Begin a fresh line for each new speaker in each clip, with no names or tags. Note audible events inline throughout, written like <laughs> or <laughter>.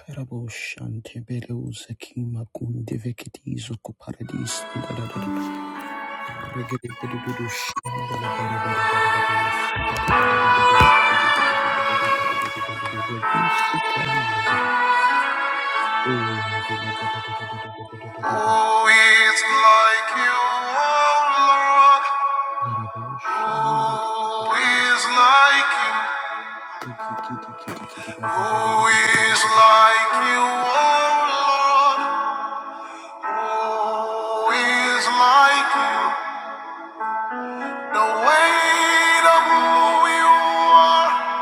Karaboshante belus ekima kunde veketizo ko paradis Oh, it's like you, oh Lord. Who is like you? Who is like you, oh Lord? Who is like you? The weight of who you are,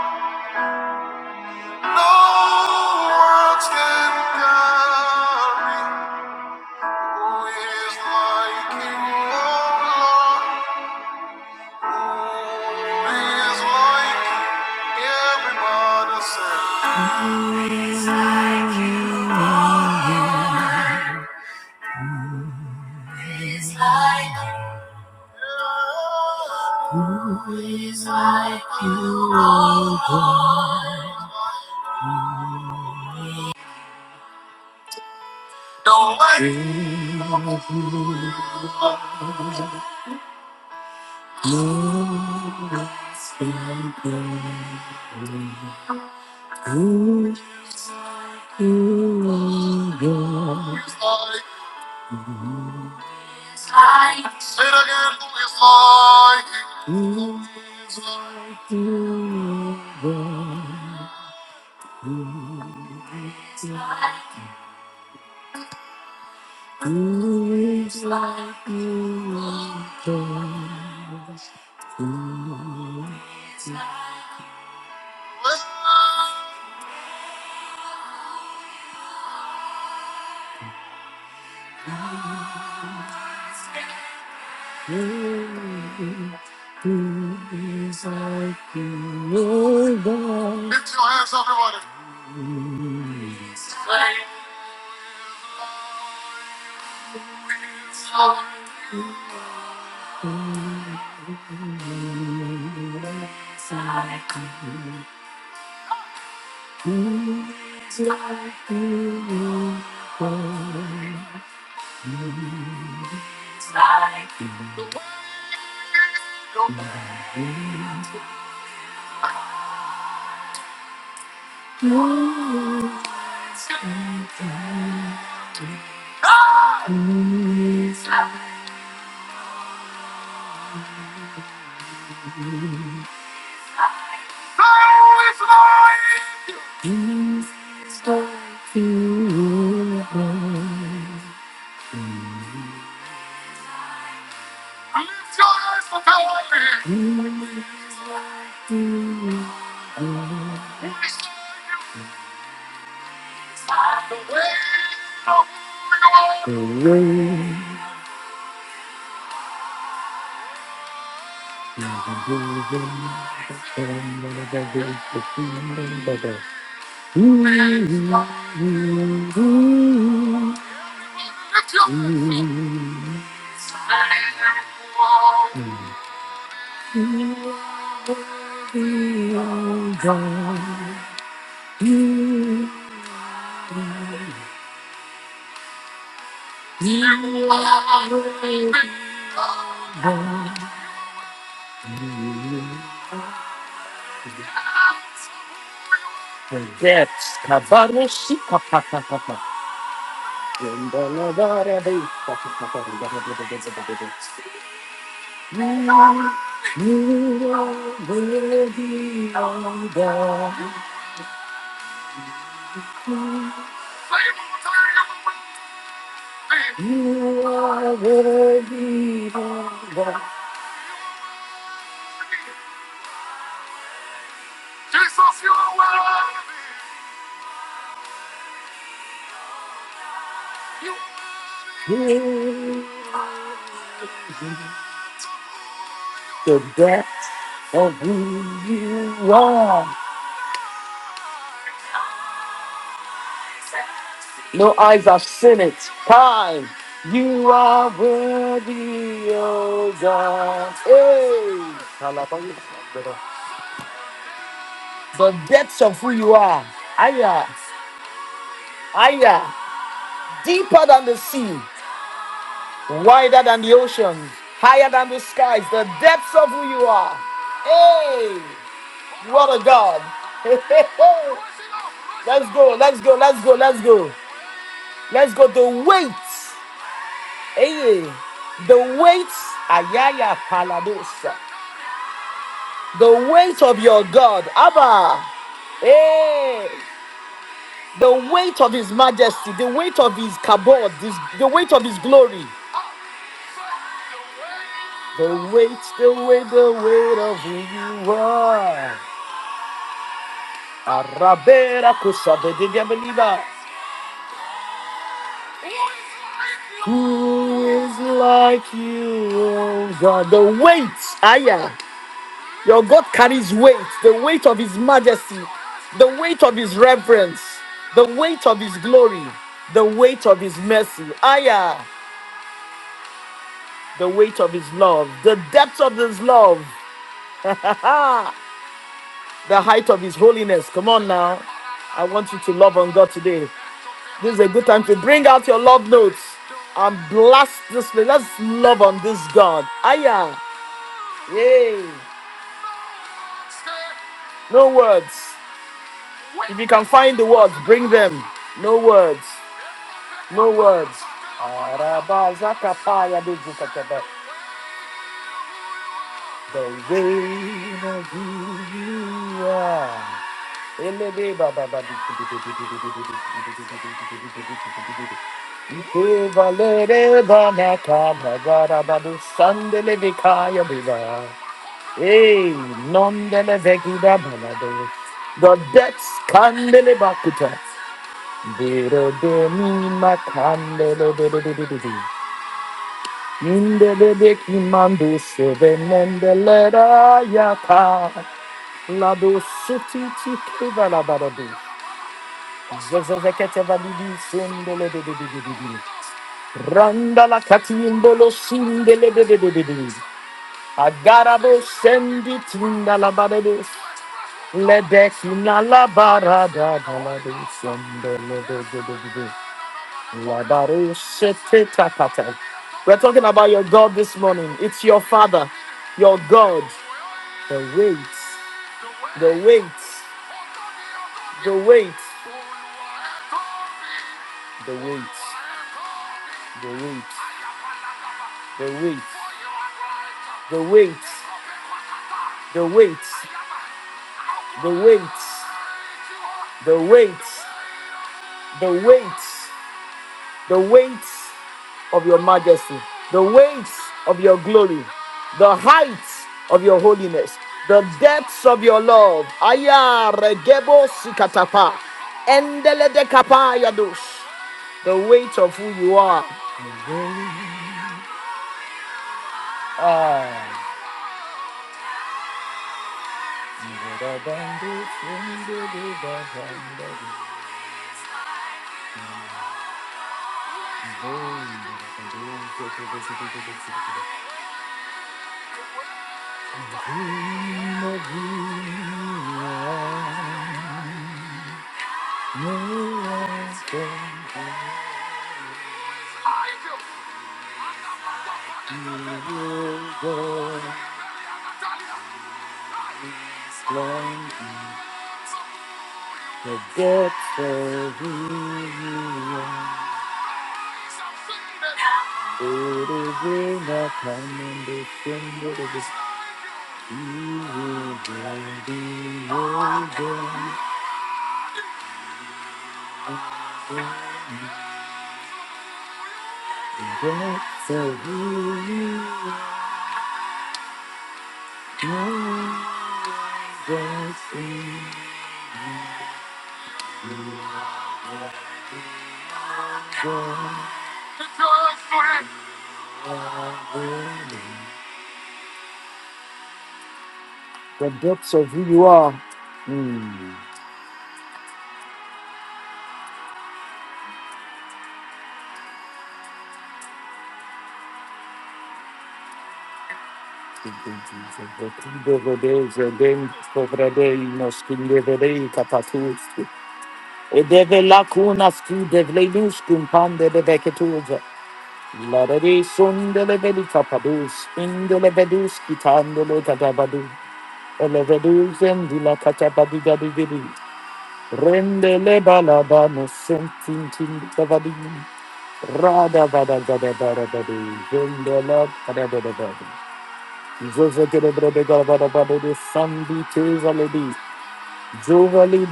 no words can carry. Who is like you, oh Lord? Who is like you? Everybody say. like you. The weight of who you are. Who Who is like? Say it again. Who is like? Who is like you, God? Who is like? Who is like you, oh God? Lift your hands, everybody. Who is like? Who is like? Who is like? Lift your hands, everybody. Who is like? The depth of who you are. No eyes have seen it. Time. You are worthy, oh God. Hey. Hallelujah. The depths of who you are. Aya. Aya. Deeper than the sea. Wider than the ocean. Higher than the skies. The depths of who you are. Hey. What a God. <laughs> let's go. Let's go. Let's go. Let's go. Let's go. The weight. Hey, the weight, ayaya paladosa. The weight of your God, Abba. Hey, the weight of His Majesty, the weight of His kabod, this, the weight of His glory. The weight, the weight, the weight of who you are. Arabera kusabedi diabeliba. Who is like you, oh God? The weight, ayah. Your God carries weight, the weight of His majesty, the weight of His reverence, the weight of His glory, the weight of His mercy. Aya, the weight of His love, the depth of His love, the height of His holiness. Come on now. I want you to love on God today. This is a good time to bring out your love notes and blast this. place. Let's love on this God. Aya, yay. No words. If you can find the words, bring them. No words. No words. Arabazakapaya bezukataba. The way of who you are. Elebe baba baba. Ikevalere banakaba garabadu sandele bikaya biba. Hey, nondele vekida balado. The depths candele bakuta. Dero de mi makandele. Mindele de kimando seve mendelera yaka. Lado seti ti kiva la baradu. Zezezekete validi sendele de de de de de de. Randa la catimbolo sindele de de de de de. Agarabo sendi tinda la barade. Ledekina la barada da la de sendele de de de de. Labarushetetakata. We're talking about your God this morning. It's your Father, your God. The weight, the weight, the weight, the weight, the weight, the weight, the weight, the weight, the weight, the weight, the weight. the weight of your majesty, the weight of your glory, the height of your holiness, the depths of your love. Aya regebo sikatapa, endele de kapa yados. The weight of who you are. Ah. The depths of who you are. The depths of who you are. Mm. Edeve lacuna scu devlenus cum pande Rendele balabano sentintin babadi. Rada bada bada bada bada. Rendela bada bada bada. Jose kere brebe galvada bada de sandi teza ledi.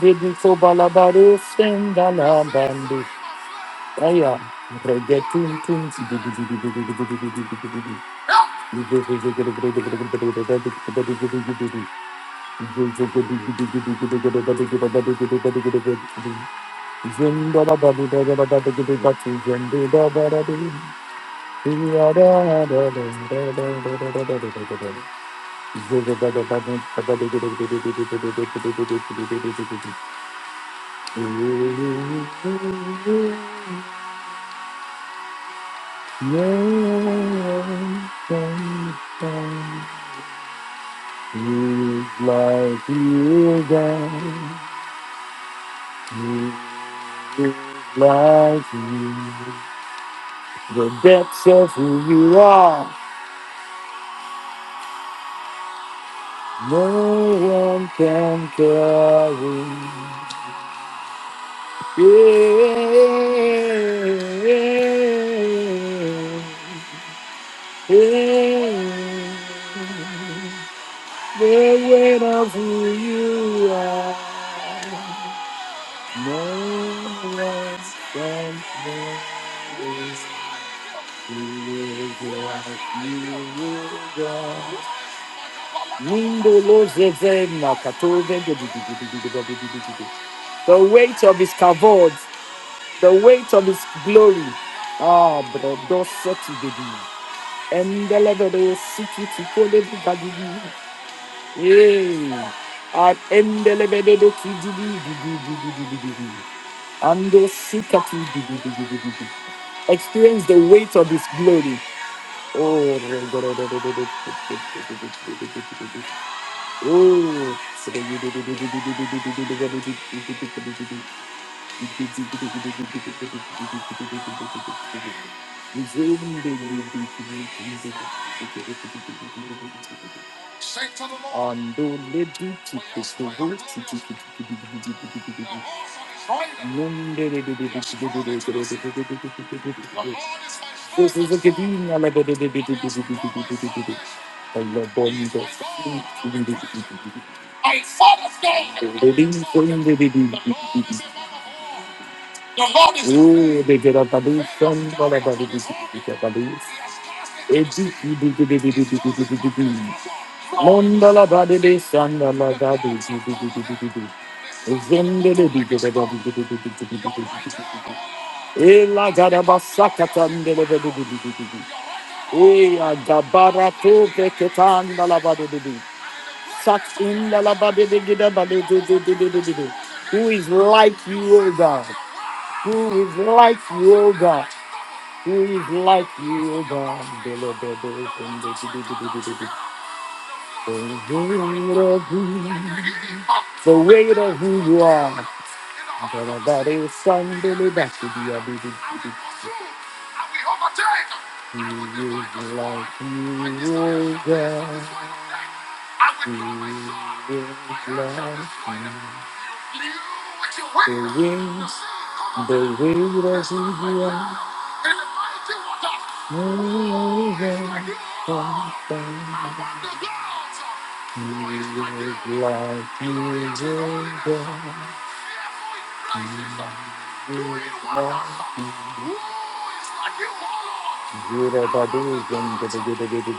dedi so balabare sendala bandi. Aya. Rege tun tun si di di di di di di di di di di di di di. Jose kere brebe galvada bada de sandi teza ledi. Jose kere brebe bada de sandi teza Zinda da da di da da da da da di da di zindi da da da di. Di da da da da da da da da da da da da da da. Zunda da da da da da da di di di di di di di di di di di di di di di di. He's like you again. He's like you. The depths of who you are. No one can carry the weight of who you are. No one can carry the weight of his kavod the weight of his glory. Ah, brother, set it baby. And the level they sit it to call it Yeah. And the level they do ki do do do do do do do do do. And they seek at it do do do do do Experience the weight of his glory. Oh, oh, Say to the Lord. Ando le di ti questo vol ti ti ti a givina la de de de de de de de de de God. The Lord is Ooh, they get up and do some other body, they get up and do. It's it, it, it, it, it, it, it, it, it, it, it. Mandala body, they son of a god, they do, do, do, do, do, do, do. Zendele, they get up and do, do, do, do, do, do, do, do, do, do, do, do. Ela gadaba sakata ndele bede bede bede bede. Eya gabara to beketa ndala bede bede. Sat in ndala bede bede bede bede bede bede bede bede. Who is like you, O God? Who is like you, O God? Who is like you, O God? The weight of who you are. That is something that should be a big Who is like you, O God? Who is like you? The wind, the rivers in the air, moving from He is like Jesus, He is like Gira badu gum gada gada gada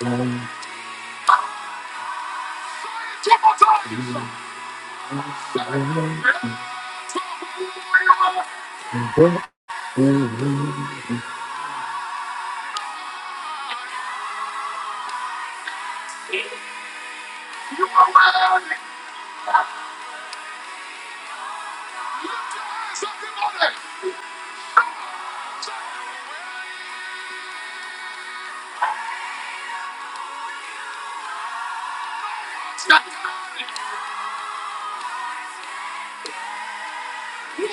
gada gada gum. The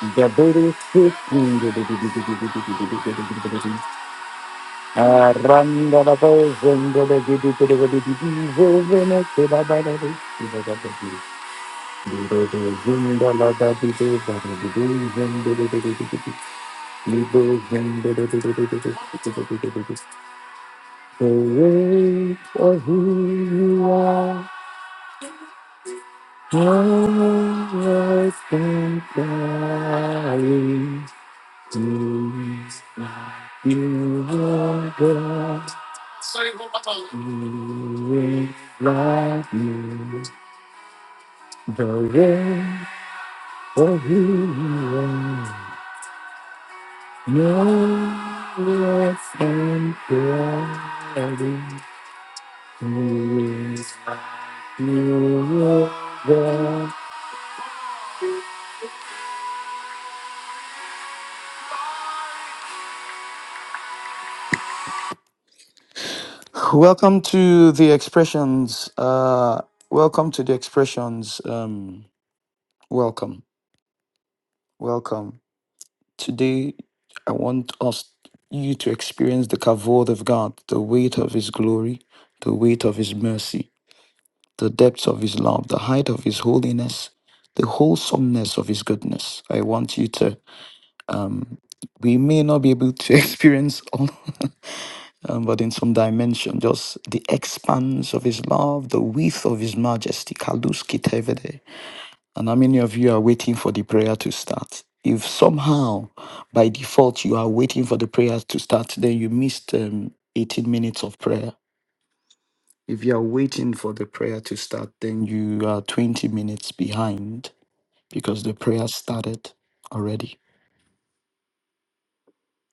The booty sitting the Randa the person, The giddy to The Parade for who you are, no less than There is not you, Lord God. There is not you. The one for who you are. No less and There is not you, Lord God. Welcome to the expressions. Uh, welcome to the expressions. Um, welcome, welcome. Today, I want us, you to experience the kavod of God, the weight of His glory, the weight of His mercy, the depths of His love, the height of His holiness, the wholesomeness of His goodness. I want you to, um, we may not be able to <laughs> experience all, um, but in some dimension, just the expanse of His love, the width of His majesty, kaluski tevede, and how many of you are waiting for the prayer to start? If somehow by default you are waiting for the prayer to start, then you missed um, 18 minutes of prayer. If you are waiting for the prayer to start, then you are 20 minutes behind because the prayer started already.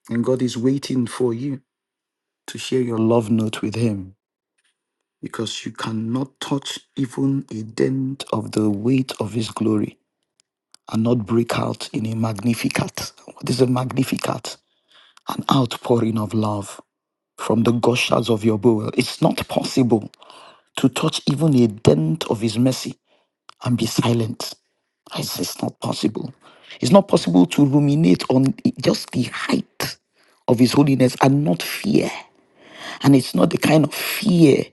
And God is waiting for you to share your love note with Him because you cannot touch even a dent of the weight of His glory and not break out in a magnificat. What is a magnificat? an outpouring of love from the gushers of your bowel. It's not possible to touch even a dent of his mercy and be silent. I say it's not possible. It's not possible to ruminate on just the height of his holiness and not fear. And it's not the kind of fear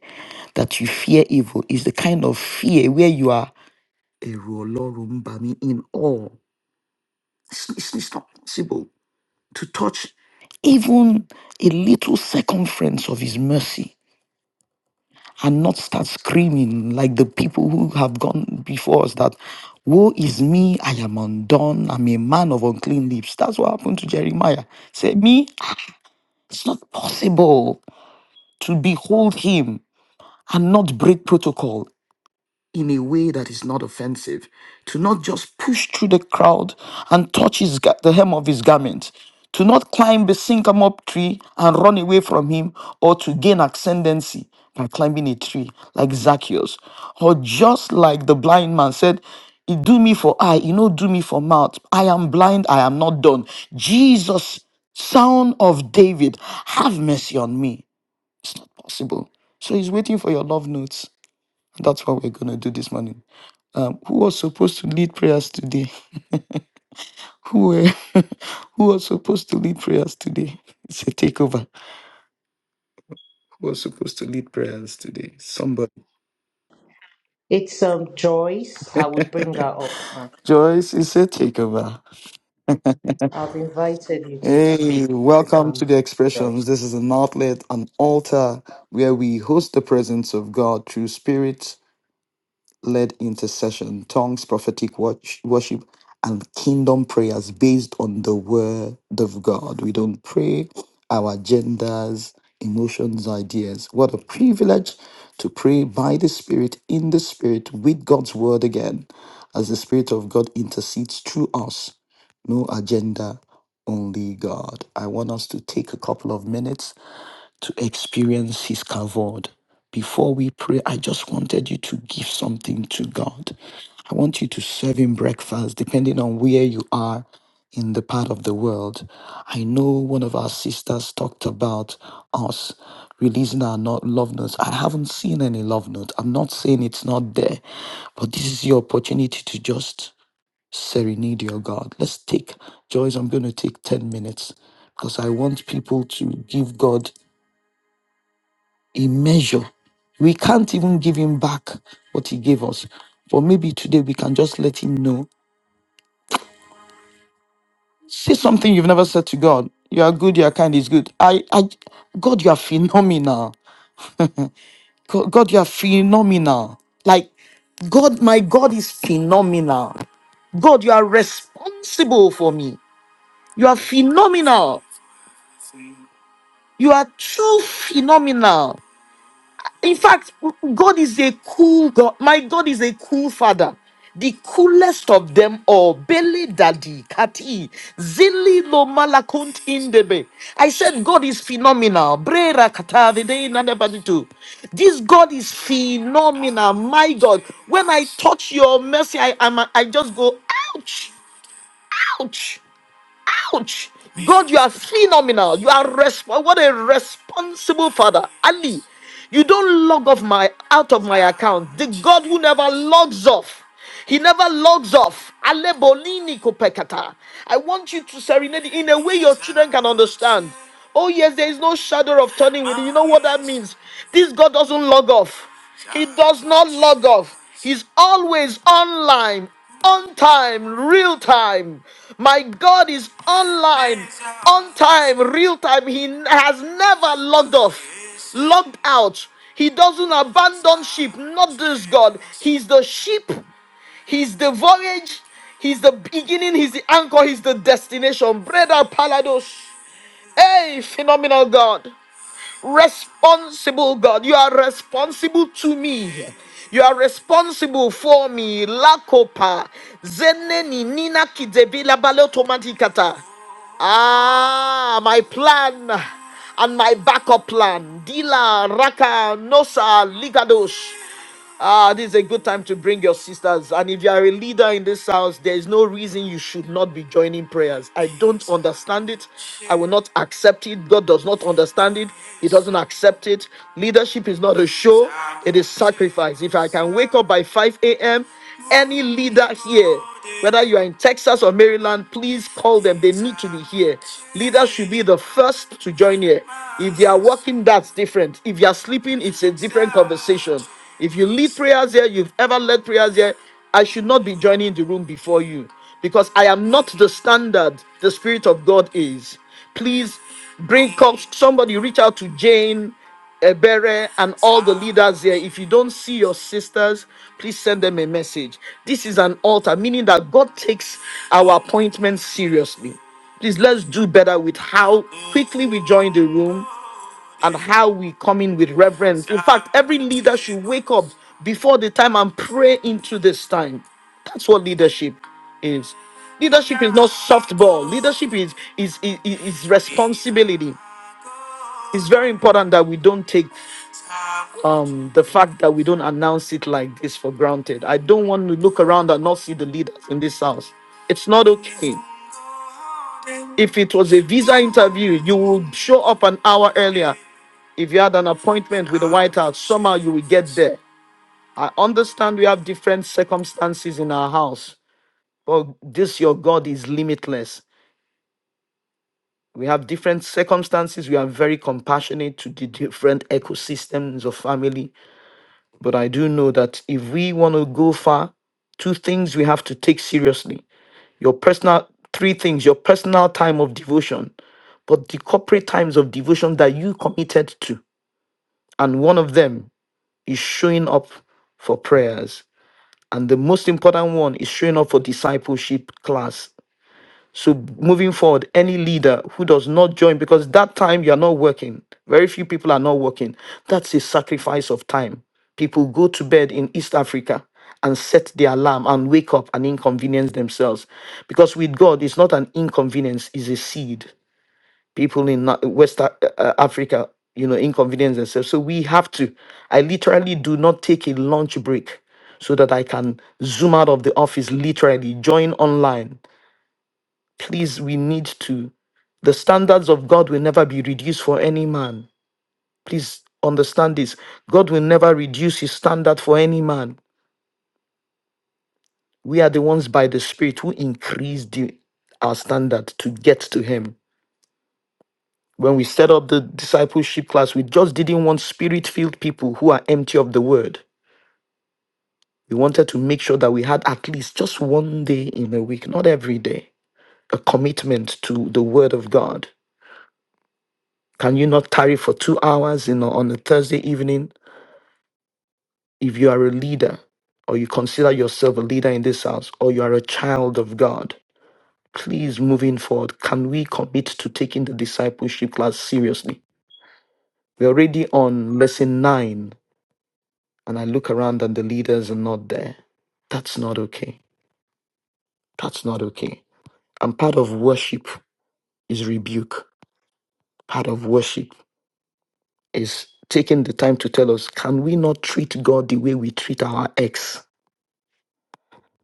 that you fear evil. It's the kind of fear where you are "Ẹ̀rù Ọlọ́run bà mí," in awe. It's, it's, it's not possible to touch even a little circumference of his mercy and not start screaming like the people who have gone before us that woe is me i am undone i'm a man of unclean lips that's what happened to jeremiah say me ah, it's not possible to behold him and not break protocol in a way that is not offensive, to not just push through the crowd and touch his, ga- the hem of his garment, to not climb the sycamore tree and run away from him, or to gain ascendancy by climbing a tree like Zacchaeus, or just like the blind man said, "He do me for eye, you know, do me for mouth. I am blind, I am not done. Jesus, son of David, have mercy on me. It's not possible. So he's waiting for your love notes. That's what we're going to do this morning um, who was supposed to lead prayers today? Who were, <laughs> who was supposed to lead prayers today? It's a takeover. Who was supposed to lead prayers today? Somebody.
It's um, Joyce. I would bring her up, ma'am.
Joyce, it's a takeover.
I've invited you to
Hey,
speak,
welcome to
um,
the
Joyce.
expressions. This is an outlet, an altar where we host the presence of God through spirit led intercession, tongues, prophetic watch, worship, and kingdom prayers based on the word of God. We don't pray our agendas, emotions, ideas. What a privilege to pray by the Spirit, in the Spirit, with God's word again, as the Spirit of God intercedes through us. No agenda, only God. I want us to take a couple of minutes to experience his kavod. Before we pray, I just wanted you to give something to God. I want you to serve him breakfast, depending on where you are in the part of the world. I know one of our sisters talked about us releasing our not love notes. I haven't seen any love note. I'm not saying it's not there, but this is your opportunity to just serenade your God. Let's take, Joyce, I'm going to take 10 minutes because I want people to give God a measure. We can't even give him back what he gave us. But maybe today we can just let him know. Say something you've never said to God. You are good, you are kind, is good. I, I, God, you are phenomenal. God, God, you are phenomenal. Like, God, my God is phenomenal. God, you are responsible for me. You are phenomenal. You are too phenomenal. In fact, God is a cool God. My God is a cool father. The coolest of them all. Bele Daddy, Kati, Zili Lomalakunt Indebe. I said God is phenomenal. Brera Katavide Nadebaditu. This God is phenomenal. My God. When I touch your mercy, I, I'm, I just go, ouch, ouch. Ouch! God, you are phenomenal. You are resp- what a responsible father. Ali, you don't log off my out of my account. The God who never logs off. He never logs off. Ale bolini kopekata. I want you to serenade it in a way your children can understand. Oh, yes, there is no shadow of turning with you. You know what that means? This God doesn't log off. He does not log off. He's always online, on time, real time. My God is online, on time, real time. He n- has never logged off, logged out. He doesn't abandon sheep, not this God. He's the sheep, he's the voyage, he's the beginning, he's the anchor, he's the destination. Brother Palados. Hey, phenomenal God. Responsible God, you are responsible to me. You are responsible for me. Lakopa. Zeneni nina kidevila balotomatikata. Ah, my plan and my backup plan. Dila raka nosa ligados. Ah, this is a good time to bring your sisters. And if you are a leader in this house, there is no reason you should not be joining prayers. I don't understand it. I will not accept it. God does not understand it. He doesn't accept it. Leadership is not a show, it is sacrifice. If I can wake up by 5 a.m., any leader here, whether you are in Texas or Maryland, please call them. They need to be here. Leaders should be the first to join here. If they are working, that's different. If you are sleeping, it's a different conversation. If you lead prayers here, you've ever led prayers here, I should not be joining the room before you because I am not the standard the Spirit of God is. Please bring up Somebody reach out to Jane, Ebere, and all the leaders here. If you don't see your sisters, please send them a message. This is an altar, meaning that God takes our appointments seriously. Please let's do better with how quickly we join the room and how we come in with reverence. In fact, every leader should wake up before the time and pray into this time. That's what leadership is. Leadership is not softball. Leadership is is is, is responsibility. It's very important that we don't take um, the fact that we don't announce it like this for granted. I don't want to look around and not see the leaders in this house. It's not okay. If it was a visa interview, you would show up an hour earlier If you had an appointment with the White House, somehow you will get there. I understand we have different circumstances in our house, but this your God is limitless. We have different circumstances. We are very compassionate to the different ecosystems of family. But I do know that if we want to go far, two things we have to take seriously your personal three things your personal time of devotion but the corporate times of devotion that you committed to and one of them is showing up for prayers And the most important one is showing up for discipleship class. So moving forward, any leader who does not join, because that time you're not working, very few people are not working. That's a sacrifice of time. People go to bed in East Africa and set the alarm and wake up and inconvenience themselves. Because with God, it's not an inconvenience, it's a seed people in Na- West A- uh, Africa, you know, inconvenience themselves. So we have to. I literally do not take a lunch break so that I can zoom out of the office, literally join online. Please, we need to. The standards of God will never be reduced for any man. Please understand this. God will never reduce his standard for any man. We are the ones by the Spirit who increase the, our standard to get to him When we set up the discipleship class, we just didn't want spirit filled people who are empty of the word. We wanted to make sure that we had at least just one day in a week, not every day, a commitment to the word of God. Can you not tarry for two hours in, on a Thursday evening if you are a leader or you consider yourself a leader in this house or you are a child of God? Please, moving forward, can we commit to taking the discipleship class seriously? We're already on lesson nine and I look around and the leaders are not there. That's not okay. That's not okay. And part of worship is rebuke. Part of worship is taking the time to tell us, can we not treat God the way we treat our ex?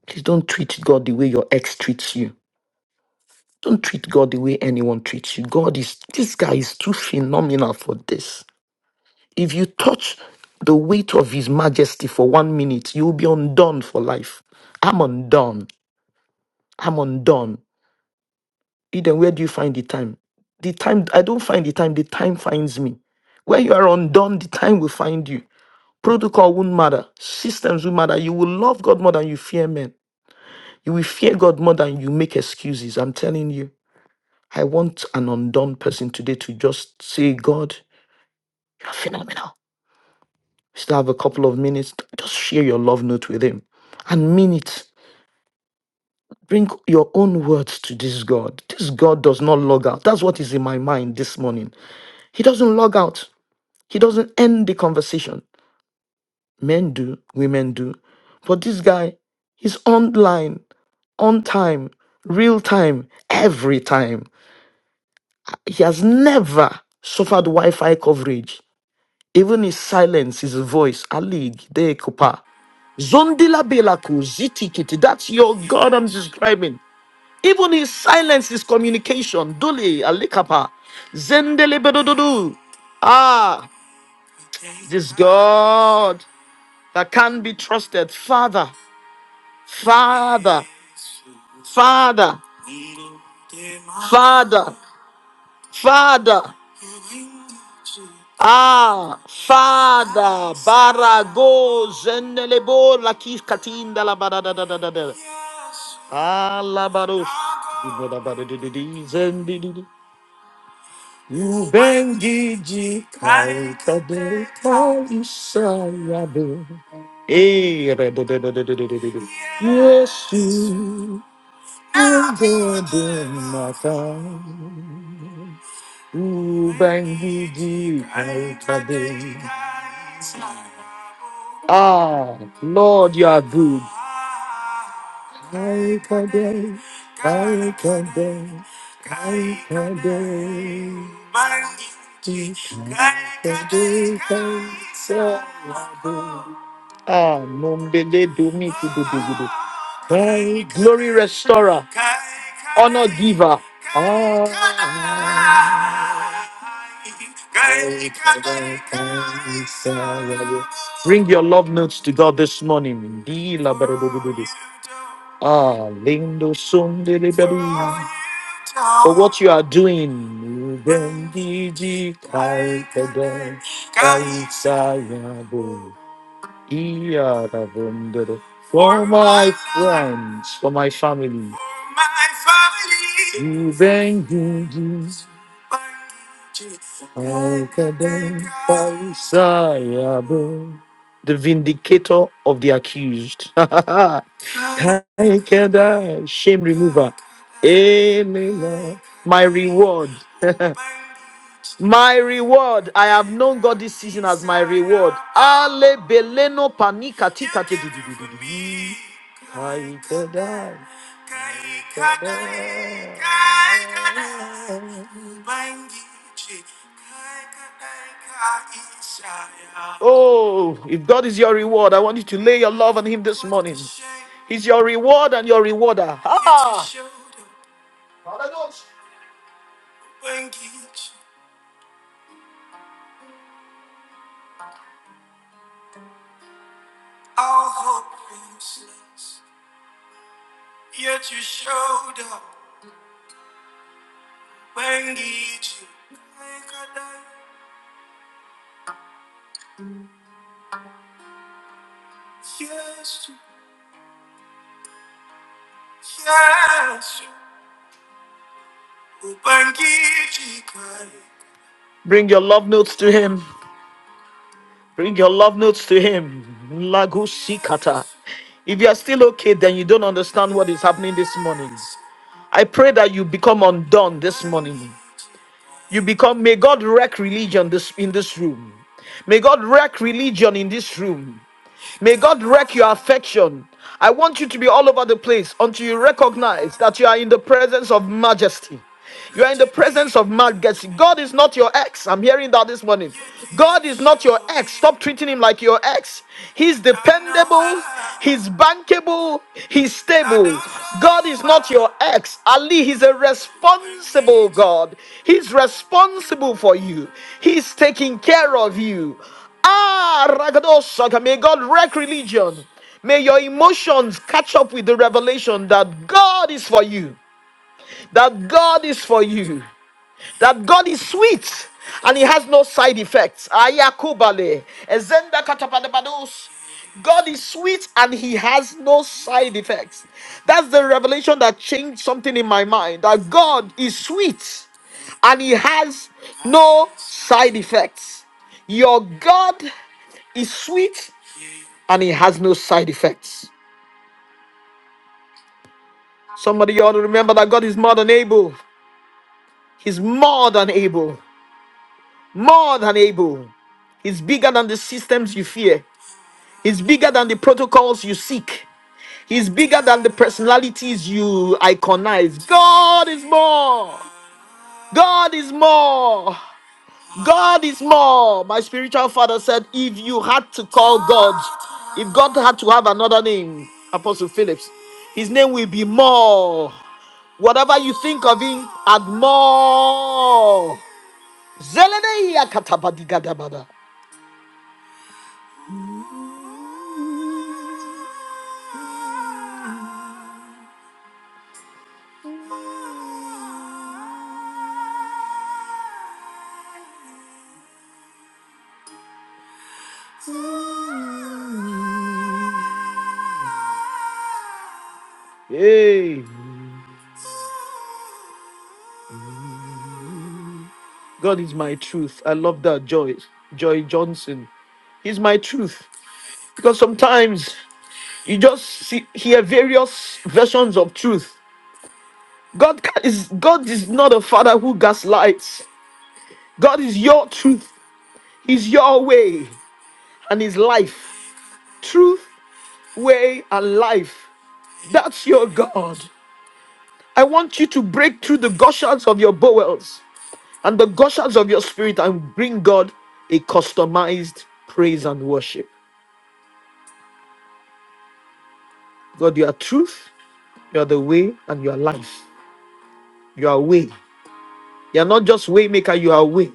Please don't treat God the way your ex treats you. Don't treat God the way anyone treats you. God is, this guy is too phenomenal for this. If you touch the weight of his majesty for one minute, you'll be undone for life. I'm undone. I'm undone. Eden, where do you find the time? The time, I don't find the time, the time finds me. When you are undone, the time will find you. Protocol won't matter, systems won't matter. You will love God more than you fear men. You will fear God more than you make excuses. I'm telling you, I want an undone person today to just say, God, you are phenomenal. We still have a couple of minutes. Just share your love note with Him and mean it. Bring your own words to this God. This God does not log out. That's what is in my mind this morning. He doesn't log out. He doesn't end the conversation. Men do, women do. But this guy, he's online, on time, real time, every time. He has never suffered Wi Fi coverage. Even his silence, his voice, Alig, De Kupa. Zondila Belaku, Ziti kiti. that's your God I'm describing. Even his silence is communication. Duli, Alikapa, Zendele Bedododu. Ah, this God. that can be trusted. Father, Father, Father, Father, Father. Ah, Father, Barago, Zenelebo, Lakif Katinda, la ba da da da da da da. Ah, la baros. Ubengiji kaikade kaisayabe. Eh, re do do do do do do do do. Yesu, ungebe mata. Ubangiji Aikade. Ah, Lord, you are good. Aikade, Aikade, Aikade. Aikade, Aikade. Ah, nombele domi glory restorer, honor giver. Oh. Bring your love notes to God this morning. Ah, lindo son de liberty. For what you are doing, Ye are the wonder for my friends, for my family. You thank Jesus. Thank you, then, for The vindicator of the accused. <laughs> Thank you, then, Shame remover. Amen. My reward. My reward. I have known God this season as my reward. Ale beleno panika tika. Aikadai, Aikadai, Oh, if God is your reward, I want you to lay your love on Him this morning. He's your reward and your rewarder. Ah! Hallelujah. Bring your love notes to him. Bring your love notes to him. Lagusikata. If you are still okay, then you don't understand what is happening this morning. I pray that you become undone this morning. You become, may God wreck religion this, in this room. May God wreck religion in this room. May God wreck your affection. I want you to be all over the place until you recognize that you are in the presence of majesty. You are in the presence of majesty. God is not your ex. I'm hearing that this morning. God is not your ex. Stop treating him like your ex. He's dependable, he's bankable, he's stable. God is not your ex. Ali, he's a responsible God. He's responsible for you, he's taking care of you. Ah, Ragadosaga, may God wreck religion. May your emotions catch up with the revelation that God is for you. That God is for you that God is sweet and he has no side effects. Ayakubale. Ezenda katapadabados. God is sweet and he has no side effects. That's the revelation that changed something in my mind that God is sweet and he has no side effects. Your God is sweet and he has no side effects. Somebody ought to remember that God is more than able. He's more than able. more than able. He's bigger than the systems you fear. He's bigger than the protocols you seek. He's bigger than the personalities you iconize. God is more. God is more. God is more. My spiritual father said, if you had to call God, if God had to have another name, Apostle Phillips, his name will be more. Whatever you think of him, add more. Zelenei akatabadigadabada. Hey, God is my truth. I love that, Joy. Joy Johnson. He's my truth. Because sometimes you just see, hear various versions of truth. God ca- is God is not a father who gaslights. God is your truth. He's your way and his life. Truth, way, and life. That's your God. I want you to break through the gushers of your bowels. And the gushers of your spirit and bring God a customized praise and worship. God, you are truth, you are the way, and you are life. You are way. You are not just way maker, you are way.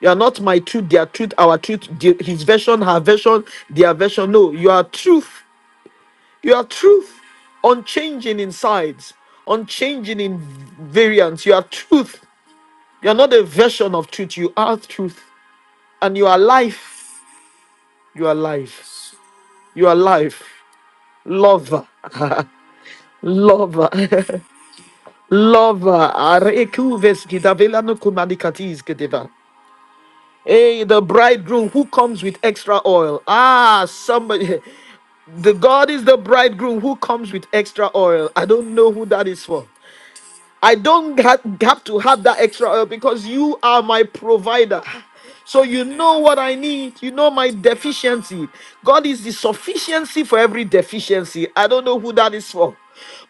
You are not my truth, their truth, our truth, the- his version, her version, their version. No, you are truth. You are truth, unchanging in sides, unchanging in variance. You are truth. You are not a version of truth, you are truth. And you are life. You are life. You are life. Lover. Lover. Lover. <laughs> <laughs> Arekuves gidavela no kumanikatis <laughs> gedeva. Hey, the bridegroom who comes with extra oil. Ah, somebody. <laughs> The God is the bridegroom who comes with extra oil. I don't know who that is for. I don't ha- have to have that extra oil because you are my provider. So you know what I need. You know my deficiency. God is the sufficiency for every deficiency. I don't know who that is for.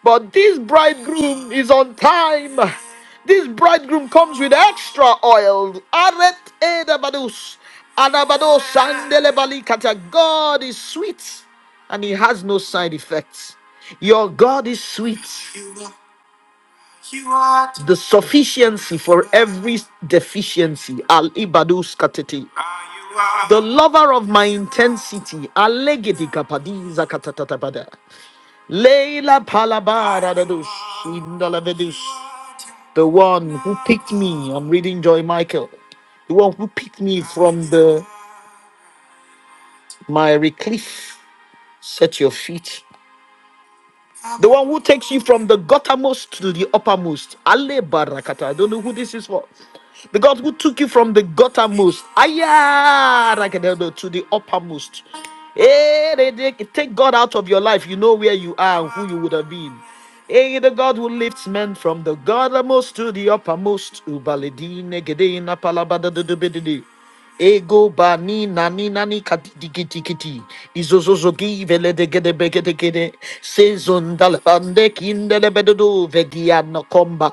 But this bridegroom is on time. This bridegroom comes with extra oil. Aret edabadus. Anabado sandelebali kata. God is sweet and he has no side effects. Your God is sweet the sufficiency for every deficiency. Al ibadus katiti. The lover of my intensity. Alegedi kapadiza katatatabada. Leila palabara dadus. indalavedus. The one who picked me. I'm reading Joy Michael. The one who picked me from the miry cliff. Set your feet The one who takes you from the guttermost to the uppermost. Ale barakata. I don't know who this is for. The God who took you from the guttermost. Aya rakadedo, to the uppermost. Eh, they- they- Take God out of your life. You know where you are and who you would have been. Hey, the God who lifts men from the guttermost to the uppermost. Ubaledine gedeina palabadadudubididi. Ego bani nani nani katiti kiti kiti izozozogi vele de gede bege de gede sezon dalfande kindele bedodo vegia no komba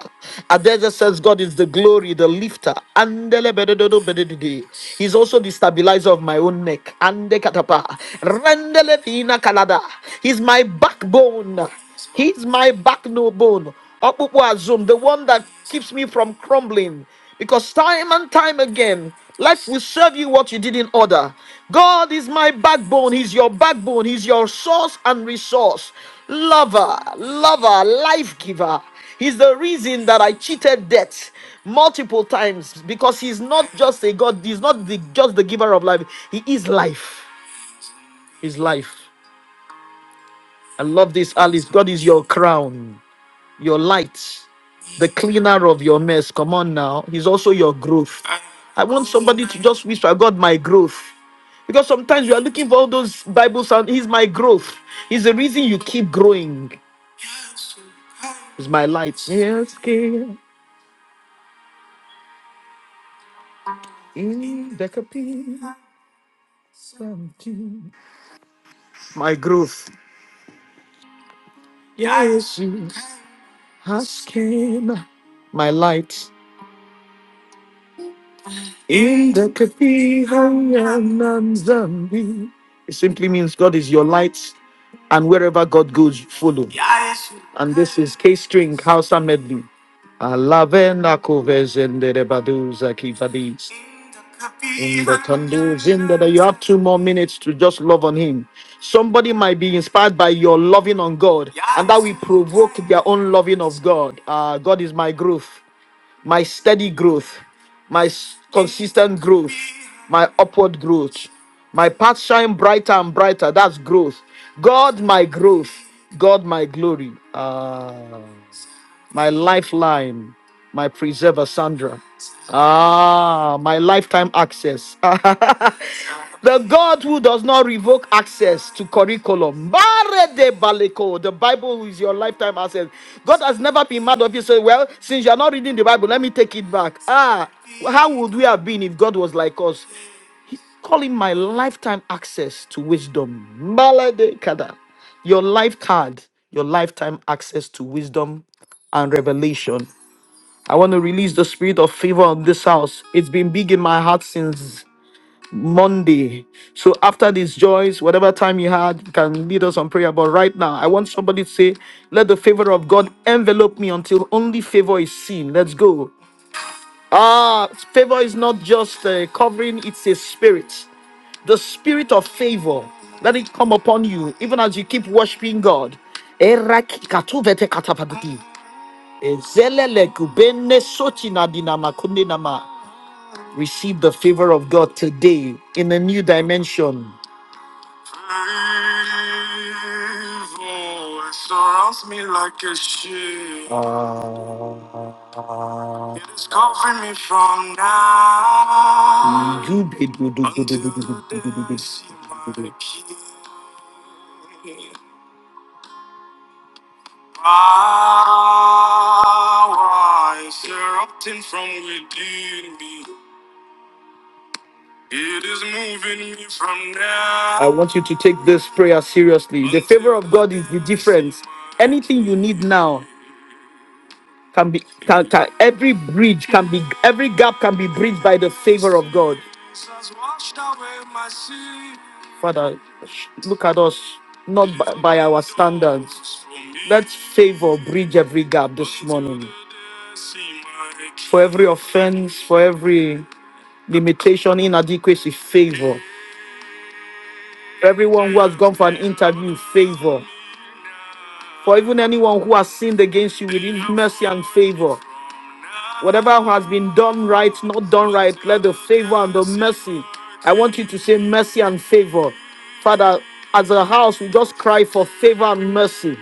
Adeza says God is the glory the lifter andele bedodo bedede he's also the stabilizer of my own neck ande katapa rendele fina kalada he's my backbone He's my backbone, ọkpụkpụ azụ m, the one that keeps me from crumbling. Because time and time again, life will serve you what you didn't order. God is my backbone. He's your backbone. He's your source and resource. Lover, lover, life giver. He's the reason that I cheated death multiple times because he's not just a God. He's not the, just the giver of life. He is life. He's life. I love this, Alice. God is your crown your light, the cleaner of your mess. Come on now. He's also your growth. I want somebody to just whisper, God, my growth. Because sometimes you are looking for all those Bible sound. He's my growth. He's the reason you keep growing. He's my light. Yes, King. In the capacity. My growth. Asking my light. In the Kapihanyananzambi. It simply means God is your light, and wherever God goes, you follow. Yes. And this is K string Hausa medley. Alavena kovezenderebaduza kifadis. In the candles, in the you have two more minutes to just love on him. Somebody might be inspired by your loving on God, and that will provoke their own loving of God. Ah, God is my growth my steady growth, my s- consistent growth, my upward growth. My path shine brighter and brighter. That's growth. God, my growth. God, my glory. Ah my lifeline, my preserver, Sandra. Ah, my lifetime access. <laughs> the God who does not revoke access to curriculum. Bare de baleko. The Bible is your lifetime access. God has never been mad of you. Say, well, since you're not reading the Bible, let me take it back. Ah, how would we have been if God was like us? He's calling my lifetime access to wisdom. Malade kada. Your life card, your lifetime access to wisdom and revelation. I want to release the spirit of favor on this house. It's been big in my heart since Monday. So after these joys, whatever time you had, you can lead us on prayer. But right now, I want somebody to say, Let the favor of God envelop me until only favor is seen. Let's go. Ah, favor is not just a covering, it's a spirit the spirit of favor let it come upon you even as you keep worshiping god Eraki katuvete katapadidi. Ezelele kubene soti na dinama kunde nama. receive the favor of god today in a new dimension evil surrounds me like a shield. It is covering me from now until I see my King. Power is erupting from within me. It is moving me from now. I want you to take this prayer seriously. The favor of God is the difference. Anything you need now can be can, can every bridge can be every gap can be bridged by the favor of God. Jesus washed away my sin. Father, sh- look at us not by, by our standards. Let favor bridge every gap this morning. For every offense, for every limitation, inadequacy, favor. everyone who has gone for an interview, favor. For even anyone who has sinned against you, with need mercy and favor. Whatever has been done right, not done right, let the favor and the mercy. I want you to say mercy and favor. Father, as a house, we just cry for favor and mercy.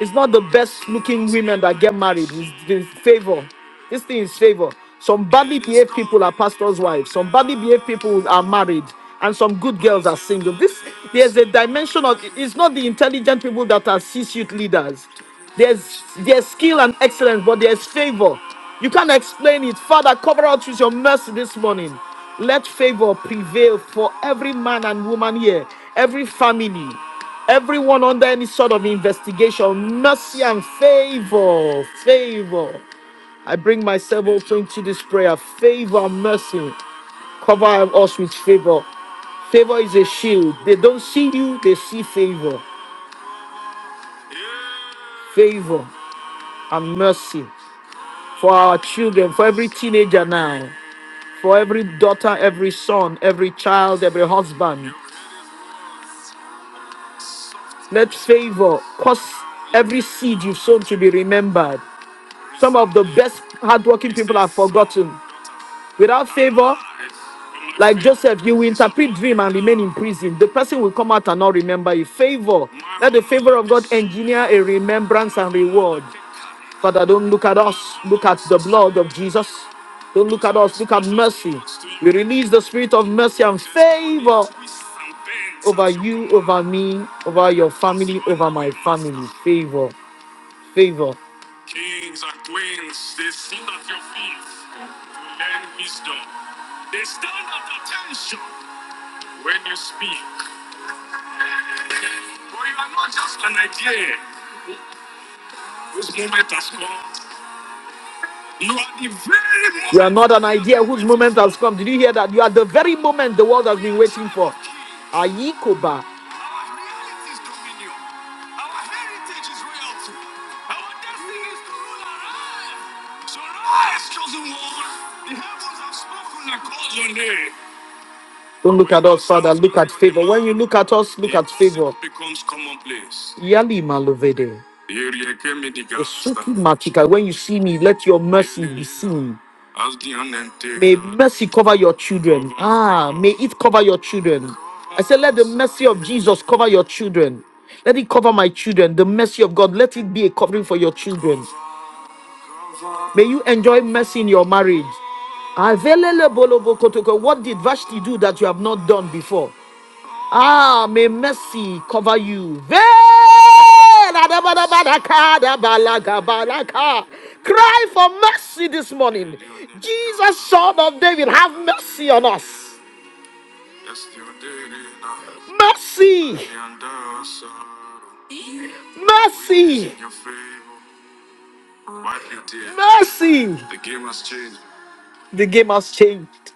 It's not the best looking women that get married. It's, it's favor. This thing is favor. Some badly behaved people are pastors' wives. Some badly behaved people are married, and some good girls are single. This there's a dimension of. It's not the intelligent people that are C-suite leaders. There's there's skill and excellence, but there's favor. You can't explain it. Father, cover us with your mercy this morning. Let favor prevail for every man and woman here, every family. Everyone under any sort of investigation, mercy and favor, favor. I bring myself also into this prayer. Favor and mercy. Cover us with favor. Favor is a shield. They don't see you, they see favor. Favor and mercy for our children, for every teenager now, for every daughter, every son, every child, every husband. Let favor cause every seed you've sown to be remembered. Some of the best hardworking people are forgotten. Without favor, like Joseph, you will interpret dream and remain in prison. The person will come out and not remember you. Favor. Let the favor of God engineer a remembrance and reward. Father, don't look at us. Look at the blood of Jesus. Don't look at us. Look at mercy. We release the spirit of mercy and favor over you, over me, over your family, over my family. Favor. Vivo. Kings and queens, they sit at your feet to learn wisdom. They stand at attention when you speak. But you are not just an idea whose moment has come. You are the very moment. You are not an idea whose moment has come. Did you hear that? You are the very moment the world has been waiting for. of Ayikoba. Our reality is dominion. Our heritage is royalty. Our destiny is to rule our Don't look at us, Father. Look at favor. When you look at us, look at favor. Becomes commonplace. Yali Malovede. Osuki Matika. When you see me, let your mercy be seen. May mercy cover your children. Ah, may it cover your children. I said, let the mercy of Jesus cover your children. Let it cover my children. The mercy of God, let it be a covering for your children. May you enjoy mercy in your marriage. What did Vashti do that you have not done before? Ah, may mercy cover you. Veil Cry for mercy this morning. Jesus, Son of David, have mercy on us. Mercy, mercy, mercy. The game has changed.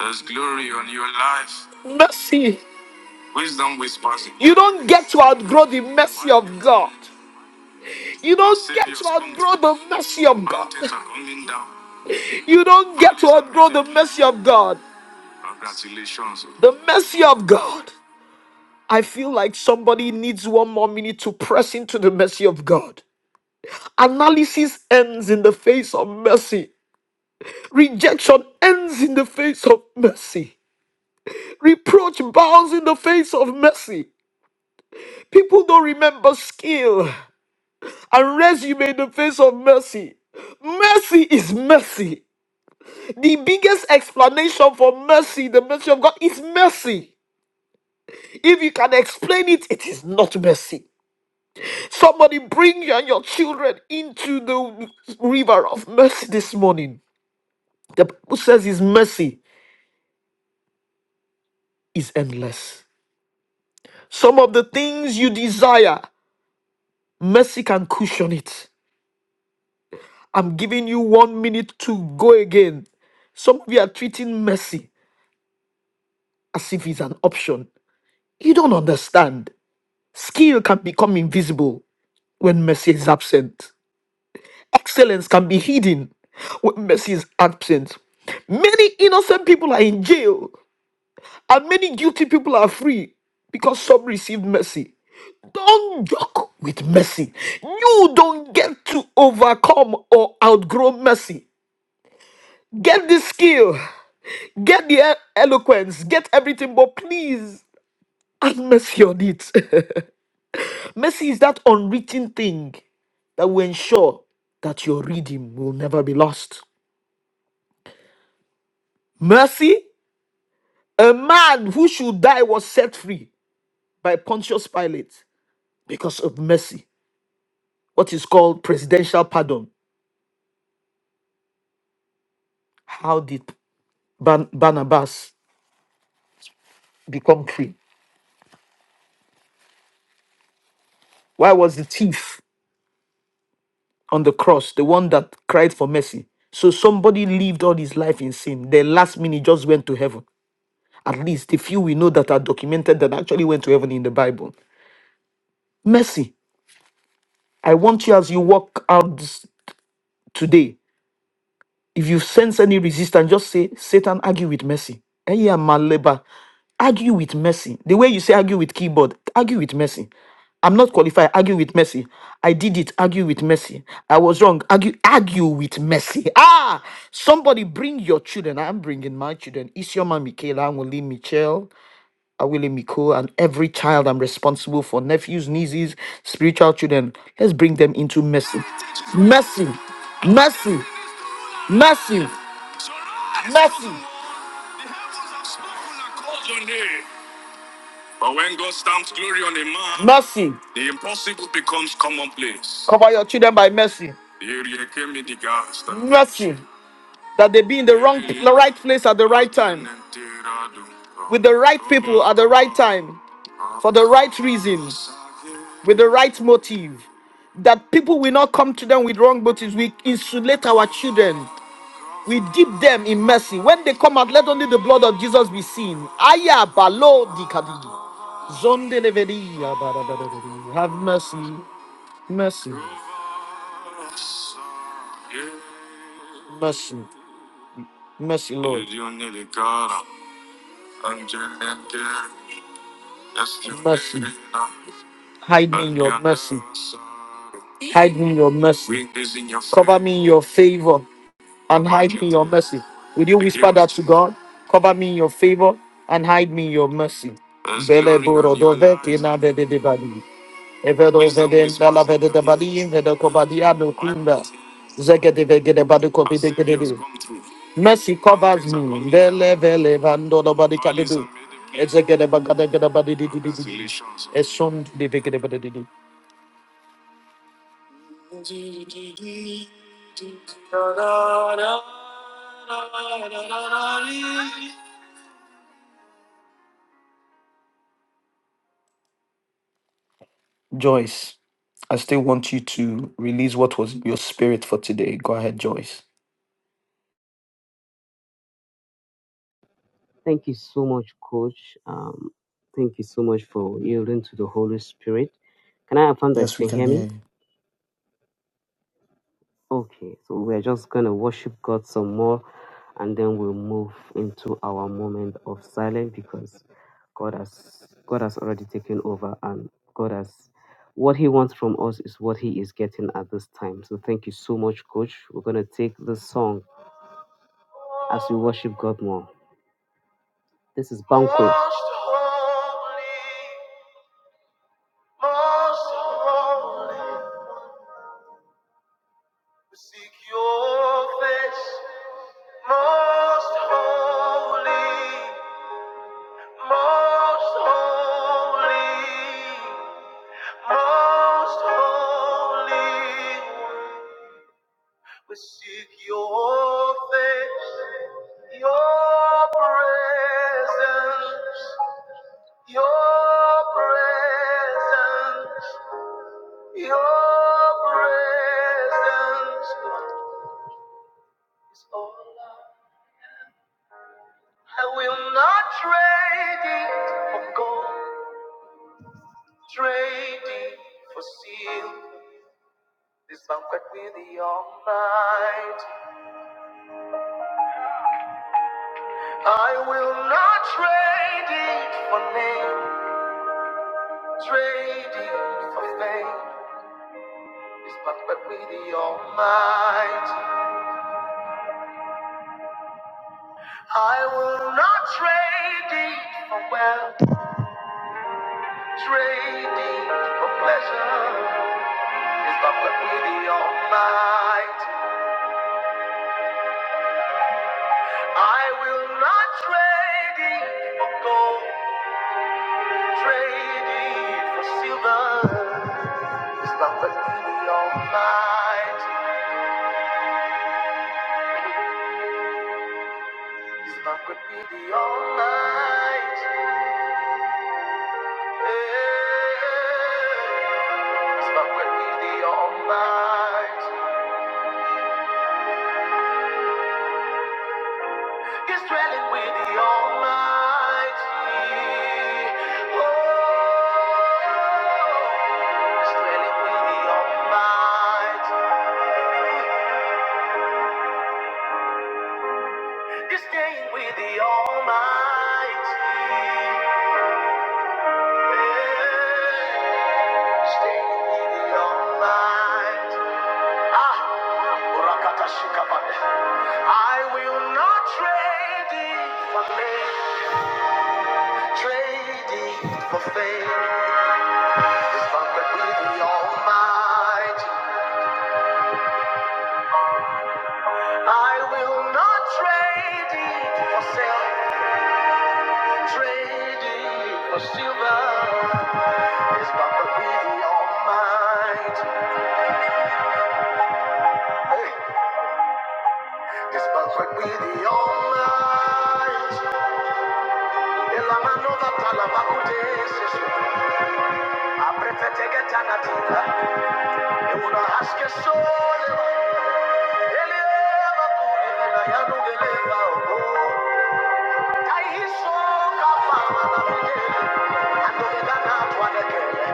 There's glory on your life. Mercy. Wisdom whispers You don't get to outgrow the mercy of God. You don't get to Saviors outgrow the mercy of God. You don't get to Valleys outgrow the mercy of God. Congratulations. oh. The mercy of God. I feel like somebody needs one more minute to press into the mercy of God. Analysis ends in the face of mercy. Rejection ends in the face of mercy. Reproach bows in the face of mercy. People don't remember skill and resume in the face of mercy. Mercy is mercy. The biggest explanation for mercy, the mercy of God, is mercy. If you can explain it, it is not mercy. Somebody bring you and your children into the river of mercy this morning. The Bible says his mercy is endless. Some of the things you desire, mercy can cushion it. I'm giving you one minute to go again. Some of you are treating mercy as if it's an option. You don't understand. Skill can become invisible when mercy is absent. Excellence can be hidden when mercy is absent. Many innocent people are in jail, and many guilty people are free because some received mercy. Don't joke with mercy. You don't get to overcome or outgrow mercy. Get this skill. Get the e- eloquence, get everything, but please have mercy on it. <laughs> mercy is that unwritten thing that will ensure that your reading will never be lost. Mercy, a man who should die was set free by Pontius Pilate because of mercy, what is called presidential pardon. How did Ban- Barnabas become free? Why was the thief? on the cross, the one that cried for mercy. So somebody lived all his life in sin. The last minute just went to heaven. At least the few we know that are documented that actually went to heaven in the Bible. Mercy. I want you as you walk out this- today If you sense any resistance, just say, Satan, argue with mercy. Eh, yeah, maleba. Argue with mercy. The way you say argue with keyboard, argue with mercy. I'm not qualified. Argue with mercy. I did it. Argue with mercy. I was wrong. Argue, argue with mercy. <laughs> Ah, somebody bring your children. I'm bringing my children. Isioma Michaela, Anwule Michelle, Awile Miko, and every child I'm responsible for, nephews, nieces, spiritual children. Let's bring them into mercy. Mercy, mercy, mercy. Mercy. But when God stamps glory on a man, Mercy. the impossible becomes commonplace. Cover your children by mercy. Mercy. That they be in the wrong the right place at the right time. With the right people at the right time. For the right reason. With the right motive. That people will not come to them with wrong motives. We insulate our children. We dip them in mercy. When they come out, let only the blood of Jesus be seen. Aya balo di kadi. Zonde levedi ya bada Have mercy, mercy, mercy, mercy, Lord. Mercy. Hide me in your mercy. Hide me in your mercy. Cover me in your favor. and hide me in your mercy. Will you whisper that to God? Cover me in your favor and hide me in your mercy. Bele boro do vete na vede de bali. Evedo vede na la vede de bali, invedo kobadia no kunda. Zegede vegede badu kobi de gede de. Mercy covers me. Vele vele vando no badi kadedu. Ezegede bagade gede badi di di di di. Eson de vegede badi di di. Joyce, I still want you to release what was in your spirit for today. Go ahead, Joyce.
Thank you so much, Coach. Um, thank you so much for yielding to the Holy Spirit. Can I affirm that you
Yes, we
can hear
can hear
me?
you.
Okay, so we're just going to worship God some more and then we'll move into our moment of silence because God has God has already taken over and God has what he wants from us is what he is getting at this time. So thank you so much, Coach. We're going to take this song as we worship God more. This is Banquet. Most holy, we seek your face. Most holy, most holy, most holy, we seek your face. Your presence, your presence, your presence is all. I I will not trade it for gold, trade it for silver. This banquet with the Almighty. I will not trade it for name, trade it for fame. This banquet with the Almighty. I will not trade it for wealth, trade it for pleasure. This banquet with the Almighty. I will not trade it for gold, trade it for silver. His love could be the almighty. His love could be the almighty. Yeah. His love could be the almighty. He's dwelling with the almighty. Oh, he's dwelling with the almighty. This day with the Almighty. Yeah. Staying with the Almighty. Ah, Rakata Shikapande. I will not trade it for fame, trade it for fame. This banquet with the Almighty. I will not trade it for sale. Trading for silver is but what we the Almighty. Hey, it's but what we the Almighty. El amano da talaba kudesis. Aprete tege tanatinga. Euna aske soleva. Eleva kuri vela yanu geleva. Tai hiso kafama na videle. Ando veda na tuanekele.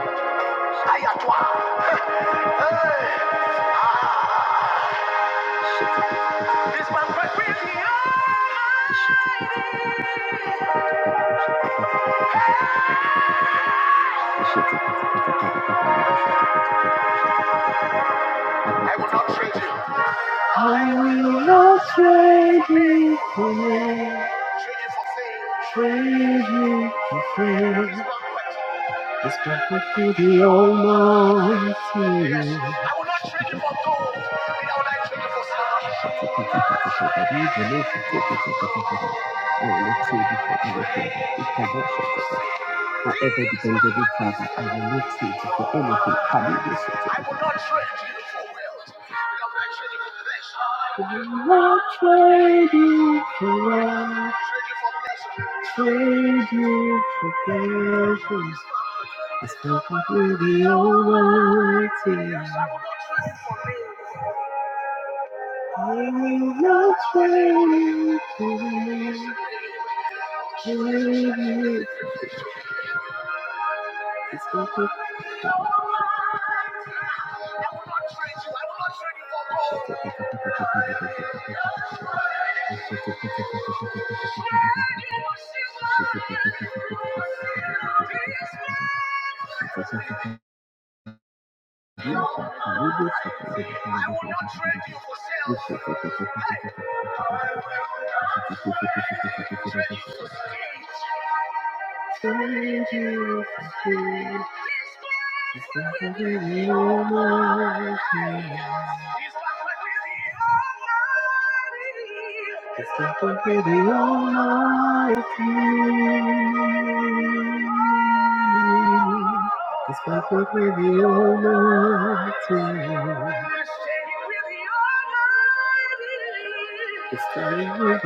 Aïe à toi. Hey. Ah! This man break with me. I will not trade you. I will not trade you for me. Trade you for fame. Trade you for fame. It's perfect to the Almighty. Yes, I will not trade you for gold. I will not trade you for silver. Whatever the Bengali father, I will not trade you for anything. I will not trade you for wealth. I will not trade you for pleasure. I will not Trade you for pleasure. Trade you for pleasure. It's nothing to be I will not try to give it. It's nothing. It's nothing to It's nothing to be. It's nothing.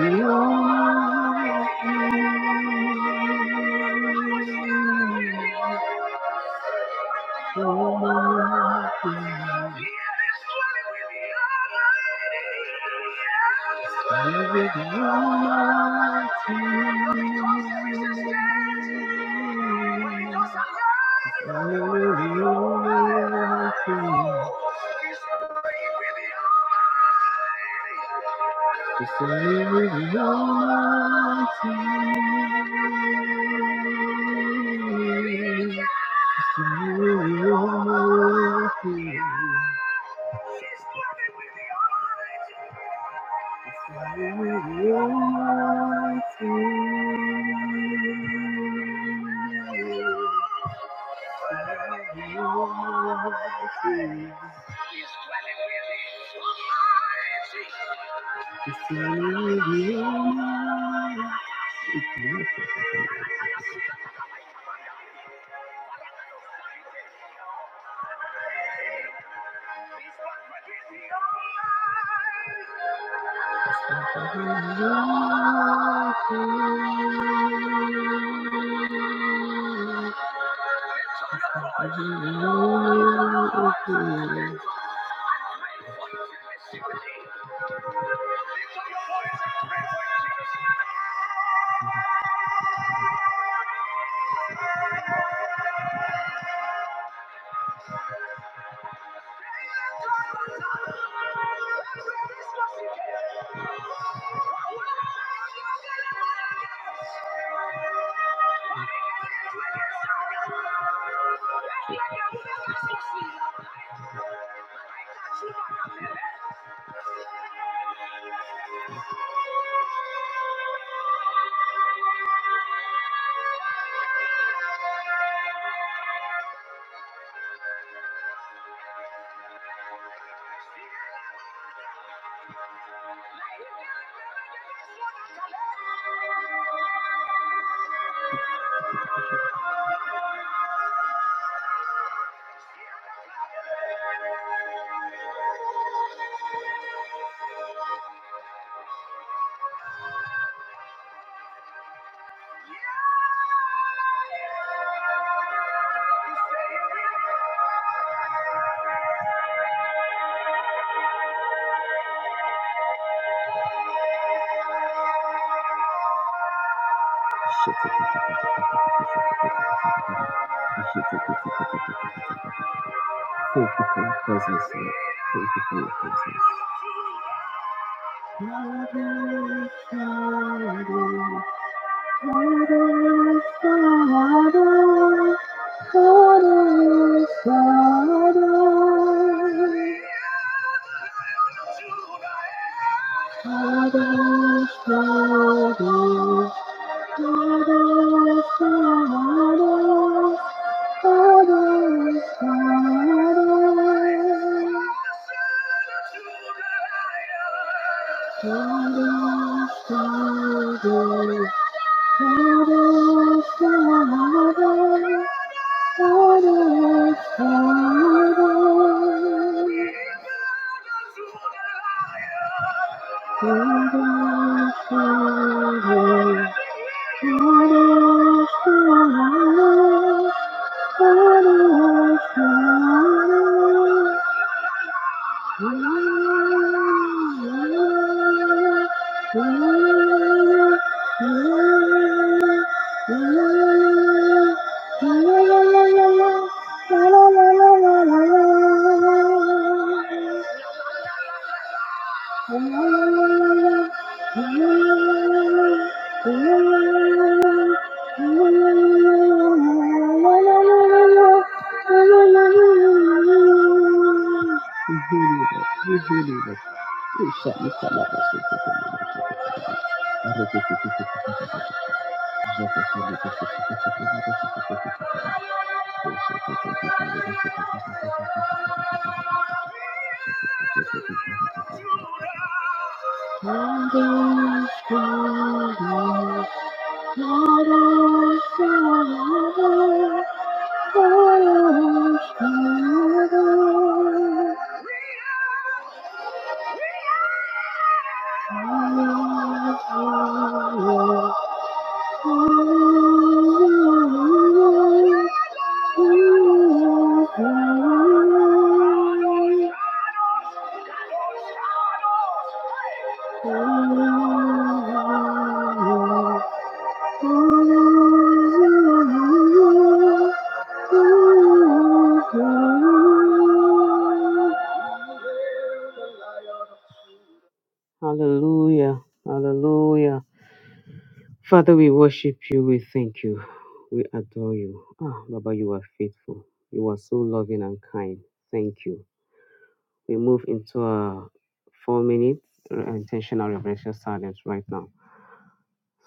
It's nothing to be. I will not fail you. Thank you for your presence, Lord. Thank you for your presence. <laughs> Thank you. Hallelujah, hallelujah. Father, we worship you, we thank you, we adore you. Ah, Baba, you are faithful, you are so loving and kind. Thank you. We move into a four minute intentional revelation silence right now.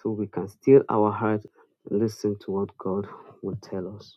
So we can still our heart and listen to what God will tell us.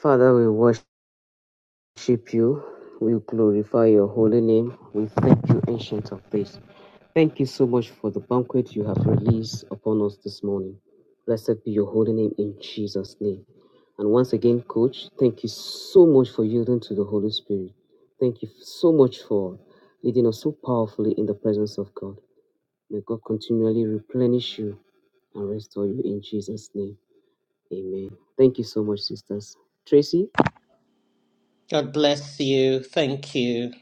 Father, we worship you. We glorify your holy name. We thank you, Ancient of Days. Thank you so much for the banquet you have released upon us this morning. Blessed be your holy name in Jesus' name. And once again, Coach, thank you so much for yielding to the Holy Spirit. Thank you so much for leading us so powerfully in the presence of God. May God continually replenish you and restore you in Jesus' name. Amen. Thank you so much, sisters. Tracy,
God bless you. Thank you.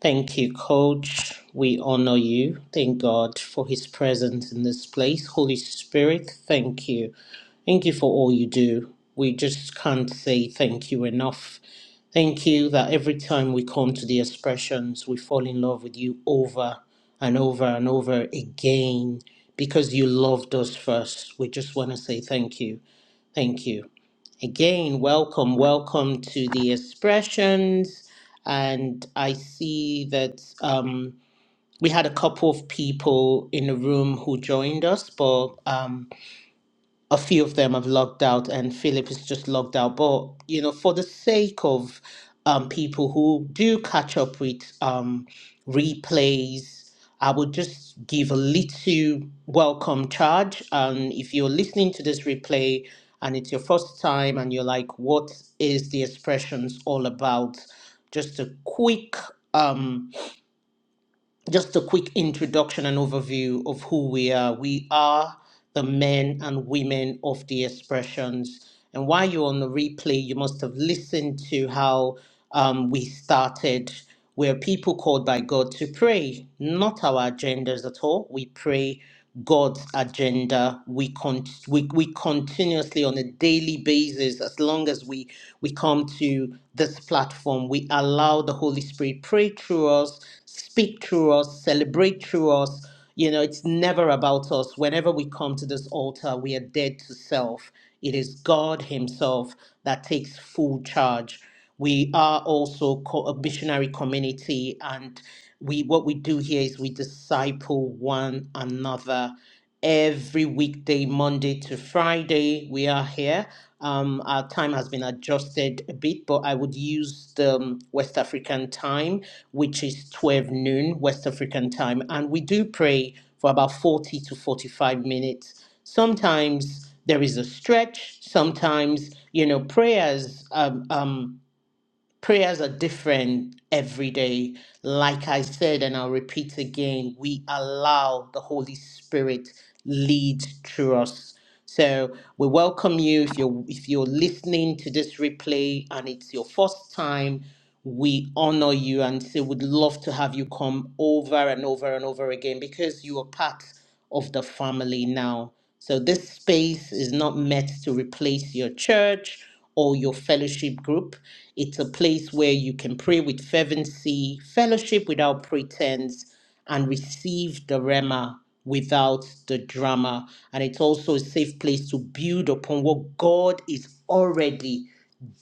Thank you, Coach. We honor you. Thank God for His presence in this place. Holy Spirit, thank you. Thank you for all you do. We just can't say thank you enough. Thank you that every time we come to the expressions, we fall in love with you over and over and over again because you loved us first. We just want to say thank you. Thank you. Again, welcome, welcome to the expressions. And I see that um, we had a couple of people in the room who joined us, but um, a few of them have logged out and Philip is just logged out. But you know, for the sake of um, people who do catch up with um, replays, I would just give a little welcome charge. And if you're listening to this replay and it's your first time and you're like, what is the expressions all about? Just a quick um, just a quick introduction and overview of who we are. We are the men and women of the expressions. And while you're on the replay, you must have listened to how um, we started. We're people called by God to pray, not our agendas at all. We pray God's agenda. We, con- we, we continuously, on a daily basis, as long as we, we come to this platform, we allow the Holy Spirit pray through us speak through us, celebrate through us. You know, it's never about us. Whenever we come to this altar, we are dead to self. It is God Himself that takes full charge. We are also co- a missionary community, and we what we do here is we disciple one another every weekday, Monday to Friday. We are here um, our time has been adjusted a bit, but I would use the um, West African time, which is 12 noon West African time. And we do pray for about 40 to 45 minutes. Sometimes there is a stretch. Sometimes, you know, prayers, um, um, prayers are different every day. Like I said, and I'll repeat again, we allow the Holy Spirit lead through us so we welcome you if you're if you're listening to this replay and it's your first time. We honor you and say we'd love to have you come over and over and over again because you are part of the family now. So this space is not meant to replace your church or your fellowship group. It's a place where you can pray with fervency, fellowship without pretense, and receive the Rema without the drama. And it's also a safe place to build upon what God is already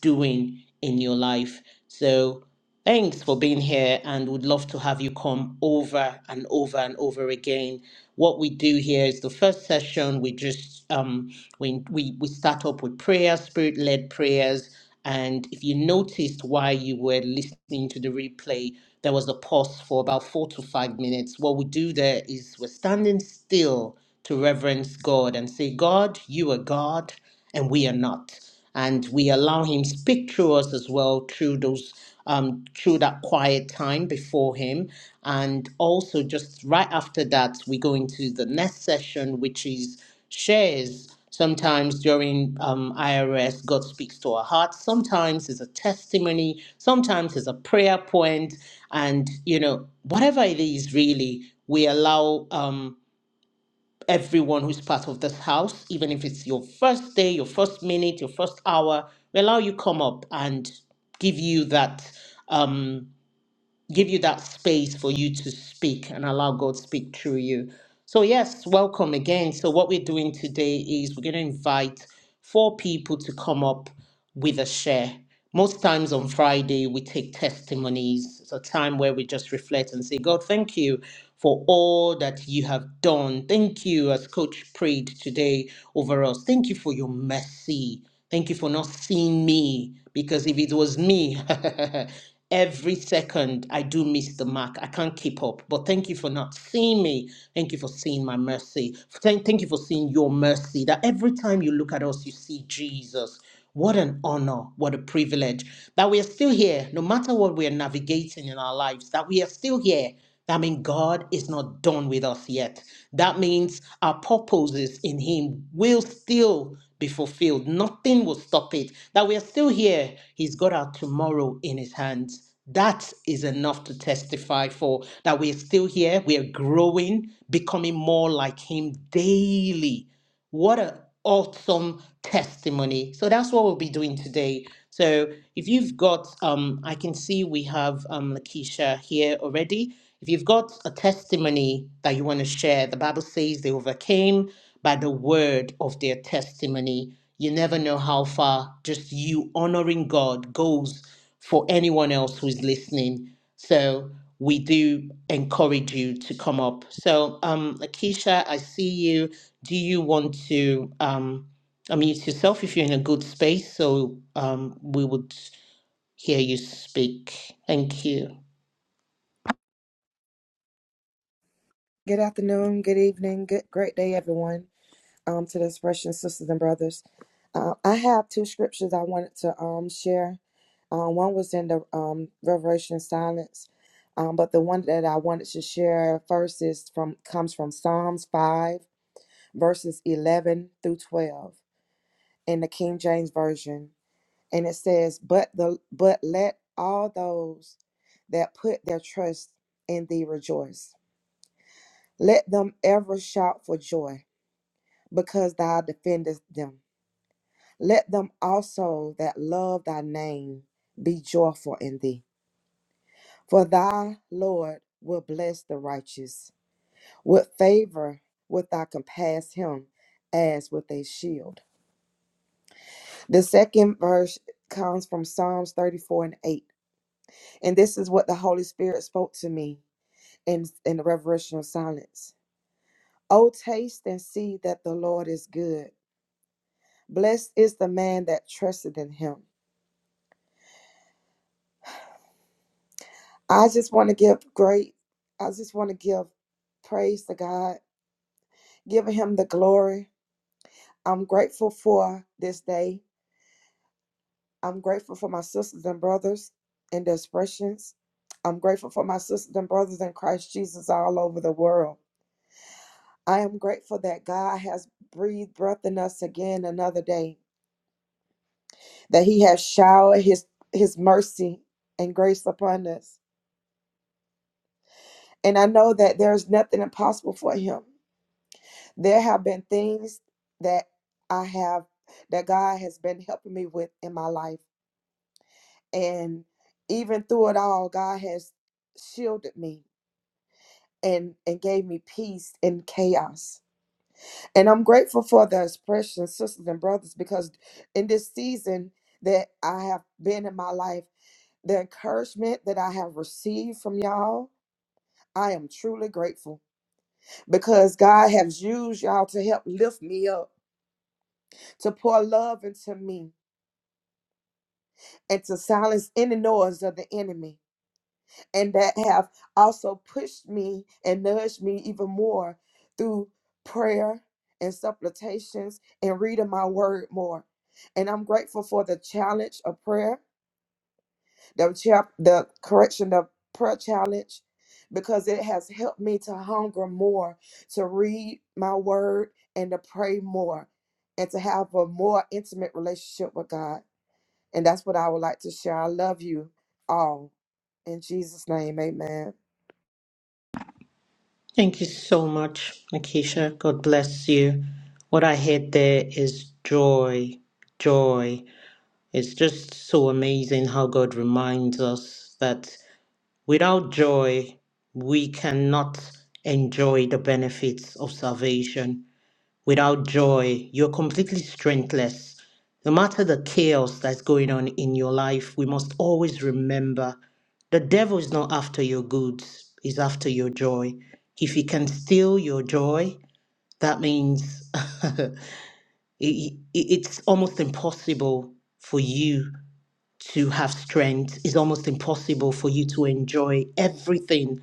doing in your life. So thanks for being here and would love to have you come over and over and over again. What we do here is the first session we just um we we, we start up with prayer, spirit-led prayers. And if you noticed while you were listening to the replay, there was a pause for about four to five minutes. What we do there is we're standing still to reverence God and say, God, you are God and we are not and we allow him speak through us as well through those um through that quiet time before him and also just right after that we go into the next session which is shares sometimes during um, irs god speaks to our hearts sometimes it's a testimony sometimes it's a prayer point and you know whatever it is really we allow um, everyone who's part of this house, even if it's your first day, your first minute, your first hour, we allow you come up and give you that. Um, give you that space for you to speak and allow God to speak through you. So, yes, welcome again. So, what we're doing today is we're going to invite four people to come up with a share. Most times on Friday, we take testimonies. It's a time where we just reflect and say, God, thank you for all that you have done. Thank you, as Coach prayed today over us. Thank you for your mercy. Thank you for not seeing me because if it was me, <laughs> every second I do miss the mark. I can't keep up. But thank you for not seeing me. Thank you for seeing my mercy. Thank, thank you for seeing your mercy that every time you look at us, you see Jesus. What an honor, what a privilege that we are still here, no matter what we are navigating in our lives, that we are still here. That means God is not done with us yet. That means our purposes in Him will still be fulfilled. Nothing will stop it. That we are still here. He's got our tomorrow in His hands. That is enough to testify for that we're still here, we are growing, becoming more like Him daily. What an awesome testimony. So that's what we'll be doing today. So if you've got, um, I can see we have um, Lakeisha here already. If you've got a testimony that you want to share, the Bible says they overcame by the word of their testimony. You never know how far just you honoring God goes for anyone else who's listening. So we do encourage you to come up. So, um, Lakeisha, I see you do you want to um, unmute yourself if you're in a good space? So um, we would hear you speak. Thank you.
Good afternoon, good evening, good great day, everyone. Um, to the expression sisters and brothers, uh, I have two scriptures I wanted to um share. Uh, one was in the um Revelation silence, um, but the one that I wanted to share first is from comes from Psalms five verses eleven through twelve in the King James version, and it says, "But the but let all those that put their trust in thee rejoice; let them ever shout for joy." because thou defendest them. Let them also that love thy name be joyful in thee. For thy Lord will bless the righteous. With favor wilt thou compass him as with a shield. The second verse comes from Psalms 34 and 8. And this is what the Holy Spirit spoke to me in, in the reverential silence. O taste and see that the Lord is good. Blessed is the man that trusteth in him. I just want to give great, I just want to give praise to God, giving Him the glory. I'm grateful for this day. I'm grateful for my sisters and brothers in the expressions. I'm grateful for my sisters and brothers in Christ Jesus all over the world. I am grateful that God has breathed breath in us again another day, that He has showered His, His mercy and grace upon us. And I know that there's nothing impossible for Him. There have been things that I have, that God has been helping me with in my life. And even through it all, God has shielded me and, and gave me peace in chaos. And I'm grateful for the expression, sisters and brothers, because in this season that I have been in my life, the encouragement that I have received from y'all, I am truly grateful because God has used y'all to help lift me up, to pour love into me. and to silence any noise of the enemy, and that have also pushed me and nudged me even more through prayer and supplications and reading my word more. And I'm grateful for the challenge of prayer, the chap, the correction of prayer challenge, because it has helped me to hunger more, to read my word and to pray more, and to have a more intimate relationship with God. And that's what I would like to share. I love you all. In Jesus' name, amen.
Thank you so much, Nakisha. God bless you. What I heard there is joy. Joy. It's just so amazing how God reminds us that without joy, we cannot enjoy the benefits of salvation Without joy, you're completely strengthless. No matter the chaos that's going on in your life, we must always remember the devil is not after your goods, he's after your joy. If he can steal your joy, that means <laughs> it, it- it's almost impossible for you to have strength. It's almost impossible for you to enjoy everything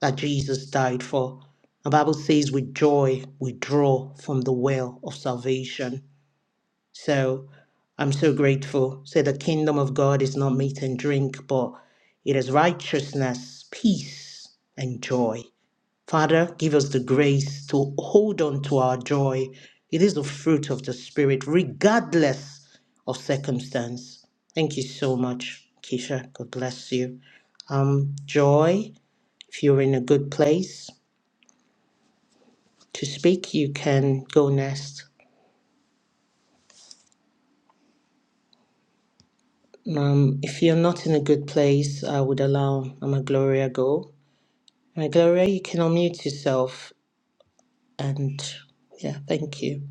that Jesus died for. The Bible says, with joy, we draw from the well of salvation. So I'm so grateful. Say the kingdom of God is not meat and drink, but it is righteousness, peace, and joy. Father, give us the grace to hold on to our joy. It is the fruit of the Spirit, regardless of circumstance. Thank you so much, Keisha. God bless you. Um, joy, if you're in a good place. to speak, you can go next. Um, if you're not in a good place, I would allow Mama Gloria go. Mama Gloria, you can unmute yourself. And yeah, thank you.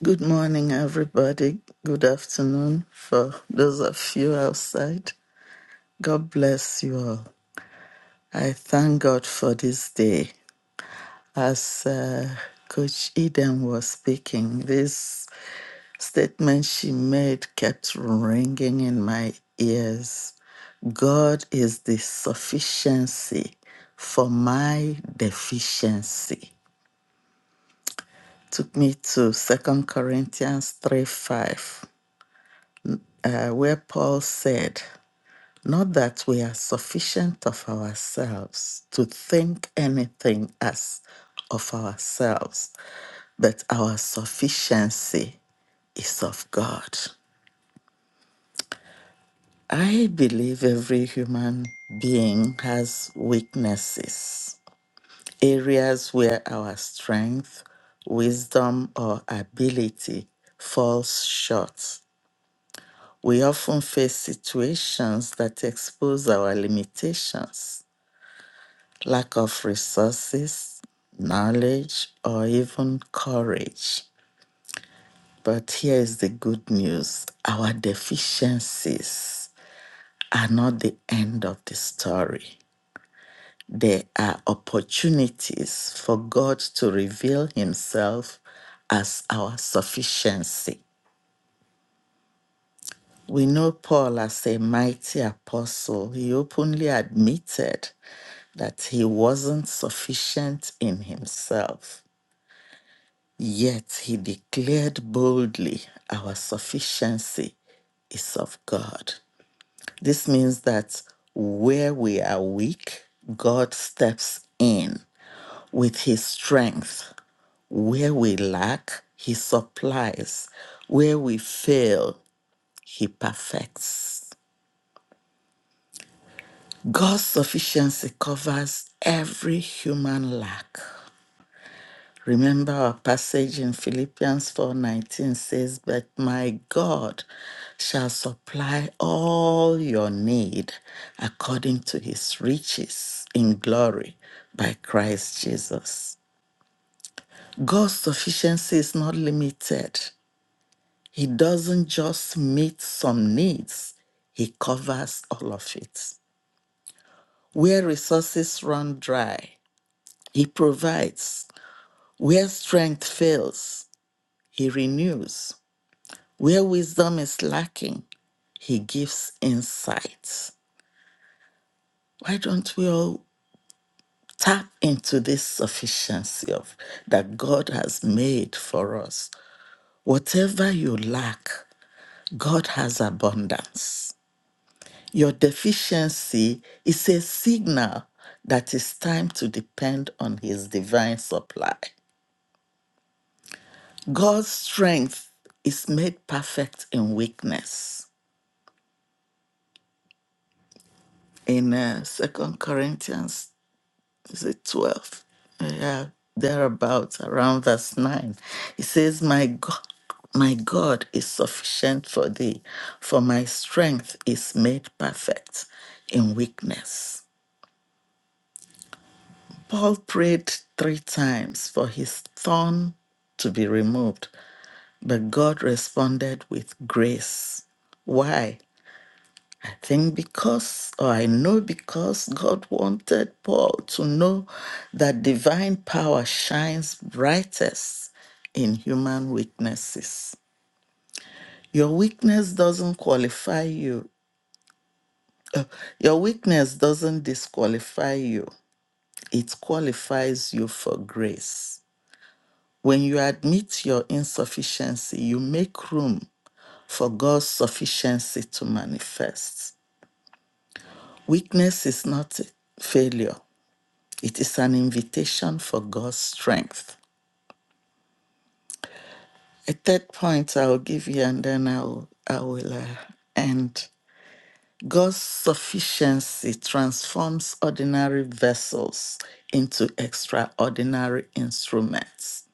Good morning, everybody. Good afternoon for those of you outside. God bless you all. I thank God for this day. As uh, Coach Eden was speaking, this statement she made kept ringing in my ears. God is the sufficiency for my deficiency. Took me to Second Corinthians 3 5, uh, where Paul said, Not that we are sufficient of ourselves to think anything as of ourselves, but our sufficiency is of God. I believe every human being has weaknesses, areas where our strength, wisdom, or ability falls short. We often face situations that expose our limitations lack of resources, knowledge, or even courage. But here is the good news our deficiencies are not the end of the story. They are opportunities for God to reveal Himself as our sufficiency. We know Paul as a mighty apostle. He openly admitted that he wasn't sufficient in himself Yet he declared boldly, Our sufficiency is of God. This means that where we are weak, God steps in with his strength. Where we lack, he supplies. Where we fail, he perfects. God's sufficiency covers every human lack. Remember our passage in Philippians 4:19 says, "But my God shall supply all your need according to his riches in glory by Christ Jesus." God's sufficiency is not limited. He doesn't just meet some needs, he covers all of it. Where resources run dry, he provides. Where strength fails, he renews. Where wisdom is lacking, he gives insights. Why don't we all tap into this sufficiency of that God has made for us? Whatever you lack, God has abundance. Your deficiency is a signal that it's time to depend on his divine supply. God's strength is made perfect in weakness in uh, 2 Corinthians is it 12? Yeah, thereabouts, around verse 9. It says, My God, my God is sufficient for thee, for my strength is made perfect in weakness. Paul prayed three times for his thorn to be removed, but God responded with grace. Why? I think because, or I know because God wanted Paul to know that divine power shines brightest in human weaknesses. Your weakness doesn't qualify you, your weakness doesn't disqualify you, it qualifies you for grace. When you admit your insufficiency, you make room for God's sufficiency to manifest. Weakness is not a failure, It is an invitation for God's strength. A third point I'll give you, and then I'll I will uh, end. God's sufficiency transforms ordinary vessels into extraordinary instruments.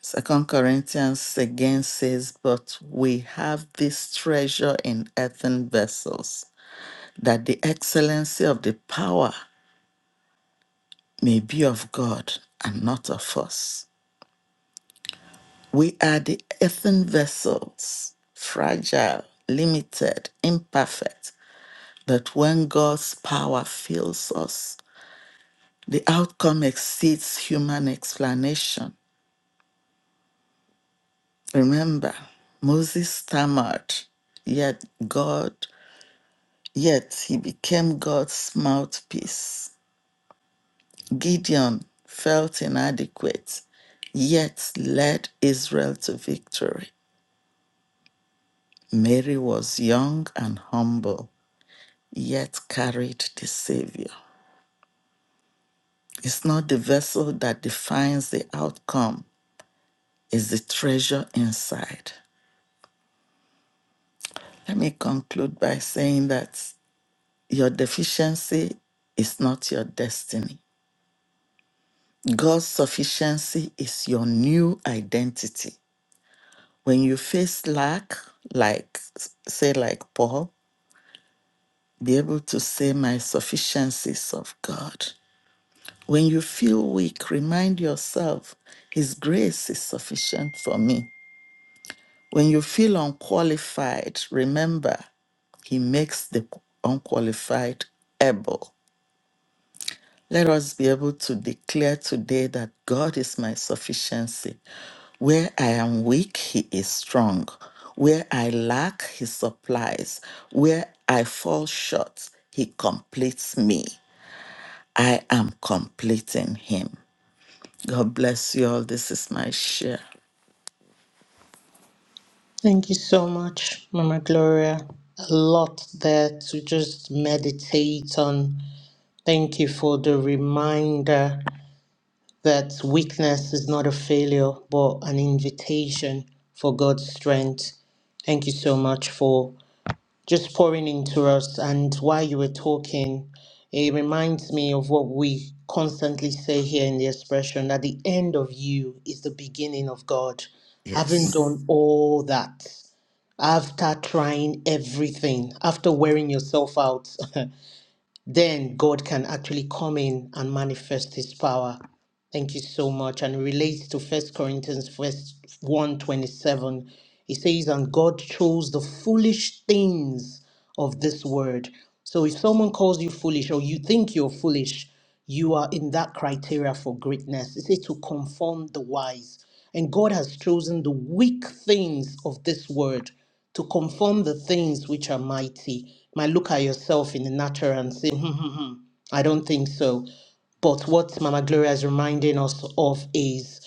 Second Corinthians again says, But we have this treasure in earthen vessels, that the excellency of the power may be of God and not of us. We are the earthen vessels, fragile, limited, imperfect, but when God's power fills us, the outcome exceeds human explanation. Remember, Moses stammered, yet God, yet he became God's mouthpiece. Gideon felt inadequate, yet led Israel to victory. Mary was young and humble yet carried the Savior. It's not the vessel that defines the outcome, it's the treasure inside. Let me conclude by saying that your deficiency is not your destiny. God's sufficiency is your new identity. When you face lack, like say like Paul, be able to say my sufficiency is of God. When you feel weak, remind yourself his grace is sufficient for me. When you feel unqualified, remember, He makes the unqualified able. Let us be able to declare today that God is my sufficiency. Where I am weak, He is strong. Where I lack, He supplies. Where I fall short, He completes me. I am completing Him. God bless you all. This is my share.
Thank you so much, Mama Gloria. A lot there to just meditate on. Thank you for the reminder that weakness is not a failure, but an invitation for God's strength. Thank you so much for just pouring into us. And while you were talking, it reminds me of what we constantly say here in the expression that the end of you is the beginning of God. Having
Yes.
done all that, after trying everything, after wearing yourself out, <laughs> then God can actually come in and manifest His power. Thank you so much. And it relates to First Corinthians verse 127. It says, And God chose the foolish things of this word. So if someone calls you foolish or you think you're foolish, you are in that criteria for greatness. It says to conform the wise. And God has chosen the weak things of this word to conform the things which are mighty. You might look at yourself in the natural and say, hmm, hmm, hmm, hmm, I don't think so. But what Mama Gloria is reminding us of is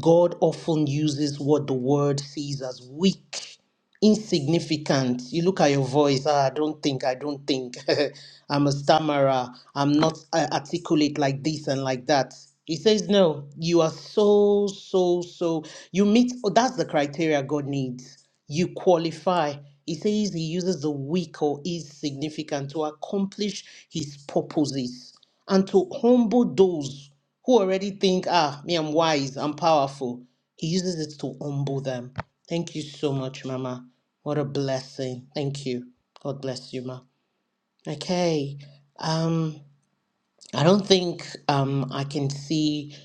God often uses what the world sees as weak insignificant. You look at your voice, ah, I don't think, I don't think. <laughs> I'm a stammerer. I'm not uh, articulate like this and like that. He says, no, you are so, so, so. You meet, oh, that's the criteria God needs. You qualify. He says he uses the weak or insignificant to accomplish his purposes and to humble those who already think, ah, me, I'm wise, I'm powerful. He uses it to humble them. Thank you so much, Mama. What a blessing. Thank you. God bless you, Ma. Okay. Um, I don't think um I can see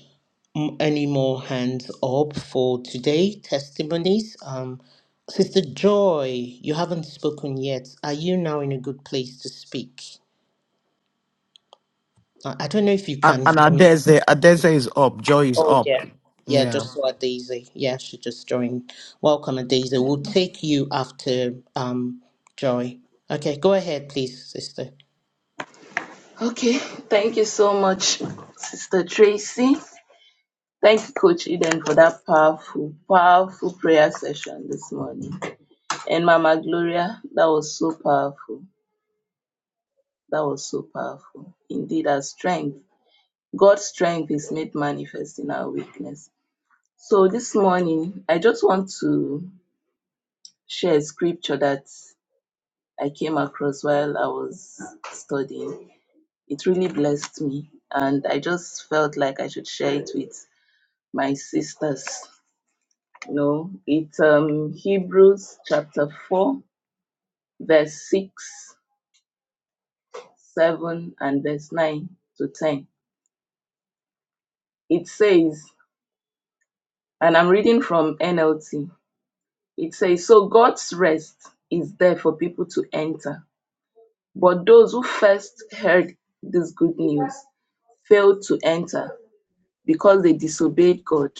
m- any more hands up for today. Testimonies. Um, Sister Joy, you haven't spoken yet. Are you now in a good place to speak? I I don't know if you can hear me.
Job, job.
Oh, yeah. Yeah, just saw Daisy. Yeah, she just joined. Welcome, Daisy. We'll take you after um Joy. Okay, go ahead, please, sister.
Okay, thank you so much, Sister Tracy. Thank you, Coach Eden, for that powerful, powerful prayer session this morning. And Mama Gloria, that was so powerful. That was so powerful. Indeed, our strength, God's strength is made manifest in our weakness. So this morning, I just want to share a scripture that I came across while I was studying. It really blessed me, and I just felt like I should share it with my sisters. No, it's um, Hebrews chapter 4, verse 6, 7, and verse 9 to 10. It says, and I'm reading from NLT, it says, So God's rest is there for people to enter. But those who first heard this good news failed to enter because they disobeyed God.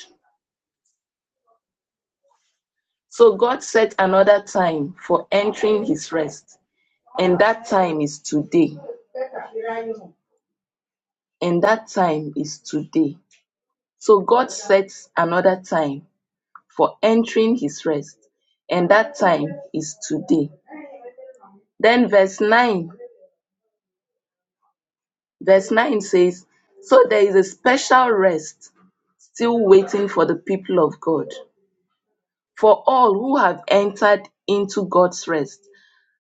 So God set another time for entering his rest, and that time is today. and that time is today. So God sets another time for entering his rest, and that time is today. Then verse 9, verse 9 says, So there is a special rest still waiting for the people of God. For all who have entered into God's rest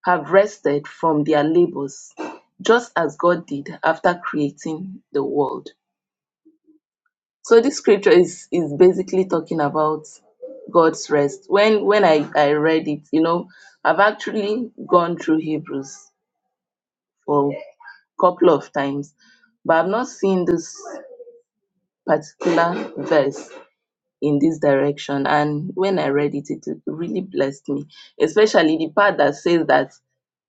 have rested from their labors, just as God did after creating the world. So this scripture is is basically talking about God's rest. When when I I read it, you know, I've actually gone through Hebrews for a couple of times, but I've not seen this particular verse in this direction. And when I read it, it really blessed me, especially the part that says that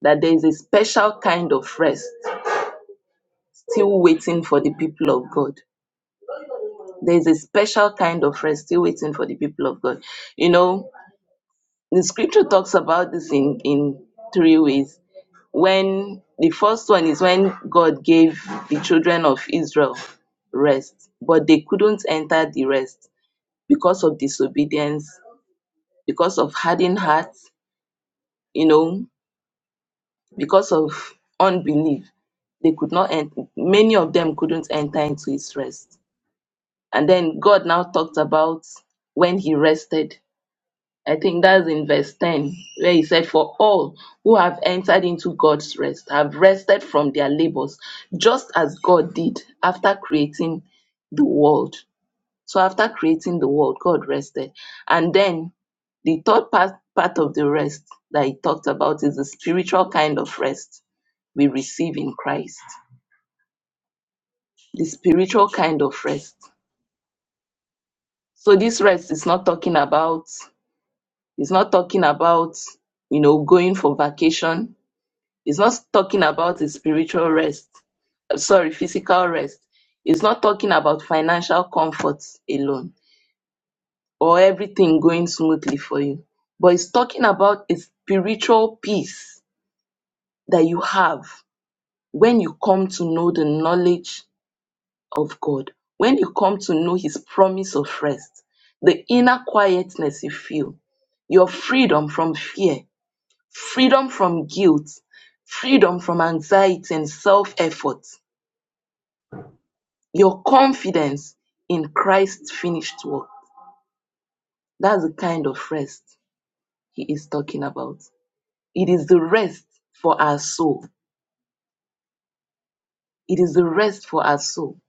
that there is a special kind of rest still waiting for the people of God. There is a special kind of rest still waiting for the people of God. You know, the scripture talks about this in, in three ways. When the first one is when God gave the children of Israel rest, but they couldn't enter the rest because of disobedience, because of hardened hearts, you know, because of unbelief. They could not enter, many of them couldn't enter into his rest. And then God now talked about when he rested I think that's in verse 10, where he said, For all who have entered into God's rest have rested from their labors, just as God did after creating the world. So, after creating the world, God rested. And then the third part, part of the rest that he talked about is the spiritual kind of rest we receive in Christ. The spiritual kind of rest. So, this rest is not talking about, it's not talking about, you know, going for vacation It's not talking about a spiritual rest. uh, Sorry, physical rest. It's not talking about financial comforts alone or everything going smoothly for you. But it's talking about a spiritual peace that you have when you come to know the knowledge of God, when you come to know His promise of rest, the inner quietness you feel, your freedom from fear, freedom from guilt, freedom from anxiety and self effort, Your confidence in Christ's finished work. That's the kind of rest he is talking about. It is the rest for our soul. It is the rest for our soul.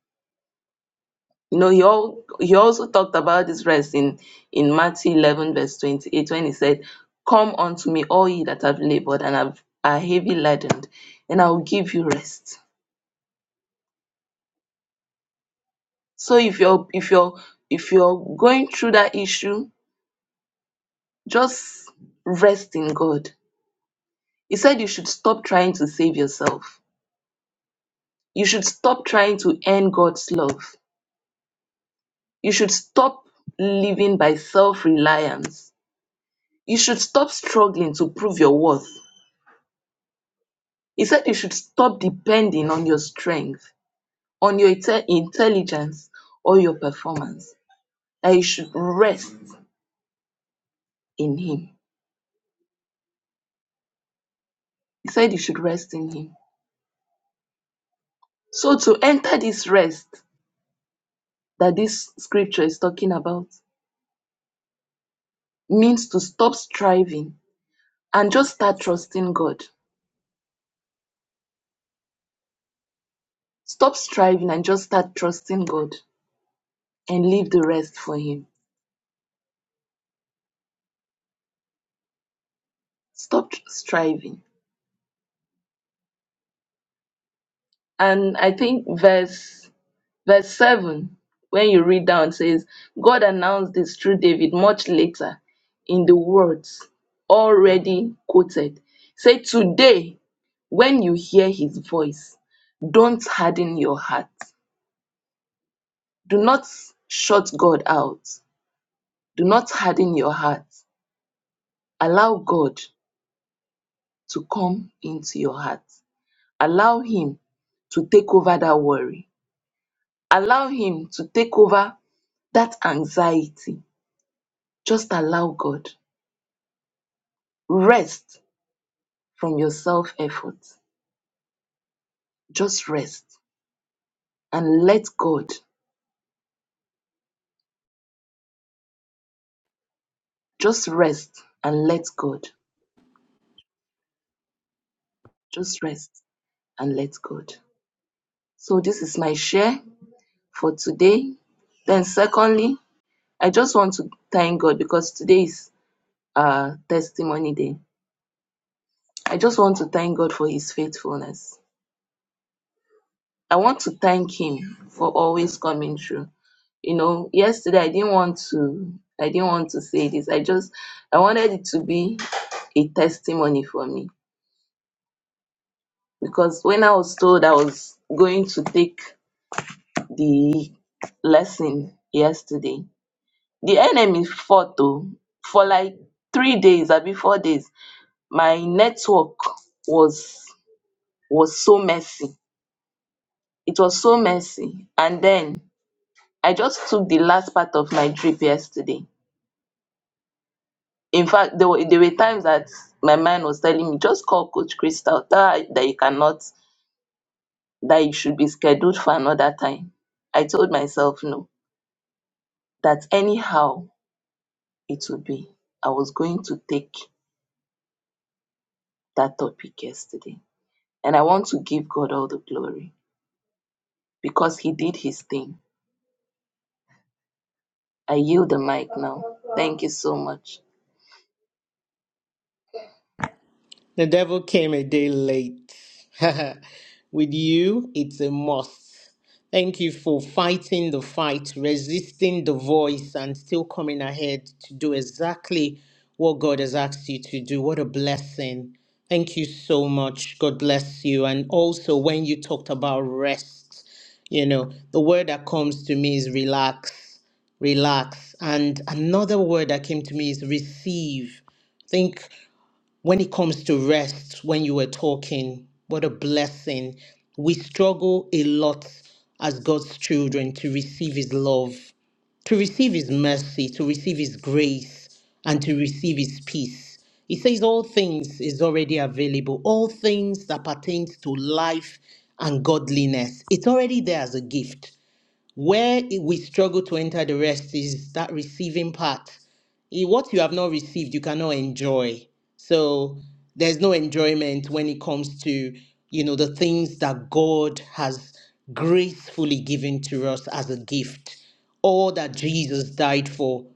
You know, he, al- he also talked about this rest in, in Matthew 11, verse 28, when he said, Come unto me, all ye that have labored and have, are heavy laden, and I will give you rest. So if you're if you're if you're going through that issue, just rest in God. He said you should stop trying to save yourself. You should stop trying to earn God's love. You should stop living by self reliance. You should stop struggling to prove your worth. He said you should stop depending on your strength, on your inte- intelligence, or your performance. That you should rest in Him. He said you should rest in Him. So to enter this rest that this scripture is talking about means to stop striving and just start trusting God. Stop striving and just start trusting God and leave the rest for Him. Stop striving. And I think verse verse seven, when you read down, says, God announced this through David much later in the words already quoted. Say today, when you hear his voice, don't harden your heart. Do not shut God out. Do not harden your heart. Allow God to come into your heart. Allow Him to take over that worry. Allow Him to take over that anxiety. Just allow God. Rest from your self effort. Just rest and let God. Just rest and let God. Just rest and let God. So, this is my share for today. Then, secondly, I just want to thank God because today is uh, Testimony Day I just want to thank God for his faithfulness. I want to thank him for always coming through. You know, yesterday I didn't want to I didn't want to say this. I just I wanted it to be a testimony for me because when I was told I was going to take the lesson yesterday, the enemy fought though for like three days or before days. My network was was so messy. It was so messy. And then I just took the last part of my drip yesterday. In fact, there were there were times that my mind was telling me, just call Coach Crystal, tell her that you cannot, that you should be scheduled for another time. I told myself no, that anyhow it would be. I was going to take that topic yesterday. And I want to give God all the glory because He did His thing. I yield the mic now. Thank you so much.
The devil came a day late. <laughs> With you, it's a must. Thank you for fighting the fight, resisting the voice, and still coming ahead to do exactly what God has asked you to do. What a blessing. Thank you so much. God bless you. And also, when you talked about rest, you know, the word that comes to me is relax, relax. And another word that came to me is receive. think when it comes to rest, when you were talking, what a blessing. We struggle a lot as God's children to receive His love, to receive His mercy, to receive His grace, and to receive His peace. He says, All things is already available, all things that pertains to life and godliness. It's already there as a gift. Where it- we struggle to enter the rest is that receiving part. Eh, What you have not received, you cannot enjoy. So there's no enjoyment when it comes to, you know, the things that God has gracefully given to us as a gift. All that Jesus died for,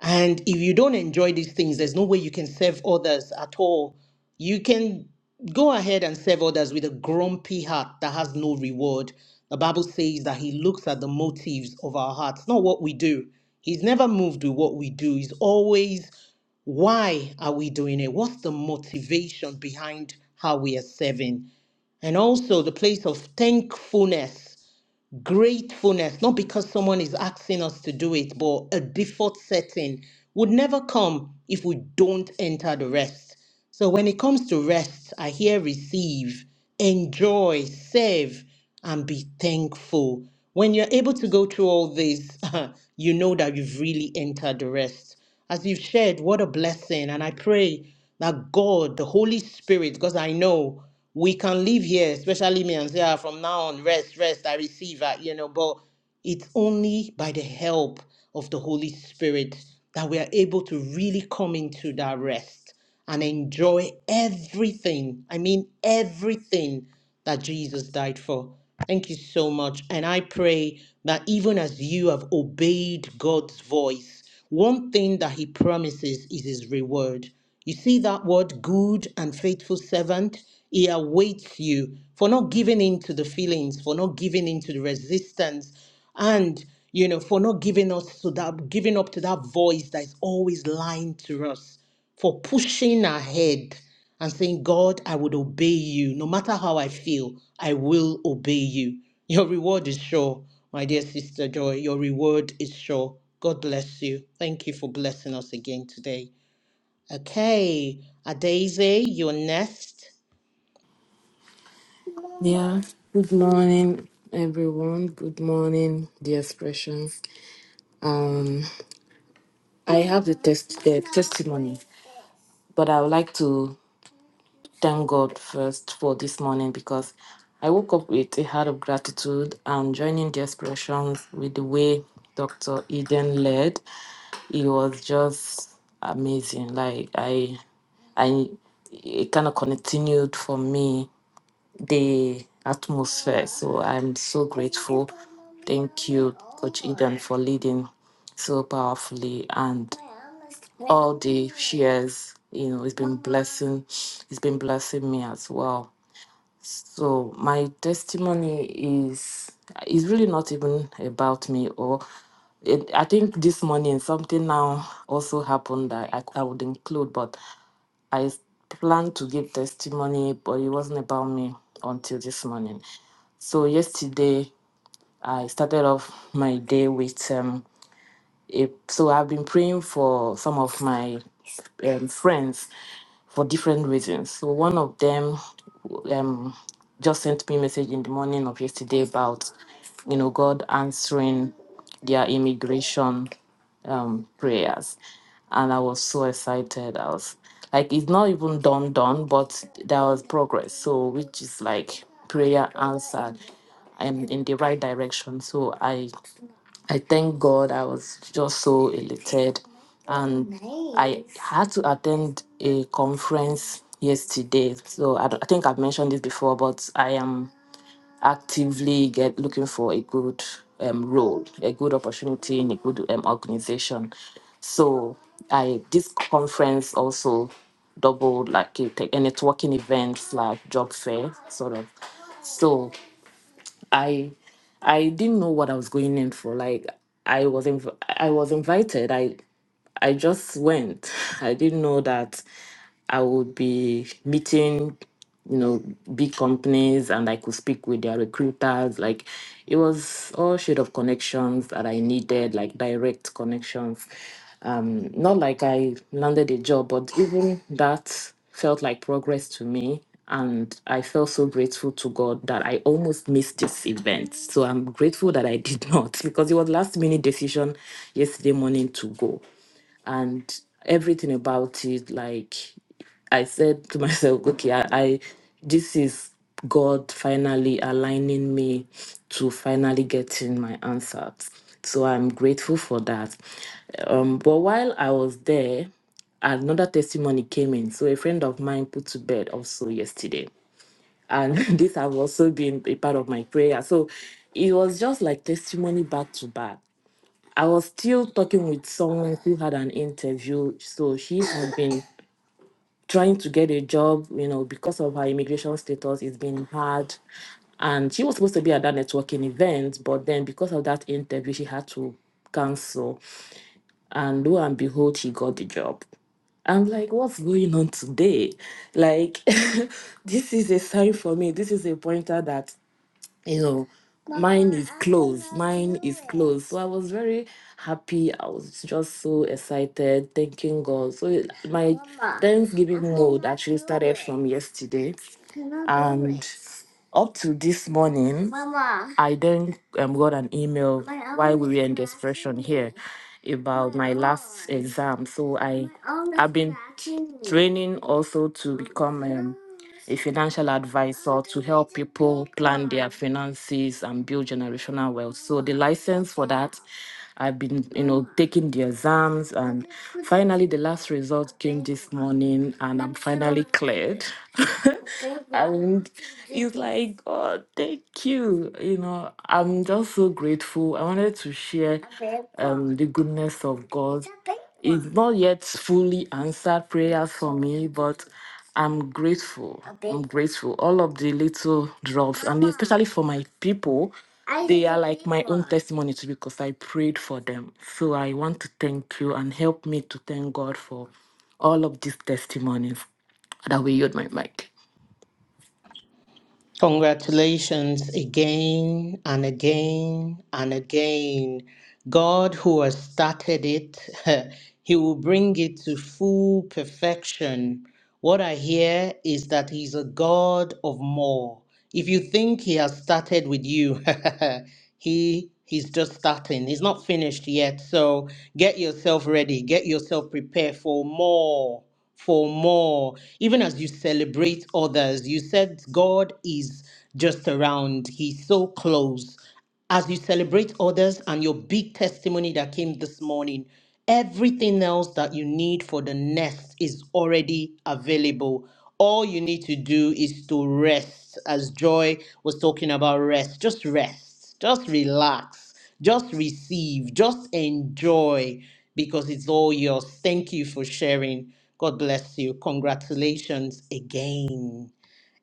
and if you don't enjoy these things, there's no way you can serve others at all. You can go ahead and serve others with a grumpy heart that has no reward. The Bible says that He looks at the motives of our hearts, not what we do. He's never moved with what we do. He's always, why are we doing it? What's the motivation behind how we are serving? And also the place of thankfulness gratefulness, not because someone is asking us to do it, but a default setting would never come if we don't enter the rest. So when it comes to rest, I hear receive, enjoy, serve, and be thankful. When you're able to go through all this, <laughs> you know that you've really entered the rest. As you've shared, what a blessing. And I pray that God, the Holy Spirit, because I know we can live here, especially me and Zia, from now on, rest, rest, I receive, uh, you know, but it's only by the help of the Holy Spirit that we are able to really come into that rest and enjoy everything. I mean, everything that Jesus died for. Thank you so much. And I pray that even as you have obeyed God's voice, one thing that He promises is His reward. You see that word, good and faithful servant? He awaits you for not giving in to the feelings, for not giving in to the resistance, and you know, for not giving us to that giving up to that voice that is always lying to us for pushing ahead and saying, God, I would obey you. No matter how I feel, I will obey you. Your reward is sure, my dear sister Joy. Your reward is sure. God bless you. Thank you for blessing us again today. Okay, Adaise, you're next.
Yeah, good morning, everyone. Good morning, dear expressions. Um, I have the test the testimony, but I would like to thank God first for this morning because I woke up with a heart of gratitude and joining the expressions with the way Dr. Eden led. It was just amazing. Like I I it kind of continued for me the atmosphere. So I'm so grateful. Thank you, Coach Eden, for leading so powerfully and all the shares. You know, it's been blessing. It's been blessing me as well. So my testimony is is really not even about me or it, I think this morning something now also happened that I, I would include, but I s- planned to give testimony, but it wasn't about me until this morning. So yesterday, I started off my day with um, a, so I've been praying for some of my um, friends for different reasons. So one of them um, just sent me a message in the morning of yesterday about, you know, God answering their immigration um, prayers. And I was so excited. I was like, it's not even done, done, but there was progress. So, which is like prayer answered and in the right direction. So, I, I thank God. I was just so elated. And I had to attend a conference yesterday. So, I, don't- I think I've mentioned this before, but I am actively get looking for a good um, role, a good opportunity in a good um, organization. So I this conference also doubled like a, tech- a networking event like job fair sort of. So I I didn't know what I was going in for. Like I was inv- I was invited. I I just went. I didn't know that I would be meeting, you know, big companies and I could speak with their recruiters. Like it was all shade of connections that I needed, like direct connections. Um, not like I landed a job, but even that felt like progress to me. And I felt so grateful to God that I almost missed this event. So I'm grateful that I did <laughs> not because it was last minute decision yesterday morning to go and everything about it like i said to myself <laughs> okay i, I this is god finally aligning me to finally getting my answers so i'm grateful for that um, but while i was there another testimony came in so a friend of mine put to bed also yesterday and <laughs> this have also been a part of my prayer so it was just like testimony back to back I was still talking with someone who had an interview. So she had been trying to get a job, you know, because of her immigration status, it's been hard. And she was supposed to be at that networking event, but then because of that interview, she had to cancel. And lo and behold, she got the job. I'm like, what's going on today? Like, <laughs> this is a sign for me. This is a pointer that you know mine is closed mine is closed so i was very happy i was just so excited thanking god so it- my thanksgiving mode actually started from yesterday and up to this morning, Mama. I then um, got an email My while we were in the expression here about my, last exam. So I, I've been training also to become um, a financial advisor to help people plan their finances and build generational wealth. So the license for that I've been, you know, taking the exams, and finally the last result came this morning, and I'm finally cleared. <laughs> and it's like, God, thank you. You know, I'm just so grateful. I wanted to share um, the goodness of God. It's not yet fully answered prayers for me, but I'm grateful. I'm grateful. All of the little drops, and especially for my people they are like my own testimony too because I prayed for them. So I want to thank you and help me to thank God for all of these testimonies. That we yield my mic.
Congratulations again and again and again. God, who has started it, <laughs> He will bring it to full perfection What I hear is that he's a God of more. If you think he has started with you, <laughs> he he's just starting. He's not finished yet. So get yourself ready. Get yourself prepared for more. For more. Even as you celebrate others, you said God is just around. He's so close as you celebrate others and your big testimony that came this morning, everything else that you need for the next is already available. All you need to do is to rest, as Joy was talking about rest. Just rest, just relax, just receive, just enjoy because it's all yours. Thank you for sharing. God bless you. Congratulations again.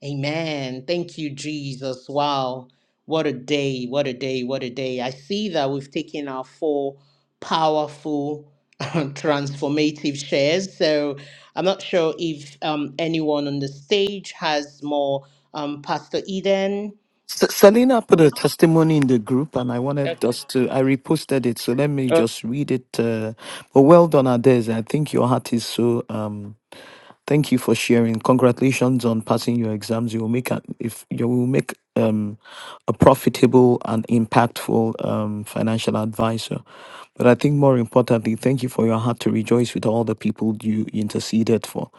Amen. Thank you, Jesus. Wow. What a day, what a day, what a day. I see that we've taken our four powerful, <laughs> transformative shares. So I'm not sure if um, anyone on the stage has more. Um, Pastor Eden.
S- Selena put a testimony in the group, and I wanted us to. I reposted it, so let me just read it. Uh, but well done, Ades. I think your heart is so. Um, Thank you for sharing. Congratulations on passing your exams. You will make a, if you will make um, a profitable and impactful um, financial advisor. But I think more importantly, thank you for your heart to rejoice with all the people you interceded for.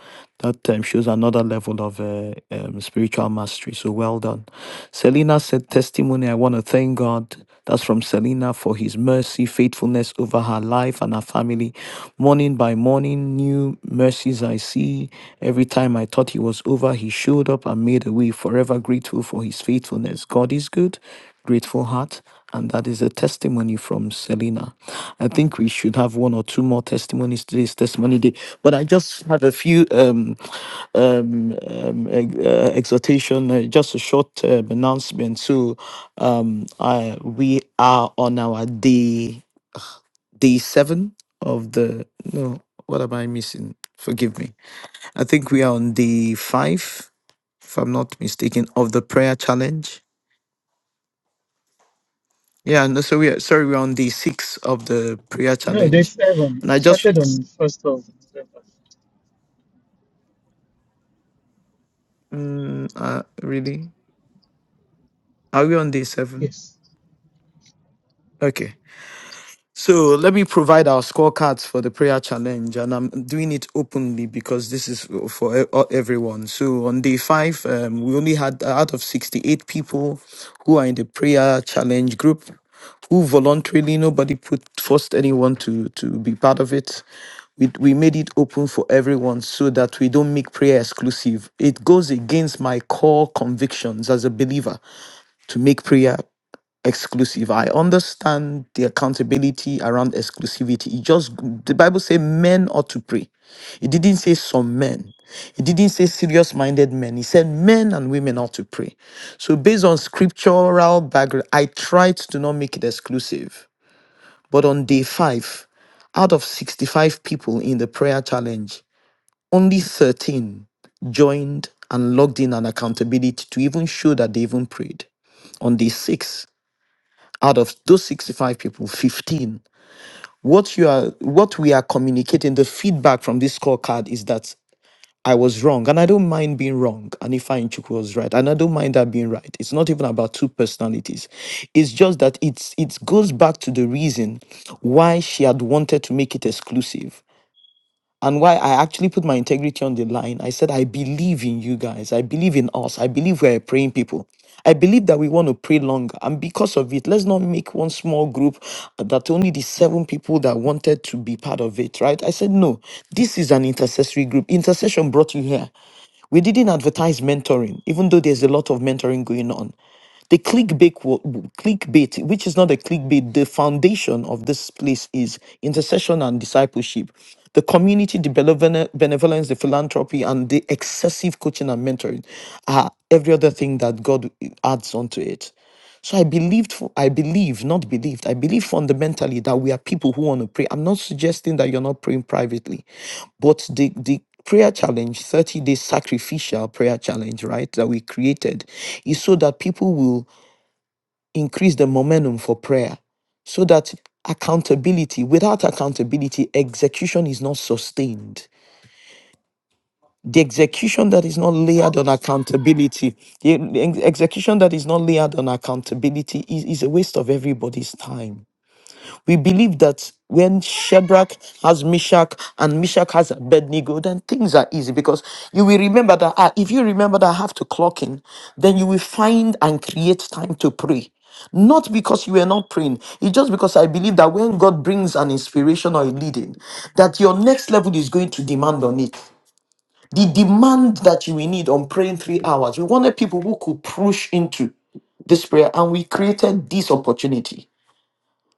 That um, shows another level of uh, um, spiritual mastery. So well done. Selena said testimony. I want to thank God. That's from Selena for his mercy, faithfulness over her life and her family. Morning by morning, new mercies I see. Every time I thought he was over, he showed up and made a way. Forever grateful for his faithfulness. God is good, grateful heart. And that is a testimony from Selena. I think we should have one or two more testimonies. Today's testimony day, but I just have a few um, um, um, ex- uh, exhortation, uh, just a short um, announcement. So um, I we are on our day day seven of the no. What am I missing? Forgive me. I think we are on day five, if I'm not mistaken, of the prayer challenge. Yeah, no, so we are sorry, we're on day six of the prayer
No, they
challenge,
seven.
and
It
I
started
just
on first of November.
mm, uh, really are we on day seven?
Yes.
Okay. So let me provide our scorecards for the prayer challenge, and I'm doing it openly because this is for e- uh, everyone. So on day five, um, we only had uh, out of 68 people who are in the prayer challenge group who voluntarily nobody put forced anyone to to be part of it. We, we made it open for everyone so that we don't make prayer exclusive. It goes against my core convictions as a believer to make prayer exclusive. I understand the accountability around exclusivity. It just the Bible say men ought to pray. It didn't say some men. It didn't say serious-minded men. It said men and women ought to pray. So based on scriptural background, I tried to not make it exclusive. But on day five, out of 65 people in the prayer challenge, only 13 joined and logged in an accountability to even show that they even prayed. On day six out of those 65 people 15 what you are what we are communicating the feedback from this scorecard is that i was wrong and i don't mind being wrong and if i Chuku was right and i don't mind that being right it's not even about two personalities it's just that it's it goes back to the reason why she had wanted to make it exclusive and why I actually put my integrity on the line. I said, I believe in you guys. I believe in us. I believe we're a praying people. I believe that we want to pray longer. And because of it, let's not make one small group that only the seven people that wanted to be part of it, right? I said, no, this is an intercessory group. Intercession brought you here. We didn't advertise mentoring, even though there's a lot of mentoring going on. The clickbait, wo- clickbait, which is not a clickbait, the foundation of this place is intercession and discipleship, the community, the belevene- benevolence, the philanthropy, and the excessive coaching and mentoring are every other thing that God adds onto it. So I believed, fu- I believe, not believed, I believe fundamentally that we are people who want to pray. I'm not suggesting that you're not praying privately, but the, the prayer challenge, 30 day sacrificial prayer challenge, right, that we created is so that people will increase the momentum for prayer, so that accountability, without accountability, execution is not sustained the execution that is not layered on accountability, the ex- execution that is not layered on accountability is, is a waste of everybody's time. We believe that when Shadrach has Meshach and Meshach has Abednego, then things are easy because you will remember that ah, if you remember that I have to clock in, then you will find and create time to pray. Not because you were not praying, it's just because I believe that when God brings an inspiration or a leading, that your next level is going to demand on it. The demand that you will need on praying three hours, we wanted people who could push into this prayer, and we created this opportunity.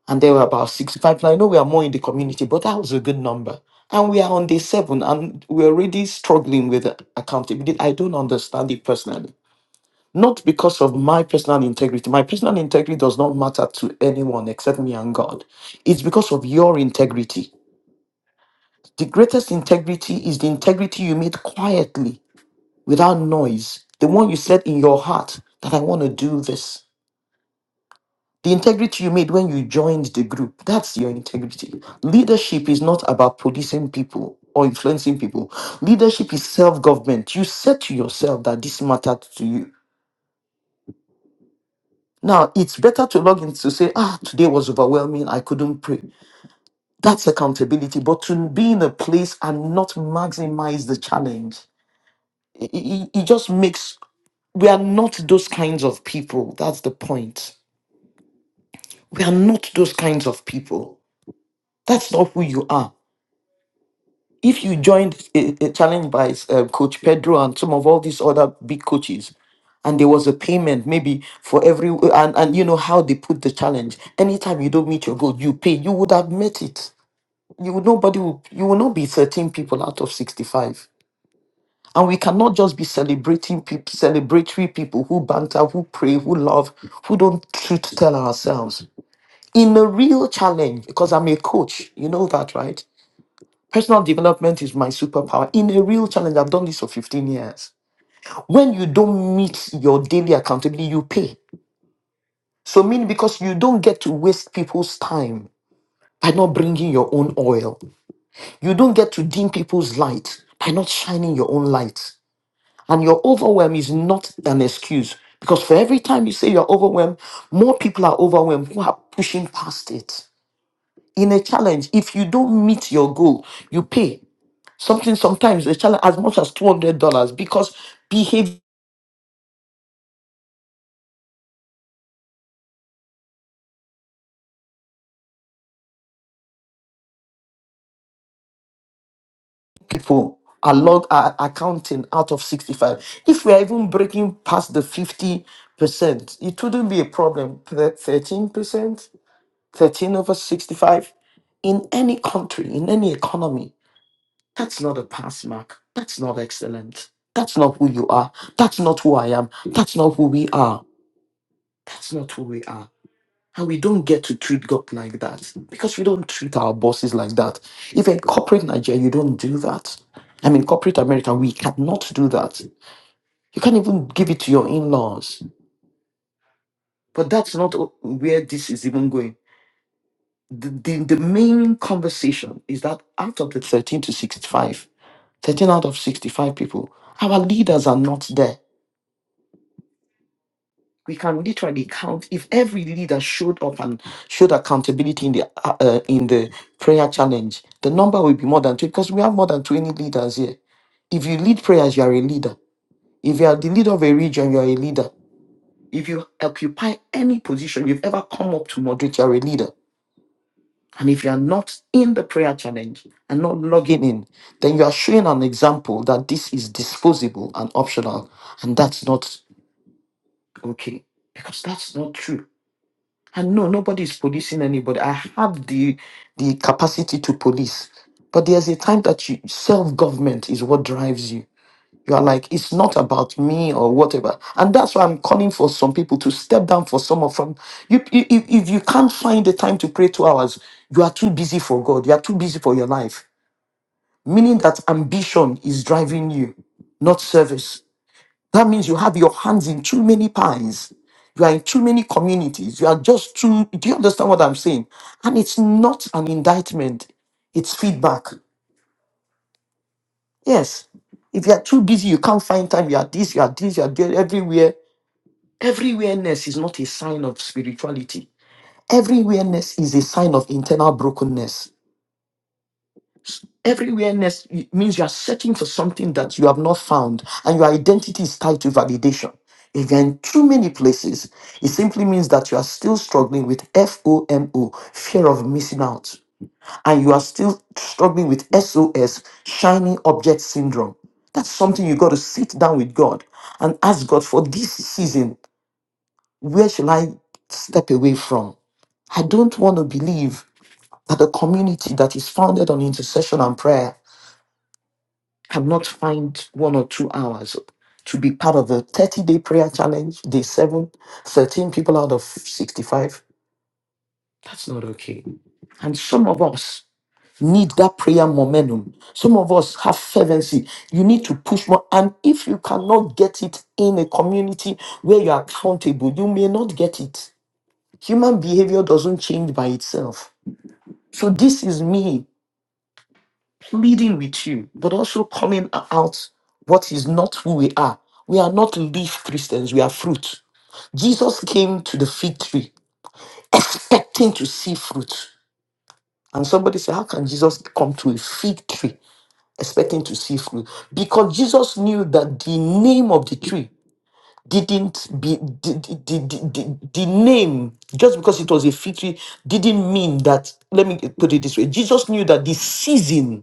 And there were about 65. Now, I know we are more in the community, but that was a good number. And we are on day seven, and we're already struggling with accountability. I don't understand it personally. Not because of my personal integrity. My personal integrity does not matter to anyone except me and God. It's because of your integrity. The greatest integrity is the integrity you meet quietly without noise, the one you said in your heart that I want to do this. The integrity you made when you joined the group, that's your integrity. Leadership is not about policing people or influencing people. Leadership is self government. You said to yourself that this mattered to you. Now, it's better to log in to say, ah, today was overwhelming, I couldn't pray. That's accountability. But to be in a place and not maximize the challenge, it, it it just makes, we are not those kinds of people. That's the point We are not those kinds of people. That's not who you are. If you joined a, a challenge by uh, Coach Pedro and some of all these other big coaches, and there was a payment maybe for every and, and you know how they put the challenge. Anytime you don't meet your goal, you pay. You would have met it. You would nobody will, you will not be 13 people out of 65. And we cannot just be celebrating people, celebratory people who banter, who pray, who love, who don't truth tell ourselves. in a real challenge, because I'm a coach, you know that, right? Personal development is my superpower. In a real challenge, I've done this for 15 years. When you don't meet your daily accountability, you pay. So, meaning because you don't get to waste people's time by not bringing your own oil, you don't get to dim people's light by not shining your own light. And your overwhelm is not an excuse because for every time you say you're overwhelmed, more people are overwhelmed who are pushing past it. in a challenge if you don't meet your goal you pay something sometimes a challenge as much as $200 because behavior people are log are accounting out of 65 if we are even breaking past the 50 percent it wouldn't be a problem 13 percent 13 over 65 in any country in any economy that's not a pass mark that's not excellent that's not who you are that's not who i am that's not who we are that's not who we are And we don't get to treat God like that because we don't treat our bosses like that. If in corporate Nigeria, you don't do that. I mean, corporate America, we cannot do that. You can't even give it to your in laws. But that's not o- where this is even going. The, the, the main conversation is that out of the 13 to 65, 13 out of 65 people, our leaders are not there we can literally count if every leader showed up and showed accountability in the uh, uh, in the prayer challenge the number will be more than 20 because we have more than 20 leaders here if you lead prayers you are a leader if you are the leader of a region you are a leader if you occupy any position you've ever come up to moderate you are a leader and if you are not in the prayer challenge and not logging in then you are showing an example that this is disposable and optional and that's not okay because that's not true And no, nobody is policing anybody. I have the the capacity to police. But there's a time that you self-government is what drives you. You are like, it's not about me or whatever. And that's why I'm calling for some people to step down for some of them. You, you- if if you can't find the time to pray two hours, you are too busy for God. You are too busy for your life. Meaning that ambition is driving you, not service. That means you have your hands in too many pies. You are in too many communities. You are just too. Do you understand what I'm saying? And it's not an indictment, it's feedback. Yes. If you are too busy, you can't find time. You are this, you are this, you are there, everywhere. Everywhereness is not a sign of spirituality. Everywhereness is a sign of internal brokenness. Everywhereness means you are searching for something that you have not found, and your identity is tied to validation. If you're in too many places, it simply means that you are still struggling with FOMO, fear of missing out, and you are still struggling with SOS, shiny object syndrome. That's something you got to sit down with God and ask God for this season, where shall I step away from? I don't want to believe that a community that is founded on intercession and prayer cannot find one or two hours to be part of the 30 day prayer challenge, day seven, thirteen people out of 65. That's not okay. And some of us need that prayer momentum. Some of us have fervency. You need to push more. And if you cannot get it in a community where you're accountable, you may not get it. Human behavior doesn't change by itself. So this is me pleading with you, but also coming out what is not who we are. We are not leaf Christians, we are fruit. Jesus came to the fig tree expecting to see fruit. And somebody said, How can Jesus come to a fig tree expecting to see fruit? Because Jesus knew that the name of the tree didn't be the, the, the, the, the name just because it was a fig tree didn't mean that let me put it this way jesus knew that the season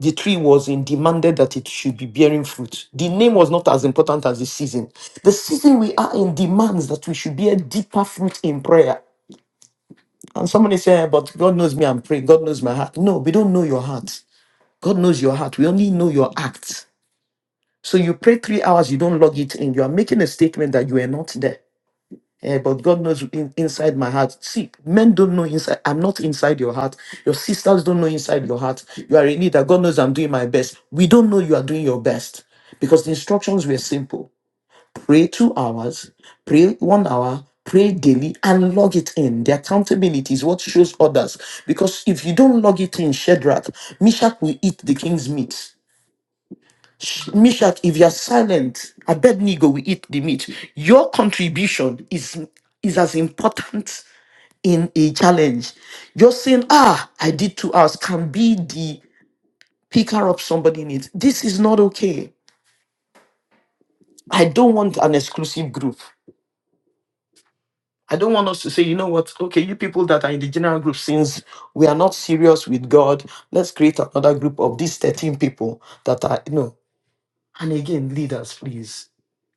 the tree was in demanded that it should be bearing fruit. The name was not as important as the season. The season we are in demands that we should bear deeper fruit in prayer. And somebody say, "Yeah, but God knows me, I'm praying. God knows my heart. No, we don't know your heart. God knows your heart. We only know your acts. So you pray three hours, you don't log it in. You are making a statement that you are not there. Eh, but God knows in- inside my heart. See, men don't know inside. I'm not inside your heart. Your sisters don't know inside your heart. You are in need God knows I'm doing my best. We don't know you are doing your best because the instructions were simple pray two hours, pray one hour, pray daily, and log it in. The accountability is what shows others. Because if you don't log it in, Shadrach, Meshach will eat the king's meat. Sh- Mishak, if you are silent, Abednego will eat the meat. Your contribution is is as important in a challenge. You're saying, ah, I did two hours, can be the picker up somebody needs. This is not okay. I don't want an exclusive group. I don't want us to say, you know what, okay, you people that are in the general group, since we are not serious with God, let's create another group of these 13 people that are, no. And again, leaders, please.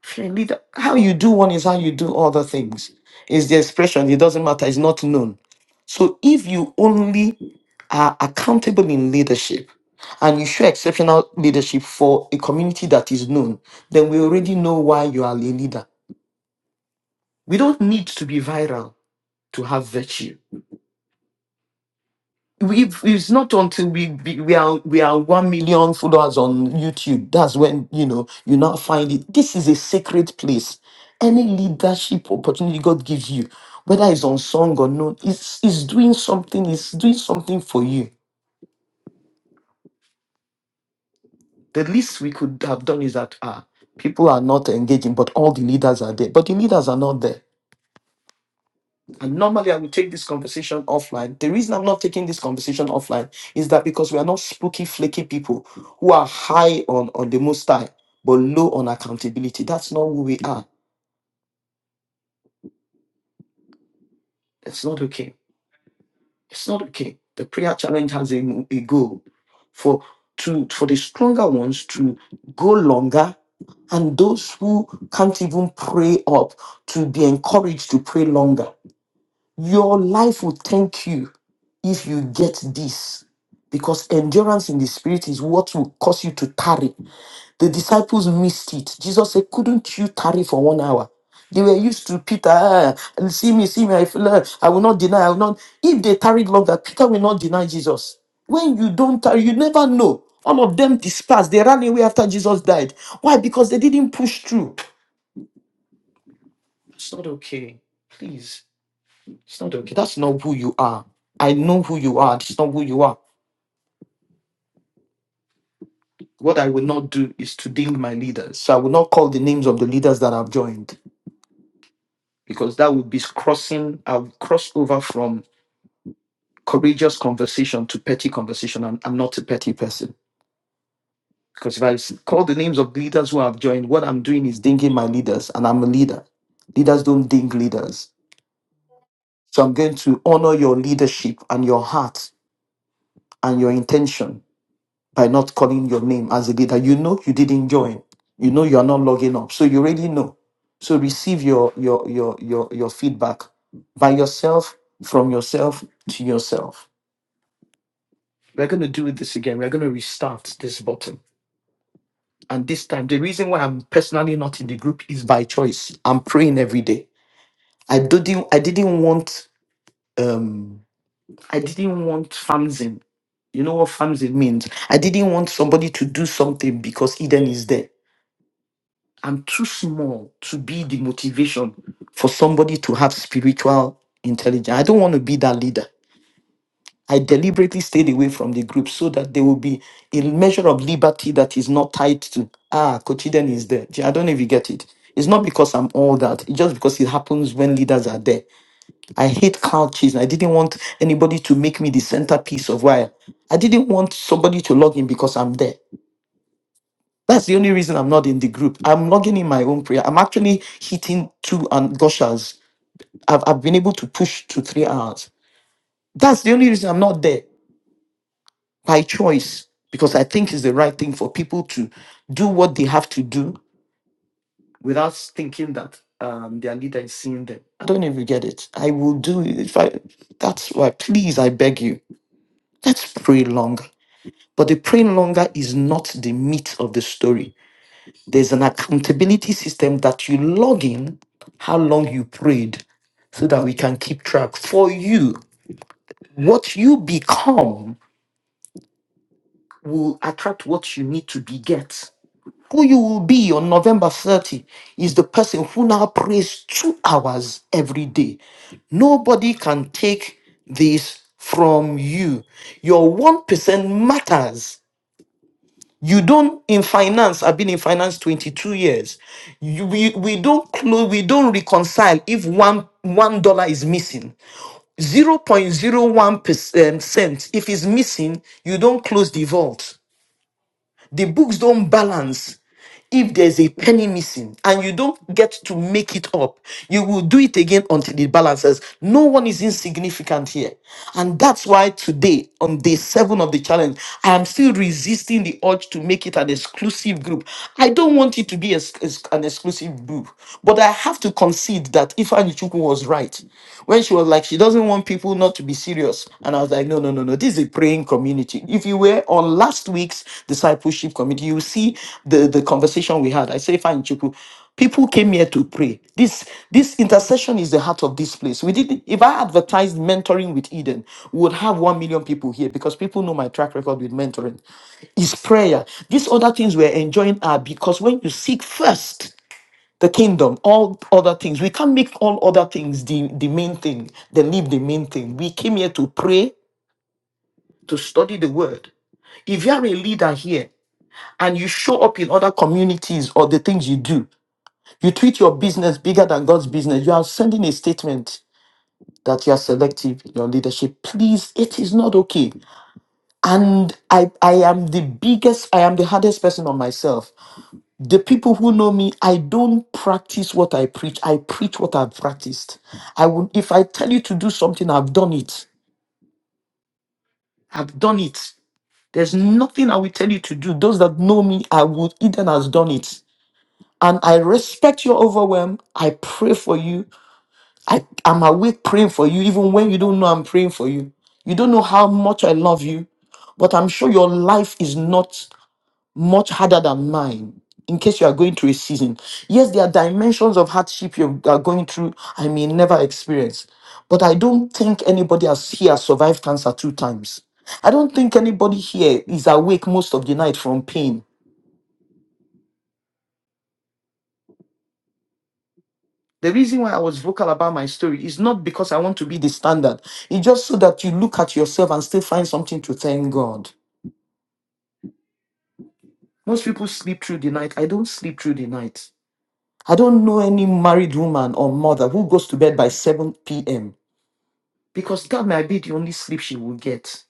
If you're a leader, how you do one is how you do other things. It's the expression, it doesn't matter, it's not known. So if you only are accountable in leadership and you show exceptional leadership for a community that is known, then we already know why you are a leader. We don't need to be viral to have virtue. We've, it's not until we be- we are we are one million followers on YouTube that's when you know you now find it. This is a sacred place. Any leadership opportunity God gives you, whether it's unsung or not, it's it's doing something. It's doing something for you. The least we could have done is that ah, people are not engaging, but all the leaders are there. But the leaders are not there And normally I would take this conversation offline. The reason I'm not taking this conversation offline is that because we are not spooky, flaky people who are high on, on the most high, but low on accountability. That's not who we are. It's not okay. It's not okay. The prayer challenge has a, a goal for to for the stronger ones to go longer and those who can't even pray up to be encouraged to pray longer. Your life will thank you if you get this. Because endurance in the spirit is what will cause you to tarry. The disciples missed it. Jesus said, Couldn't you tarry for one hour? They were used to Peter, "Ah, see me, see me, I, feel, ah, I will not deny, I will not. If they tarried longer, Peter will not deny Jesus. When you don't tarry, you never know. All of them dispersed. They ran away after Jesus died. Why? Because they didn't push through. It's not okay. Please. It's not okay. That's not who you are. I know who you are. It's not who you are. What I will not do is to deal my leaders. So I will not call the names of the leaders that I've joined because that would be crossing, I'll cross over from courageous conversation to petty conversation. And I'm not a petty person because if I s- call the names of leaders who I've joined, what I'm doing is dinging my leaders and I'm a leader. Leaders don't ding leaders. So I'm going to honor your leadership and your heart and your intention by not calling your name as a leader. You know you didn't join. You know you are not logging up. So you already know. So receive your your your your your feedback by yourself, from yourself to yourself. We're gonna do this again. We're gonna restart this button. And this time, the reason why I'm personally not in the group is by choice. I'm praying every day. I didn't I didn't want um I didn't want fanzine. You know what fanzine means? I didn't want somebody to do something because Eden is there. I'm too small to be the motivation for somebody to have spiritual intelligence. I don't want to be that leader. I deliberately stayed away from the group so that there will be a measure of liberty that is not tied to, ah, Kochiden is there. I don't know if you get it. It's not because I'm all that. It's just because it happens when leaders are there. I hate couches. I didn't want anybody to make me the centerpiece of why. I didn't want somebody to log in because I'm there. That's the only reason I'm not in the group. I'm logging in my own prayer. I'm actually hitting two and gushers. I've, I've been able to push to three hours. That's the only reason I'm not there by choice because I think it's the right thing for people to do what they have to do without thinking that um, their leader is seeing them. I don't know if you get it. I will do it if I. That's why. Please, I beg you. Let's pray longer. But the praying longer is not the meat of the story There's an accountability system that you log in, how long you prayed, so that we can keep track for you. What you become will attract what you need to beget. Who you will be on November 30 is the person who now prays two hours every day. Nobody can take this from you. Your 1% matters You don't in finance. I've been in finance 22 years. You, we we don't close. We don't reconcile if one one dollar is missing. zero point zero 0.01 percent if it's missing, you don't close the vault. The books don't balance if there's a penny missing and you don't get to make it up, you will do it again until it balances. No one is insignificant here. And that's why today, on day seven of the challenge, I am still resisting the urge to make it an exclusive group. I don't want it to be ex- ex- an exclusive group, but I have to concede that Ifanichuku was right when she was like she doesn't want people not to be serious and i was like no no no no this is a praying community if you were on last week's discipleship committee you will see the the conversation we had i say fine chuku people came here to pray this this intercession is the heart of this place we didn't if i advertised mentoring with eden we would have 1 million people here because people know my track record with mentoring It's prayer these other things we're enjoying are because when you seek first the kingdom, all other things. We can't make all other things the, the main thing, the leave the main thing. We came here to pray, to study the word. If you are a leader here and you show up in other communities or the things you do, you treat your business bigger than God's business, you are sending a statement that you are selective in your leadership. Please, it is not okay. And I I am the biggest, I am the hardest person on myself The people who know me, I don't practice what I preach. I preach what I've practiced. I will, if I tell you to do something, I've done it. I've done it. There's nothing I will tell you to do. Those that know me, I would Eden has done it. And I respect your overwhelm. I pray for you. I, I'm awake praying for you, even when you don't know I'm praying for you. You don't know how much I love you, but I'm sure your life is not. much harder than mine in case you are going through a season. Yes, there are dimensions of hardship you are going through I may never experience, but I don't think anybody has here survived cancer two times. I don't think anybody here is awake most of the night from pain. The reason why I was vocal about my story is not because I want to be the standard. It's just so that you look at yourself and still find something to thank God. Most people sleep through the night. I don't sleep through the night. I don't know any married woman or mother who goes to bed by 7 p.m because that might be the only sleep she will get.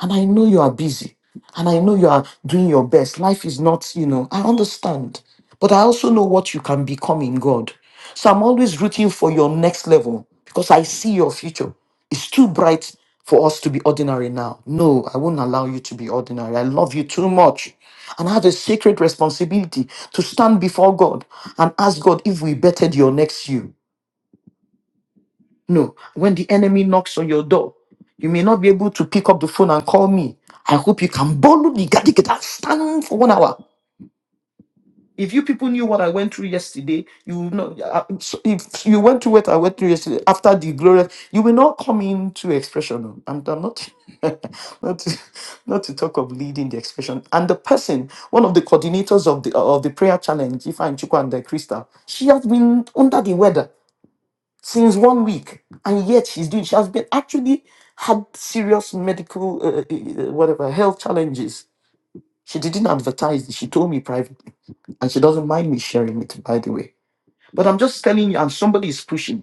And I know you are busy and I know you are doing your best. Life is not, you know, I understand, but I also know what you can become in God. So I'm always rooting for your next level because I see your future. It's too bright for us to be ordinary now. No, I won't allow you to be ordinary. I love you too much. And I have a sacred responsibility to stand before God and ask God if we bettered your next you. No, when the enemy knocks on your door, you may not be able to pick up the phone and call me. I hope you can boldly gadigada stand for one hour. If you people knew what I went through yesterday, you would not. I- I- so If you went through what I went through yesterday after the glorious, you will not come into expression. oh. I'm, I'm not, <laughs> not, to, not to talk of leading the expression. And the person, one of the coordinators of the of the prayer challenge, Ifa Chukwu and Crystal, she has been under the weather since one week, and yet she's doing. She has been actually had serious medical, uh, uh, uh, whatever, health challenges. She didn't advertise. it, She told me privately, and she doesn't mind me sharing it, by the way. But I'm just telling you, and somebody is pushing.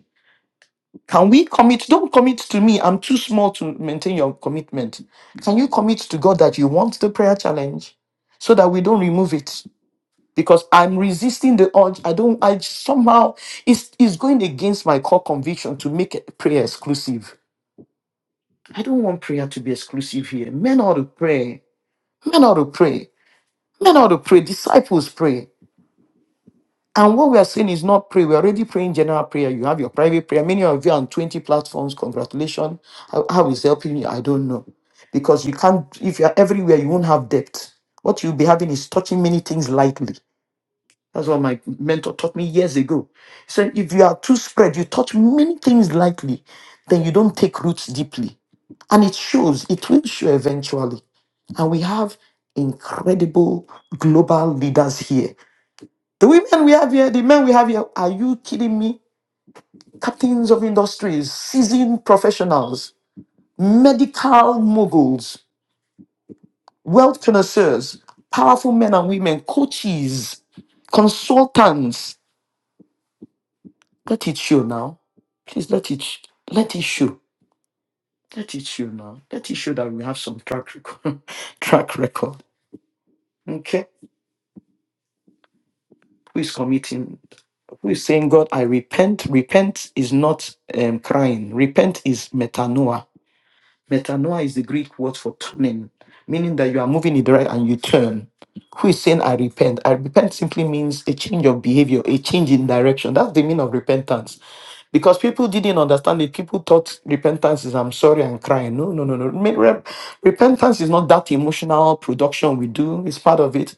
Can we commit? Don't commit to me. I'm too small to maintain your commitment. Can you commit to God that you want the prayer challenge, so that we don't remove it? Because I'm resisting the urge. I don't. I somehow it's it's going against my core conviction to make prayer exclusive I don't want prayer to be exclusive here. Men ought to pray. Men ought to pray. Men ought to pray. Disciples pray. And what we are saying is not pray. We're already praying general prayer. You have your private prayer. Many of you are on 20 platforms. Congratulations. How, how is helping you? I don't know. Because you can't, if you're everywhere, you won't have depth. What you'll be having is touching many things lightly. That's what my mentor taught me years ago. He said, if you are too spread, you touch many things lightly, then you don't take roots deeply. And it shows, it will show eventually. And we have incredible global leaders here. The women we have here, the men we have here, are you kidding me? Captains of industries, seasoned professionals, medical moguls, wealth connoisseurs, powerful men and women, coaches, consultants. Let it show now. Please let it sh- let it show. Let it show now. Let it show that we have some track record. <laughs> track record. Okay. Who is committing? We're saying, God, I repent. Repent is not um, crying. Repent is metanoia. Metanoia is the Greek word for turning, meaning that you are moving in the right and you turn. Who is saying, I repent? I repent simply means a change of behavior, a change in direction. That's the meaning of repentance. Because people didn't understand it. People thought repentance is, I'm sorry, and crying. No, no, no, no. Me- rep- Repentance is not that emotional production we do, it's part of it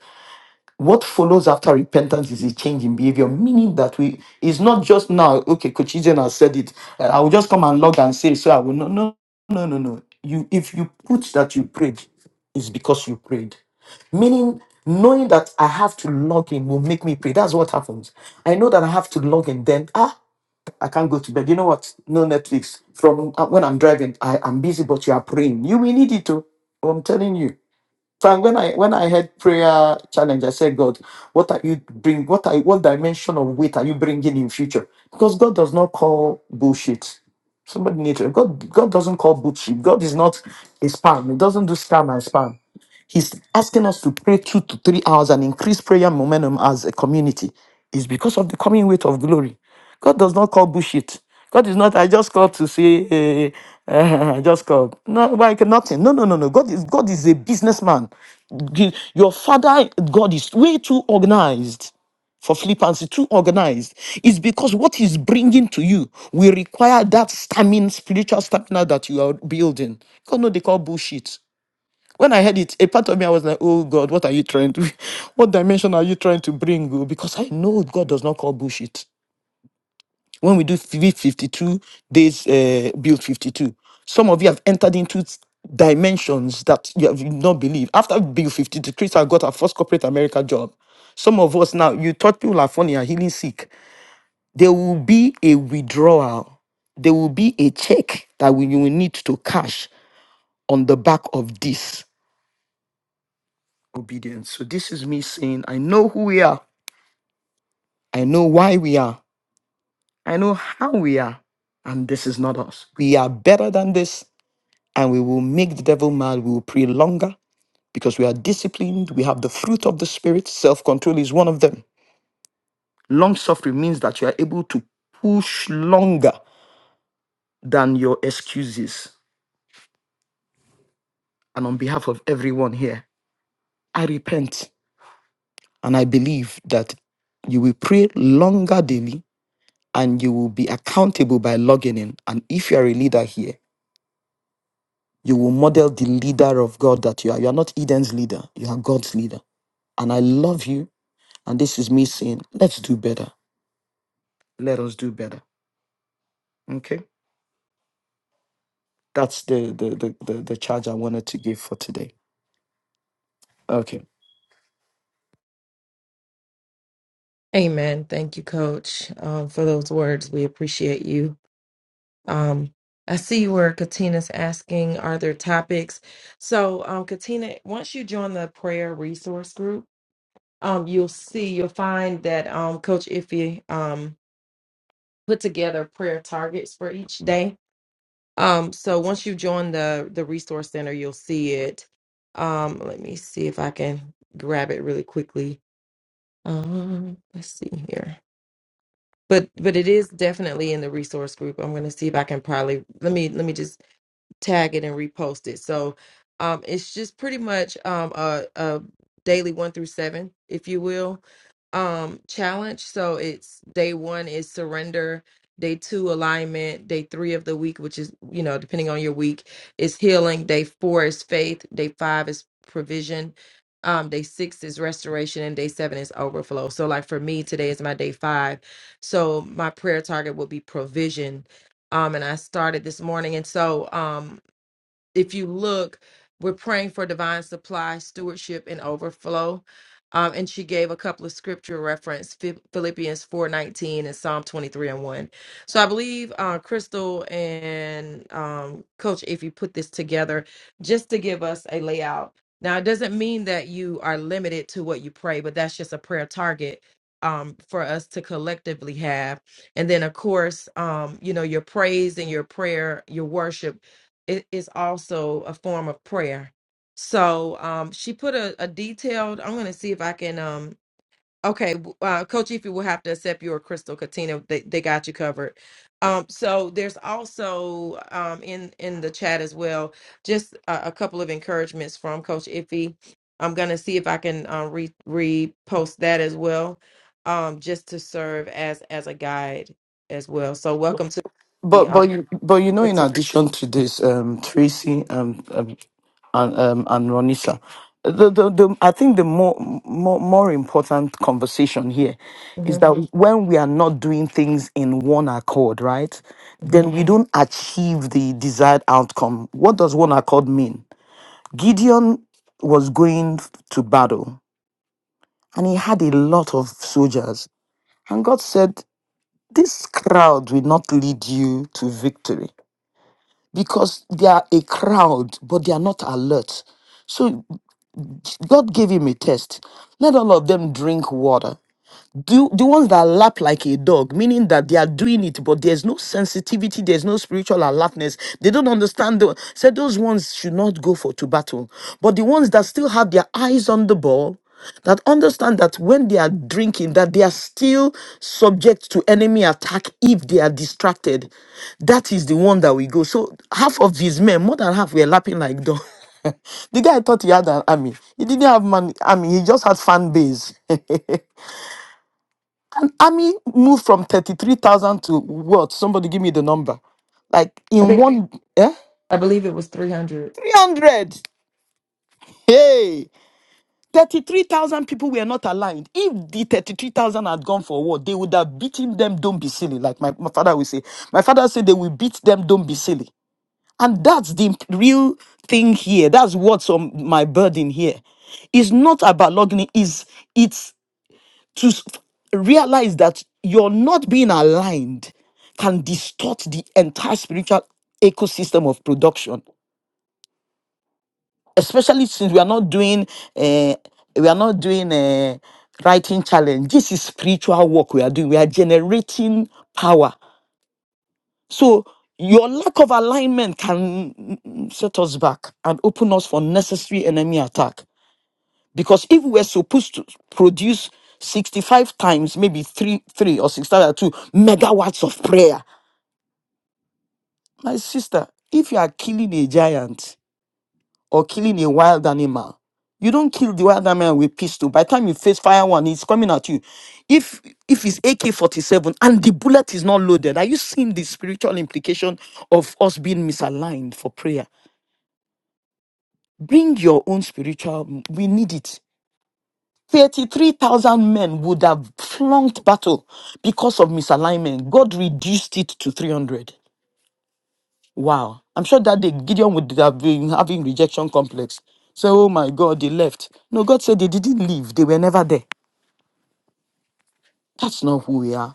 what follows after repentance is a change in behavior, meaning that we it's not just now, okay, Coach Eden has said it. uh, I will just come and log and say, so I will no no no no no. You if you put that you prayed, it's because you prayed. Meaning knowing that I have to log in will make me pray. That's what happens. I know that I have to log in, then ah, I can't go to bed. You know what? No Netflix. From uh, when I'm driving, I am busy, but you are praying. You will need it to. I'm telling you. Frank, when I when I had prayer challenge, I said, God, what are you bring? What are what dimension of weight are you bringing in future? Because God does not call bullshit. Somebody need to God. God doesn't call bullshit. God is not a spam. He doesn't do scam and spam. He's asking us to pray two to three hours and increase prayer momentum as a community. It's because of the coming weight of glory. God does not call bullshit. God is not, I just called to say, eh, <laughs> eh, I just called. No, like nothing. No, no, no, no. God is God is a businessman. The- Your father, God, is way too organized for flippancy, too organized. It's because what he's bringing to you will require that stamina, spiritual stamina that you are building. God, no, they call bullshit when I heard it, a part of me I was like, "Oh God, what are you trying to? <laughs> What dimension are you trying to bring?" oh?" Because I know God does not call bullshit. When we do fif- 52 days, uh, build 52. Some of you have entered into s- dimensions that you have not believed. After build 52, Crystal got her first corporate America job. Some of us now, you thought people are funny and healing sick. There will be a withdrawal. There will be a check that we, you will need to cash on the back of this. obedience. So this is me saying, I know who we are, I know why we are, I know how we are, and this is not us. We are better than this, and we will make the devil mad. We will pray longer because we are disciplined. We have the fruit of the spirit. Self control is one of them. Long suffering means that you are able to push longer than your excuses. And on behalf of everyone here, I repent and I believe that you will pray longer daily and you will be accountable by logging in. And if you are a leader here, you will model the leader of God that you are. You are not Eden's leader, you are God's leader. And I love you. And this is me saying, let's do better. Let us do better. Okay. That's the the the, the, the charge I wanted to give for today. Okay.
Amen. Thank you, Coach, um, for those words. We appreciate you. Um, I see where Katina's asking, are there topics? So, um, Katina, once you join the prayer resource group, um, you'll see, you'll find that um, Coach Iffy um, put together prayer targets for each day. Um, so once you join the the resource center, you'll see it. Um, let me see if I can grab it really quickly. Um, let's see here. but but it is definitely in the resource group i'm going to see if i can probably let me let me just tag it and repost it. So um, it's just pretty much um, a, a daily one through seven, if you will, um, challenge. So it's day one is surrender, day two alignment, day three of the week, which is you know depending on your week, is healing. Day four is faith. Day five is provision. Um, day six is restoration and day seven is overflow. So, like for me, today is my day five. So, my prayer target will be provision um and I started this morning and so um if you look, we're praying for divine supply, stewardship, and overflow. Um, and she gave a couple of scripture reference, Phi- Philippians 4.19 and Psalm 23 and 1. So I believe uh, Crystal and um, Coach, if you put this together, just to give us a layout. Now, it doesn't mean that you are limited to what you pray, but that's just a prayer target um, for us to collectively have. And then, of course, um, you know, your praise and your prayer, your worship it is also a form of prayer. So um, she put a, a detailed. I'm going to see if I can. Um, okay, w- uh, Coach Ify will have to accept your Crystal Katina. They, they got you covered. Um, so there's also um, in in the chat as well just a, a couple of encouragements from Coach Ify. I'm going to see if I can uh, re repost that as well, um, just to serve as as a guide as well. So welcome to the.
But
Uh,
but you but you know, in addition to this, um, Tracy um, um and um and Ronisa, the, the the I think the more more more important conversation here is
Mhm,
that Mhm. when we are not doing things in one accord, right? Then we
mhm.
Mhm. don't achieve the desired outcome. What does one accord mean? Gideon was going to battle and he had a lot of soldiers, and God said, "This crowd will not lead you to victory." because they are a crowd, but they are not alert. So God gave him a test. Let all of them drink water do the ones that lap like a dog, meaning that they are doing it, but there's no sensitivity, there's no spiritual alertness. They don't understand. The, said those ones should not go for to battle. But the ones that still have their eyes on the ball, that understand that when they are drinking, that they are still subject to enemy attack if they are distracted. That is the one that we go. So half of these men, more than half, were lapping like dogs. <laughs> the guy thought he had an army. He didn't have man army. He just had fan base. <laughs> An Army moved from 33,000 to what? Somebody give me the number. Like in one, eh?
I believe it was 300.
300. Hey, 33,000 people were not aligned. If the 33,000 had gone for war, they would have beaten them, don't be silly. Like my, my father will say. My father said they will beat them, don't be silly. And that's the real thing here. That's what's on my burden here. It's not about logging. Is it's to s- realize that you're not being aligned can distort the entire spiritual ecosystem of production especially since we are not doing uh, we are not doing a writing challenge this is spiritual work we are doing we are generating power so your lack of alignment can mm, mm, set us back and open us for necessary enemy attack Because if we're supposed to produce 65 times, maybe three, three or six times two megawatts of prayer, my sister, if you are killing a giant or killing a wild animal, you don't kill the wild animal with pistol. By the time you face fire one, it's coming at you. If if it's AK-47 and the bullet is not loaded, are you seeing the spiritual implication of us being misaligned for prayer? Bring your own spiritual. We need it 33,000 men would have flunked battle because of misalignment. God reduced it to 300. Wow. I'm sure that day Gideon would have been having rejection complex. So, oh my God, they left. No, God said they didn't leave. They were never there. That's not who we are.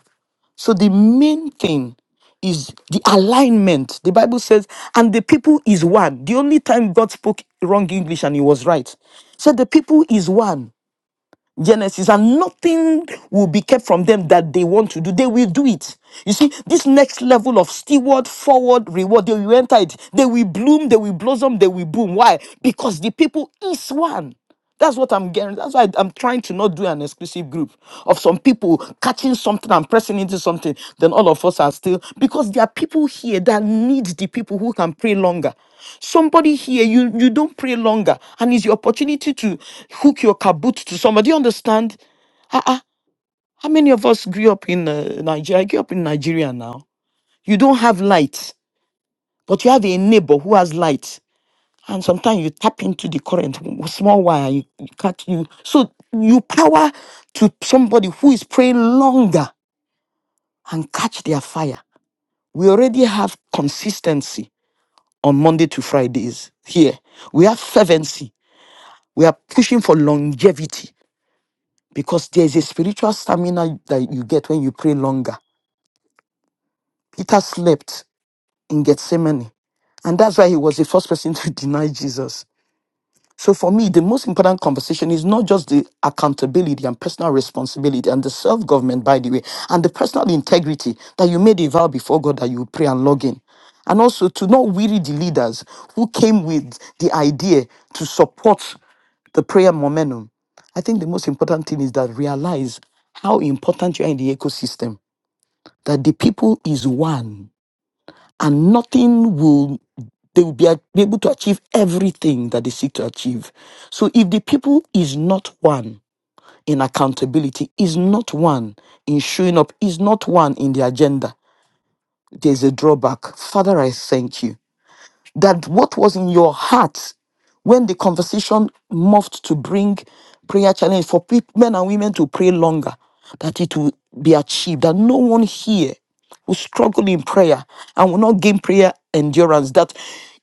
So the main thing is the alignment. The Bible says, and the people is one. The only time God spoke wrong English and he was right. So, the people is one Genesis, and nothing will be kept from them that they want to do. They will do it. You see, this next level of steward, forward, reward, they will enter it. They will bloom, they will blossom, they will boom. Why? Because the people is one. That's what I'm getting. That's why I'm trying to not do an exclusive group of some people catching something and pressing into something. Then all of us are still because there are people here that need the people who can pray longer. Somebody here, you you don't pray longer, and it's your opportunity to hook your kaboot to somebody. You understand? Ah, ah. how many of us grew up in uh, Nigeria? I grew up in Nigeria now. You don't have light, but you have a neighbor who has light and sometimes you tap into the current w- small wire you, you catch you so you power to somebody who is praying longer and catch their fire we already have consistency on monday to fridays here we have fervency we are pushing for longevity because there is a spiritual stamina that you get when you pray longer peter slept in gethsemane and that's why he was the first person to <laughs> deny jesus So for me, the most important conversation is not just the accountability and personal responsibility and the self-government, by the way, and the personal integrity that you made a vow before God that you would pray and log in. And also to not weary the leaders who came with the idea to support the prayer momentum. I think the most important thing is that realize how important you are in the ecosystem, that the people is one and nothing will they will be, a- be able to achieve everything that they seek to achieve. So if the people is not one in accountability, is not one in showing up, is not one in the agenda, there's a drawback. Father, I thank you that what was in your heart when the conversation morphed to bring prayer challenge for peop- men and women to pray longer, that it will be achieved, that no one here will struggle in prayer and will not gain prayer endurance, that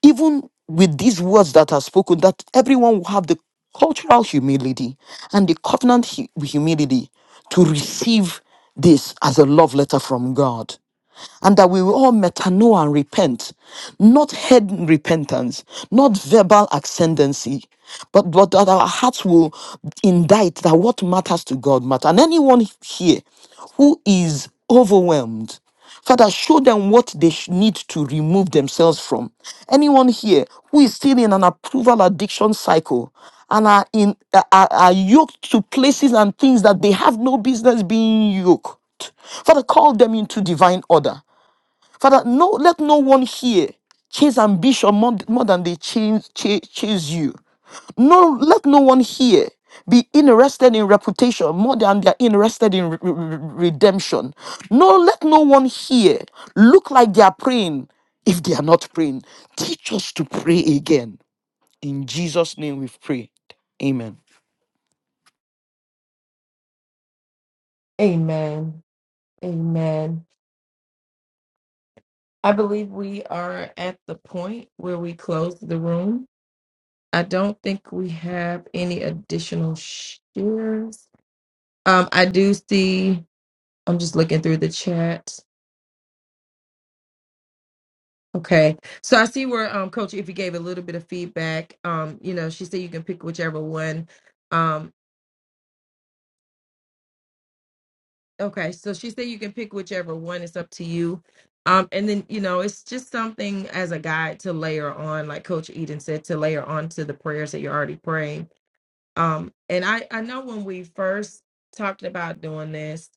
even with these words that are spoken, that everyone will have the cultural humility and the covenant hu- humility to receive this as a love letter from God and that we will all metanoia and repent, not head repentance, not verbal ascendancy, but, but that our hearts will indict that what matters to God matters. And anyone here who is overwhelmed, Father, show them what they sh- need to remove themselves from. Anyone here who is still in an approval addiction cycle and are, in, are, are are yoked to places and things that they have no business being yoked, Father, call them into divine order. Father, no, let no one here chase ambition more, more than they chase, chase, chase you. No, let no one here be interested in reputation more than they are interested in re- re- re- redemption. No, let no one here look like they are praying if they are not praying. Teach us to pray again. In Jesus' name we've prayed. Amen.
Amen. Amen. I believe we are at the point where we close the room. I don't think we have any additional shares. Um, I do see, I'm just looking through the chat. Okay. So I see where um Coach Iffy gave a little bit of feedback. Um, you know, she said you can pick whichever one. um. Okay, so she said you can pick whichever one. It's up to you. Um, and then you know, it's just something as a guide to layer on, like Coach Eden said, to layer on to the prayers that you're already praying. Um, and I I know when we first talked about doing this,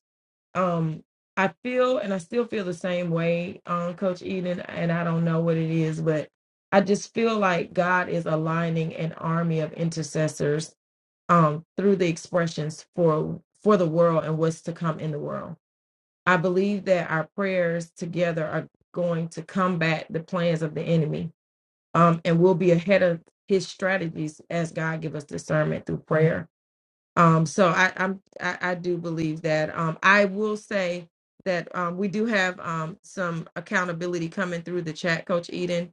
um, I feel and I still feel the same way, um, Coach Eden, and I don't know what it is, but I just feel like God is aligning an army of intercessors um through the expressions for for the world and what's to come in the world I believe that our prayers together are going to combat the plans of the enemy, um, and we'll be ahead of his strategies as God give us discernment through prayer. Um, so I, I'm, I, I do believe that. Um, I will say that um, we do have um, some accountability coming through the chat, Coach Eden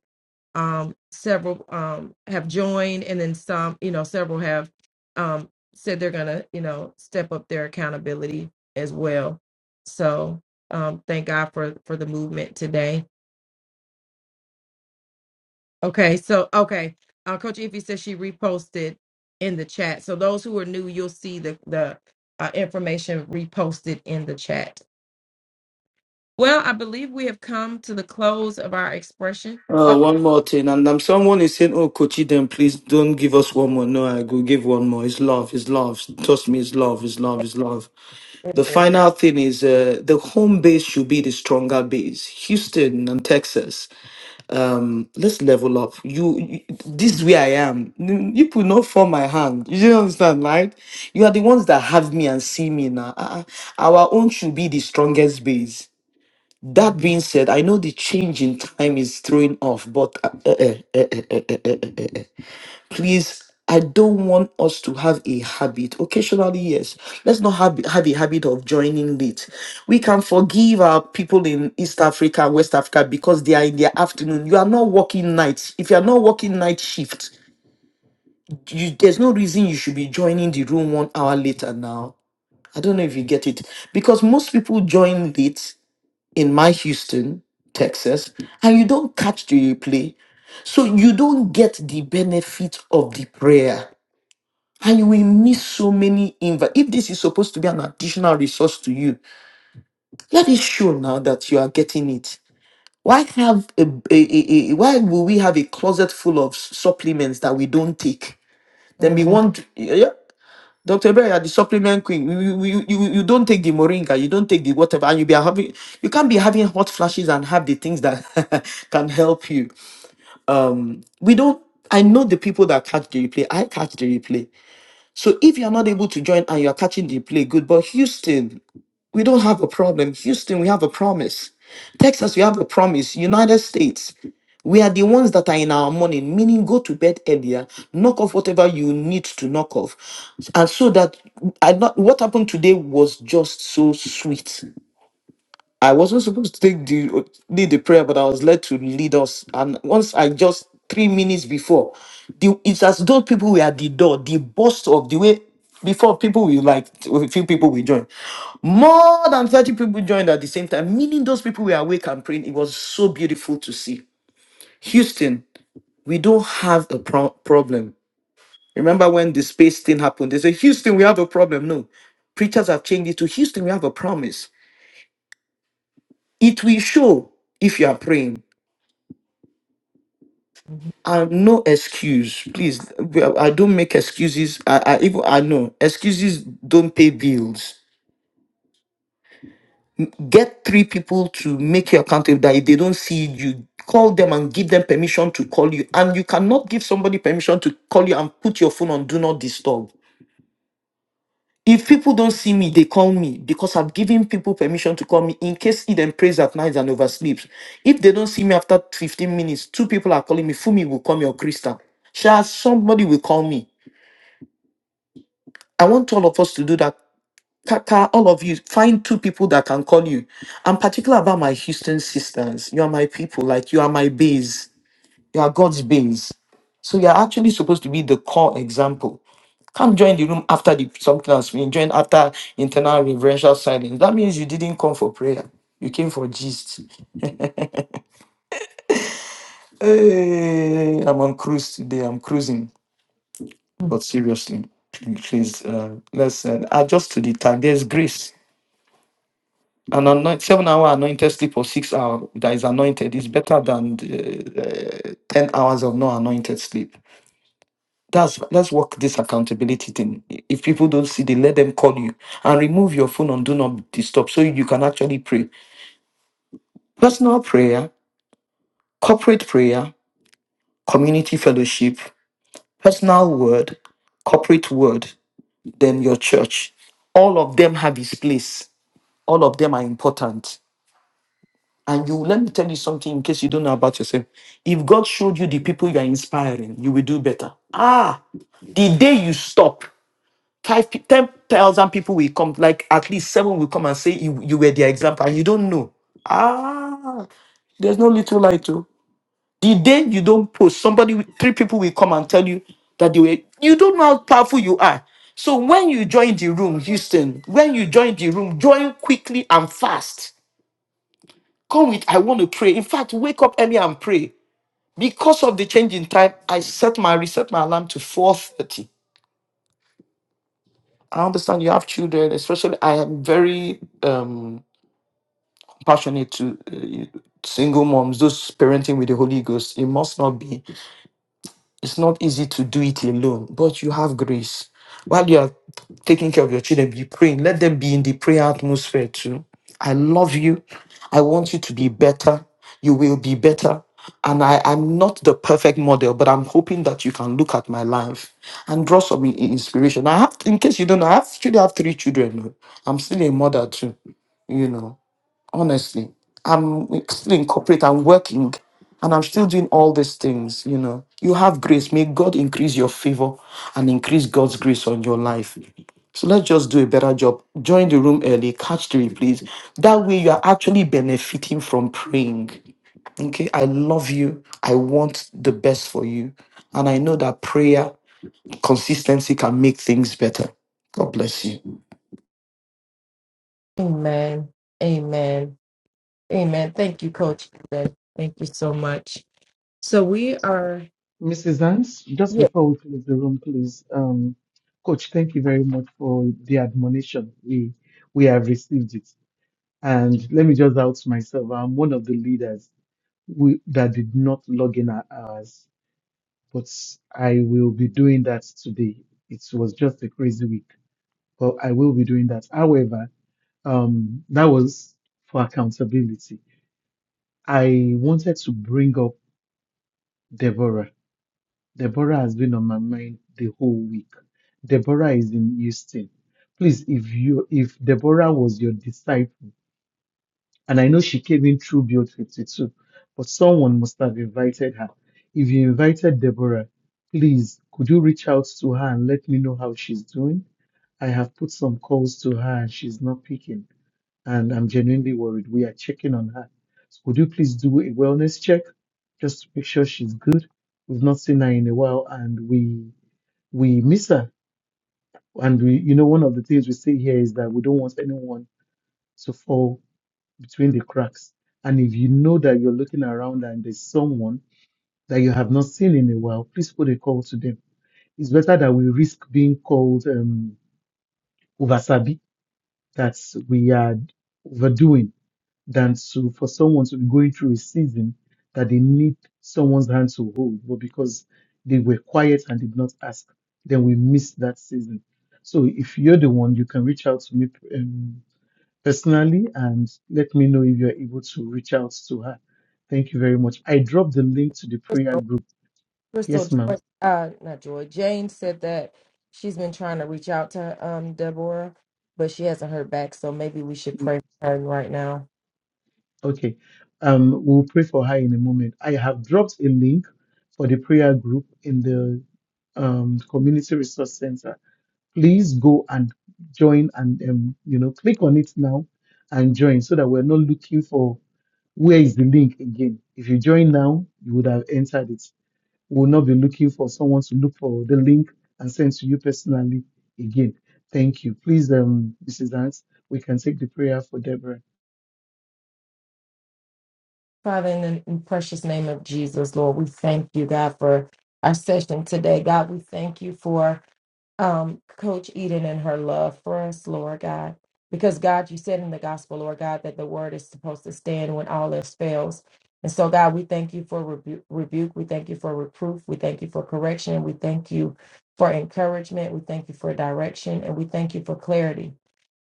um, several um, have joined, and then some, you know, several have um, said they're gonna, you know, step up their accountability as well. So um, thank God for for the movement today. Okay, so okay, uh, Coach Ify says she reposted in the chat. So those who are new, you'll see the the uh, information reposted in the chat. Well, I believe we have come to the close of our expression.
Uh,
Oh,
one more thing, and um, someone is saying, "Oh, Kochi, then please don't give us one more." No, I go give one more. It's love, it's love. Trust me, it's love, it's love, it's love. The
it is.
final thing is, uh, the home base should be the stronger base. Houston and Texas. Um, let's level up. You, you this is where I am. You you could not form my hand. You don't understand, right? You are the ones that have me and see me now. Uh, uh, our own should be the strongest base. That
Mhm.
being said, I know the change in time is throwing off, but uh, uh, uh, uh, uh, uh, uh, uh, uh, uh, please, I don't want us to have a habit. Occasionally, yes, let's not have, have a habit of joining late. We can forgive our people in East Africa, West Africa, because they are in their afternoon. You are not working nights. If you are not working night shift, you, there's no reason you should be joining the room one hour later now. I don't know if you get it because most people join late in my Houston, Texas, and you don't catch the replay, so you don't get the benefit of the prayer. And you will miss so many invites. If this is supposed to be an additional resource to you, let it show now that you are getting it. Why have a, a- a- a- why will we have a closet full of supplements that we don't take? Then we
Mhm.
want. yeah, yeah. Dr. Bear, you're the supplement queen. You, you, you, you you don't take the moringa, you don't take the whatever, and you be having you can't be having hot flashes and have the things that <laughs> can help you. Um, we don't I know the people that catch the replay. I catch the replay. So if you're not able to join and you're catching the replay, good. But Houston, we don't have a problem. Houston, we have a promise. Texas, we have a promise. United States, we are the ones that are in our morning, meaning go to bed earlier, knock off whatever you need to knock off. And so that I not what happened today was just so sweet. I wasn't supposed to take the lead the prayer, but I was led to lead us. And once I just three minutes before, the, it's as though people were at the door, the burst of the way before people will like a few people will join. More than 30 people joined at the same time, meaning those people were awake and praying. It was so beautiful to see. Houston, we don't have a pro- problem. Remember when the space thing happened? They said, Houston, we have a problem. No. Preachers have changed it to Houston, we have a promise. It will show if you are praying. Uh, no excuse, please. We- I don't make excuses. I, I even I know excuses don't pay bills. Get three people to make you accountable that if they don't see you, call them and give them permission to call you. And you cannot give somebody permission to call you and put your phone on do not disturb. If people don't see me, they call me because I've given people permission to call me in case Eden prays at night and oversleeps. If they don't see me after 15 minutes, two people are calling me. Fumi will call me or Krista. Sha, somebody will call me. I want all of us to do that. Kaka, all of you, find two people that can call you. I'm particular about my Houston sisters. You are my people. Like you are my base. You are God's base. So you are actually supposed to be the core example. Come join the room after the something else. We join after internal reverential silence. That means you didn't come for prayer. You came for gist. Hey, I'm on cruise today. I'm cruising. But seriously, please, uh, listen. Adjust to the time. There's grace. An anoint, seven hour anointed sleep or six hour that is anointed is better than uh, uh, ten hours of no anointed sleep. That's let's work this accountability thing. If people don't see, they let them call you and remove your phone on do not disturb so you can actually pray. Personal prayer, corporate prayer, community fellowship, personal word, corporate word, then your church. All of them have its place. All of them are important And you let me tell you something in case you don't know about yourself. If God showed you the people you are inspiring, you will do better. Ah, the day you stop, five pe- 10,000 people will come, like at least seven will come and say you, you were their example, and you don't know. Ah, there's no little light to the day you don't post, somebody will- three people will come and tell you that they were you don't know how powerful you are. So when you join the room, Houston, when you join the room, join quickly and fast. Come with, I want to pray. In fact, wake up early and pray. Because of the change in time, I set my reset my alarm to 4:30. I understand you have children, especially I am very um passionate to uh, single moms, those parenting with the Holy Ghost. It must not be It's not easy to do it alone, but you have grace. While you are taking care of your children, be praying. Let them be in the prayer atmosphere too. I love you. I want you to be better. You will be better. And I, I'm not the perfect model, but I'm hoping that you can look at my life and draw some i- inspiration. I have, in case you don't know, I have, still have three children. oh. I'm still a mother too, you know honestly i'm still in corporate i'm working and i'm still doing all these things you know you have grace may god increase your favor and increase god's grace on your life so let's just do a better job join the room early catch the replays that way you are actually benefiting from praying okay i love you i want the best for you and i know that prayer consistency can make things better god bless you
Amen. Amen. Amen. Thank you, Coach. Ben. Thank you so much. So we are,
Mrs. Hans, just
yeah,
before we close the room, please, um, Coach, thank you very much for the admonition. We we have received it, and let me just out myself. I'm one of the leaders we, that did not log in our hours, but I will be doing that today. It was just a crazy week, but I will be doing that. However, um, that was for accountability. I wanted to bring up. Deborah. Deborah has been on my mind the whole week. Deborah is in Houston. Please, if you if Deborah was your disciple, and I know she came in through Build 52, but someone must have invited her. If you invited Deborah, please could you reach out to her and let me know how she's doing? I have put some calls to her and she's not picking and I'm genuinely worried. We are checking on her. So could you please do a wellness check just to make sure she's good? We've not seen her in a while and we we miss her. And we you know one of the things we say here is that we don't want anyone to fall between the cracks. And if you know that you're looking around and there's someone that you have not seen in a while, please put a call to them. It's better that we risk being called um, oversabi, that we are overdoing than to for someone to be going through a season that they need someone's hand to hold, but because they were quiet and did not ask, then we missed that season. So if you're the one, you can reach out to me um, personally and let me know if you're able to reach out to her. Thank you very much. I dropped the link to the prayer
Crystal,
group.
Crystal,
Yes, ma'am.
Joy- uh, not Joy, Jane said that she's been trying to reach out to um Deborah, but she hasn't heard back. So maybe we should
Ye-
pray for her right now.
Okay. Um, we'll pray for her in a moment. I have dropped a link for the prayer group in the um, community resource center please go and join and um, you know click on it now and join so that we're not looking for where is the link again if you join now you would have entered it we will not be looking for someone to look for the link and send to you personally again thank you please um mrs Hans, we can take the prayer for deborah
Father, in the precious name of Jesus, Lord, we thank you, God, for our session today. God, we thank you for. um, Coach Eden and her love for us, Lord God. Because God, you said in the gospel, Lord God, that the word is supposed to stand when all else fails. And so, God, we thank you for rebu- rebuke. We thank you for reproof. We thank you for correction. We thank you for encouragement. We thank you for direction. And we thank you for clarity.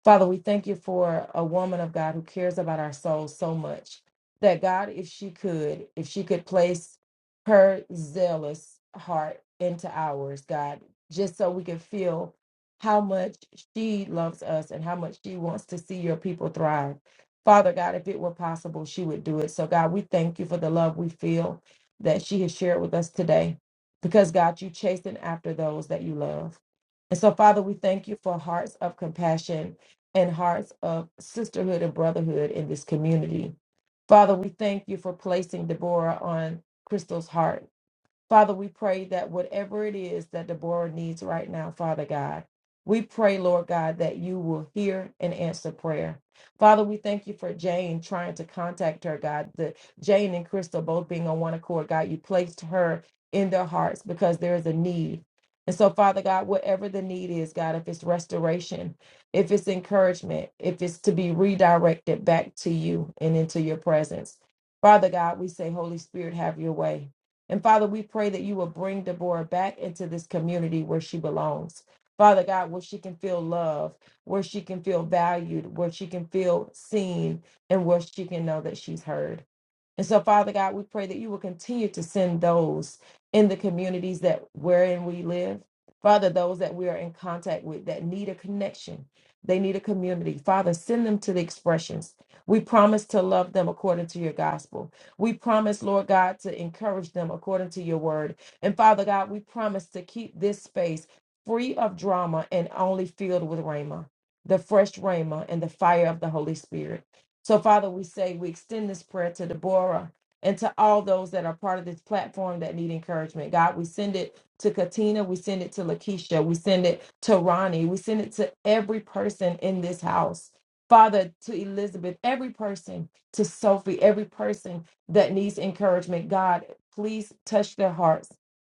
Father, we thank you for a woman of God who cares about our souls so much that, God, if she could, if she could place her zealous heart into ours, God just so we can feel how much she loves us and how much she wants to see your people thrive. Father God, if it were possible, she would do it. So, God, we thank you for the love we feel that she has shared with us today because, God, you chasten after those that you love. And so, Father, we thank you for hearts of compassion and hearts of sisterhood and brotherhood in this community. Father, we thank you for placing Deborah on Crystal's heart Father, we pray that whatever it is that Deborah needs right now, Father God, we pray, Lord God, that you will hear and answer prayer. Father, we thank you for Jane trying to contact her, God. The Jane and Crystal both being on one accord, God, you placed her in their hearts because there is a need. And so, Father God, whatever the need is, God, if it's restoration, if it's encouragement, if it's to be redirected back to you and into your presence, Father God, we say, Holy Spirit, have your way. And Father, we pray that you will bring Deborah back into this community where she belongs. Father God, where she can feel love, where she can feel valued, where she can feel seen, and where she can know that she's heard. And so, Father God, we pray that you will continue to send those in the communities that wherein we live. Father, those that we are in contact with that need a connection, they need a community. Father, send them to the expressions. We promise to love them according to your gospel. We promise, Lord God, to encourage them according to your word. And Father God, we promise to keep this space free of drama and only filled with Rhema, the fresh Rhema and the fire of the Holy Spirit. So, Father, we say we extend this prayer to Deborah and to all those that are part of this platform that need encouragement. God, we send it to Katina, we send it to Lakeisha, we send it to Ronnie, we send it to every person in this house. Father, to Elizabeth, every person, to Sophie, every person that needs encouragement, God, please touch their hearts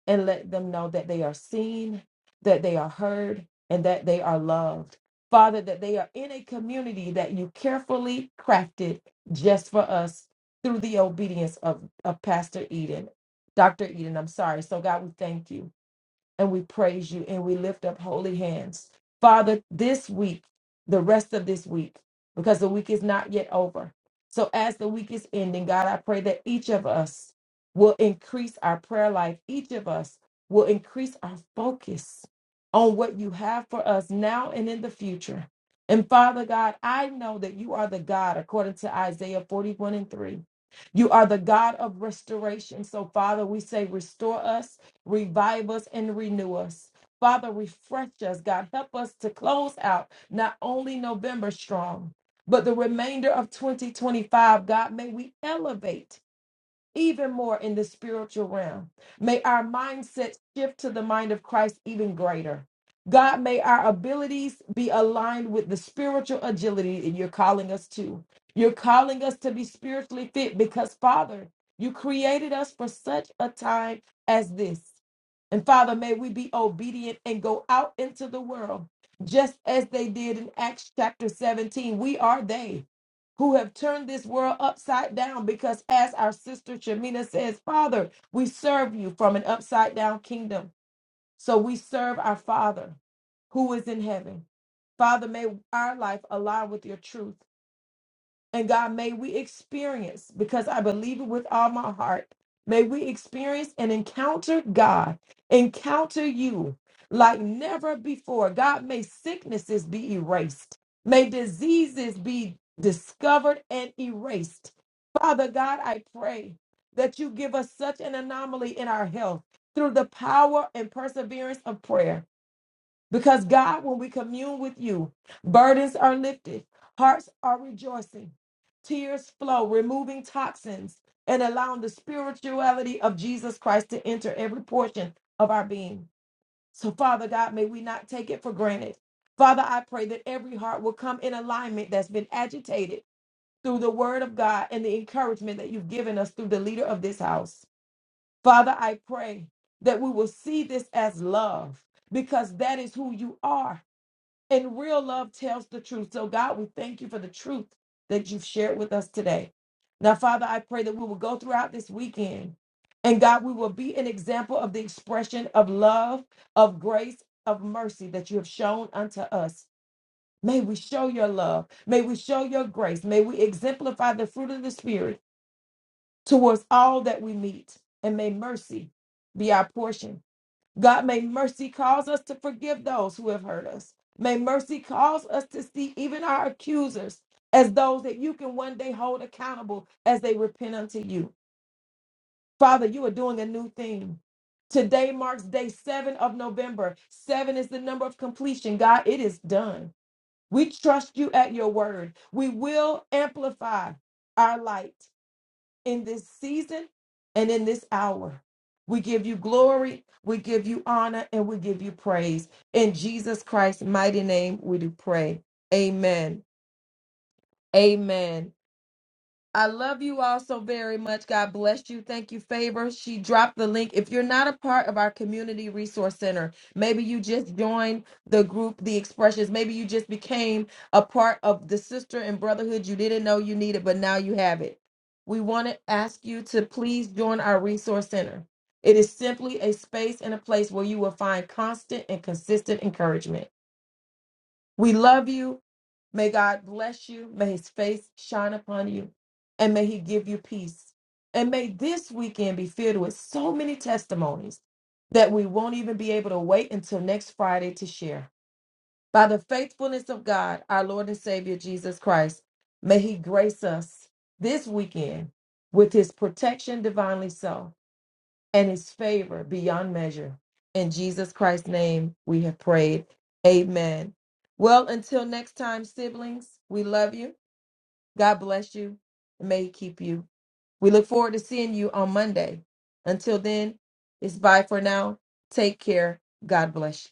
and let them know that they are seen, that they are heard, and that they are loved. Father, that they are in a community that you carefully crafted just for us through the obedience of, of Pastor Eden, Dr. Eden. I'm sorry. So, God, we thank you and we praise you and we lift up holy hands. Father, this week, the rest of this week, because the week is not yet over. So as the week is ending, God, I pray that each of us will increase our prayer life. Each of us will increase our focus on what you have for us now and in the future. And Father God, I know that you are the God, according to Isaiah 41 and 3. You are the God of restoration. So, Father, we say, restore us revive us and renew us. Father, refresh us, God. Help us to close out not only November strong, but the remainder of 2025, God, may we elevate even more in the spiritual realm. May our mindset shift to the mind of Christ even greater. God, may our abilities be aligned with the spiritual agility that you're calling us to. You're calling us to be spiritually fit because, Father, you created us for such a time as this. And Father, may we be obedient and go out into the world just as they did in Acts chapter 17. We are they who have turned this world upside down because, as our sister Shamina says, Father, we serve you from an upside down kingdom. So we serve our Father who is in heaven. Father, may our life align with your truth. And God, may we experience, because I believe it with all my heart, may we experience and encounter God, encounter you like never before. God, may sicknesses be erased, may diseases be discovered and erased. Father God, I pray that you give us such an anomaly in our health through the power and perseverance of prayer. Because God, when we commune with you, burdens are lifted, hearts are rejoicing, tears flow, removing toxins and allowing the spirituality of Jesus Christ to enter every portion of our being. So, Father God, may we not take it for granted. Father, I pray that every heart will come in alignment that's been agitated through the word of God and the encouragement that you've given us through the leader of this house. Father, I pray that we will see this as love because that is who you are. And real love tells the truth. So, God, we thank you for the truth that you've shared with us today. Now, Father, I pray that we will go throughout this weekend. And God, we will be an example of the expression of love, of grace, of mercy that you have shown unto us. May we show your love. May we show your grace. May we exemplify the fruit of the Spirit towards all that we meet. And may mercy be our portion. God, may mercy cause us to forgive those who have hurt us. May mercy cause us to see even our accusers as those that you can one day hold accountable as they repent unto you. Father, you are doing a new thing. Today marks day seven of November. Seven is the number of completion. God, it is done. We trust you at your word. We will amplify our light in this season and in this hour. We give you glory, we give you honor, and we give you praise. In Jesus Christ's mighty name, we do pray. Amen. Amen. I love you all so very much. God bless you. Thank you, Favor. She dropped the link. If you're not a part of our Community Resource Center, maybe you just joined the group, The Expressions. Maybe you just became a part of the sister and brotherhood you didn't know you needed, but now you have it. We want to ask you to please join our Resource Center. It is simply a space and a place where you will find constant and consistent encouragement. We love you. May God bless you. May his face shine upon you. And may he give you peace. And may this weekend be filled with so many testimonies that we won't even be able to wait until next Friday to share. By the faithfulness of God, our Lord and Savior Jesus Christ, may he grace us this weekend with his protection divinely so and his favor beyond measure. In Jesus Christ's name, we have prayed. Amen. Well, until next time, siblings, we love you. God bless you. And may He keep you. We look forward to seeing you on Monday. Until then, it's bye for now. Take care. God bless you.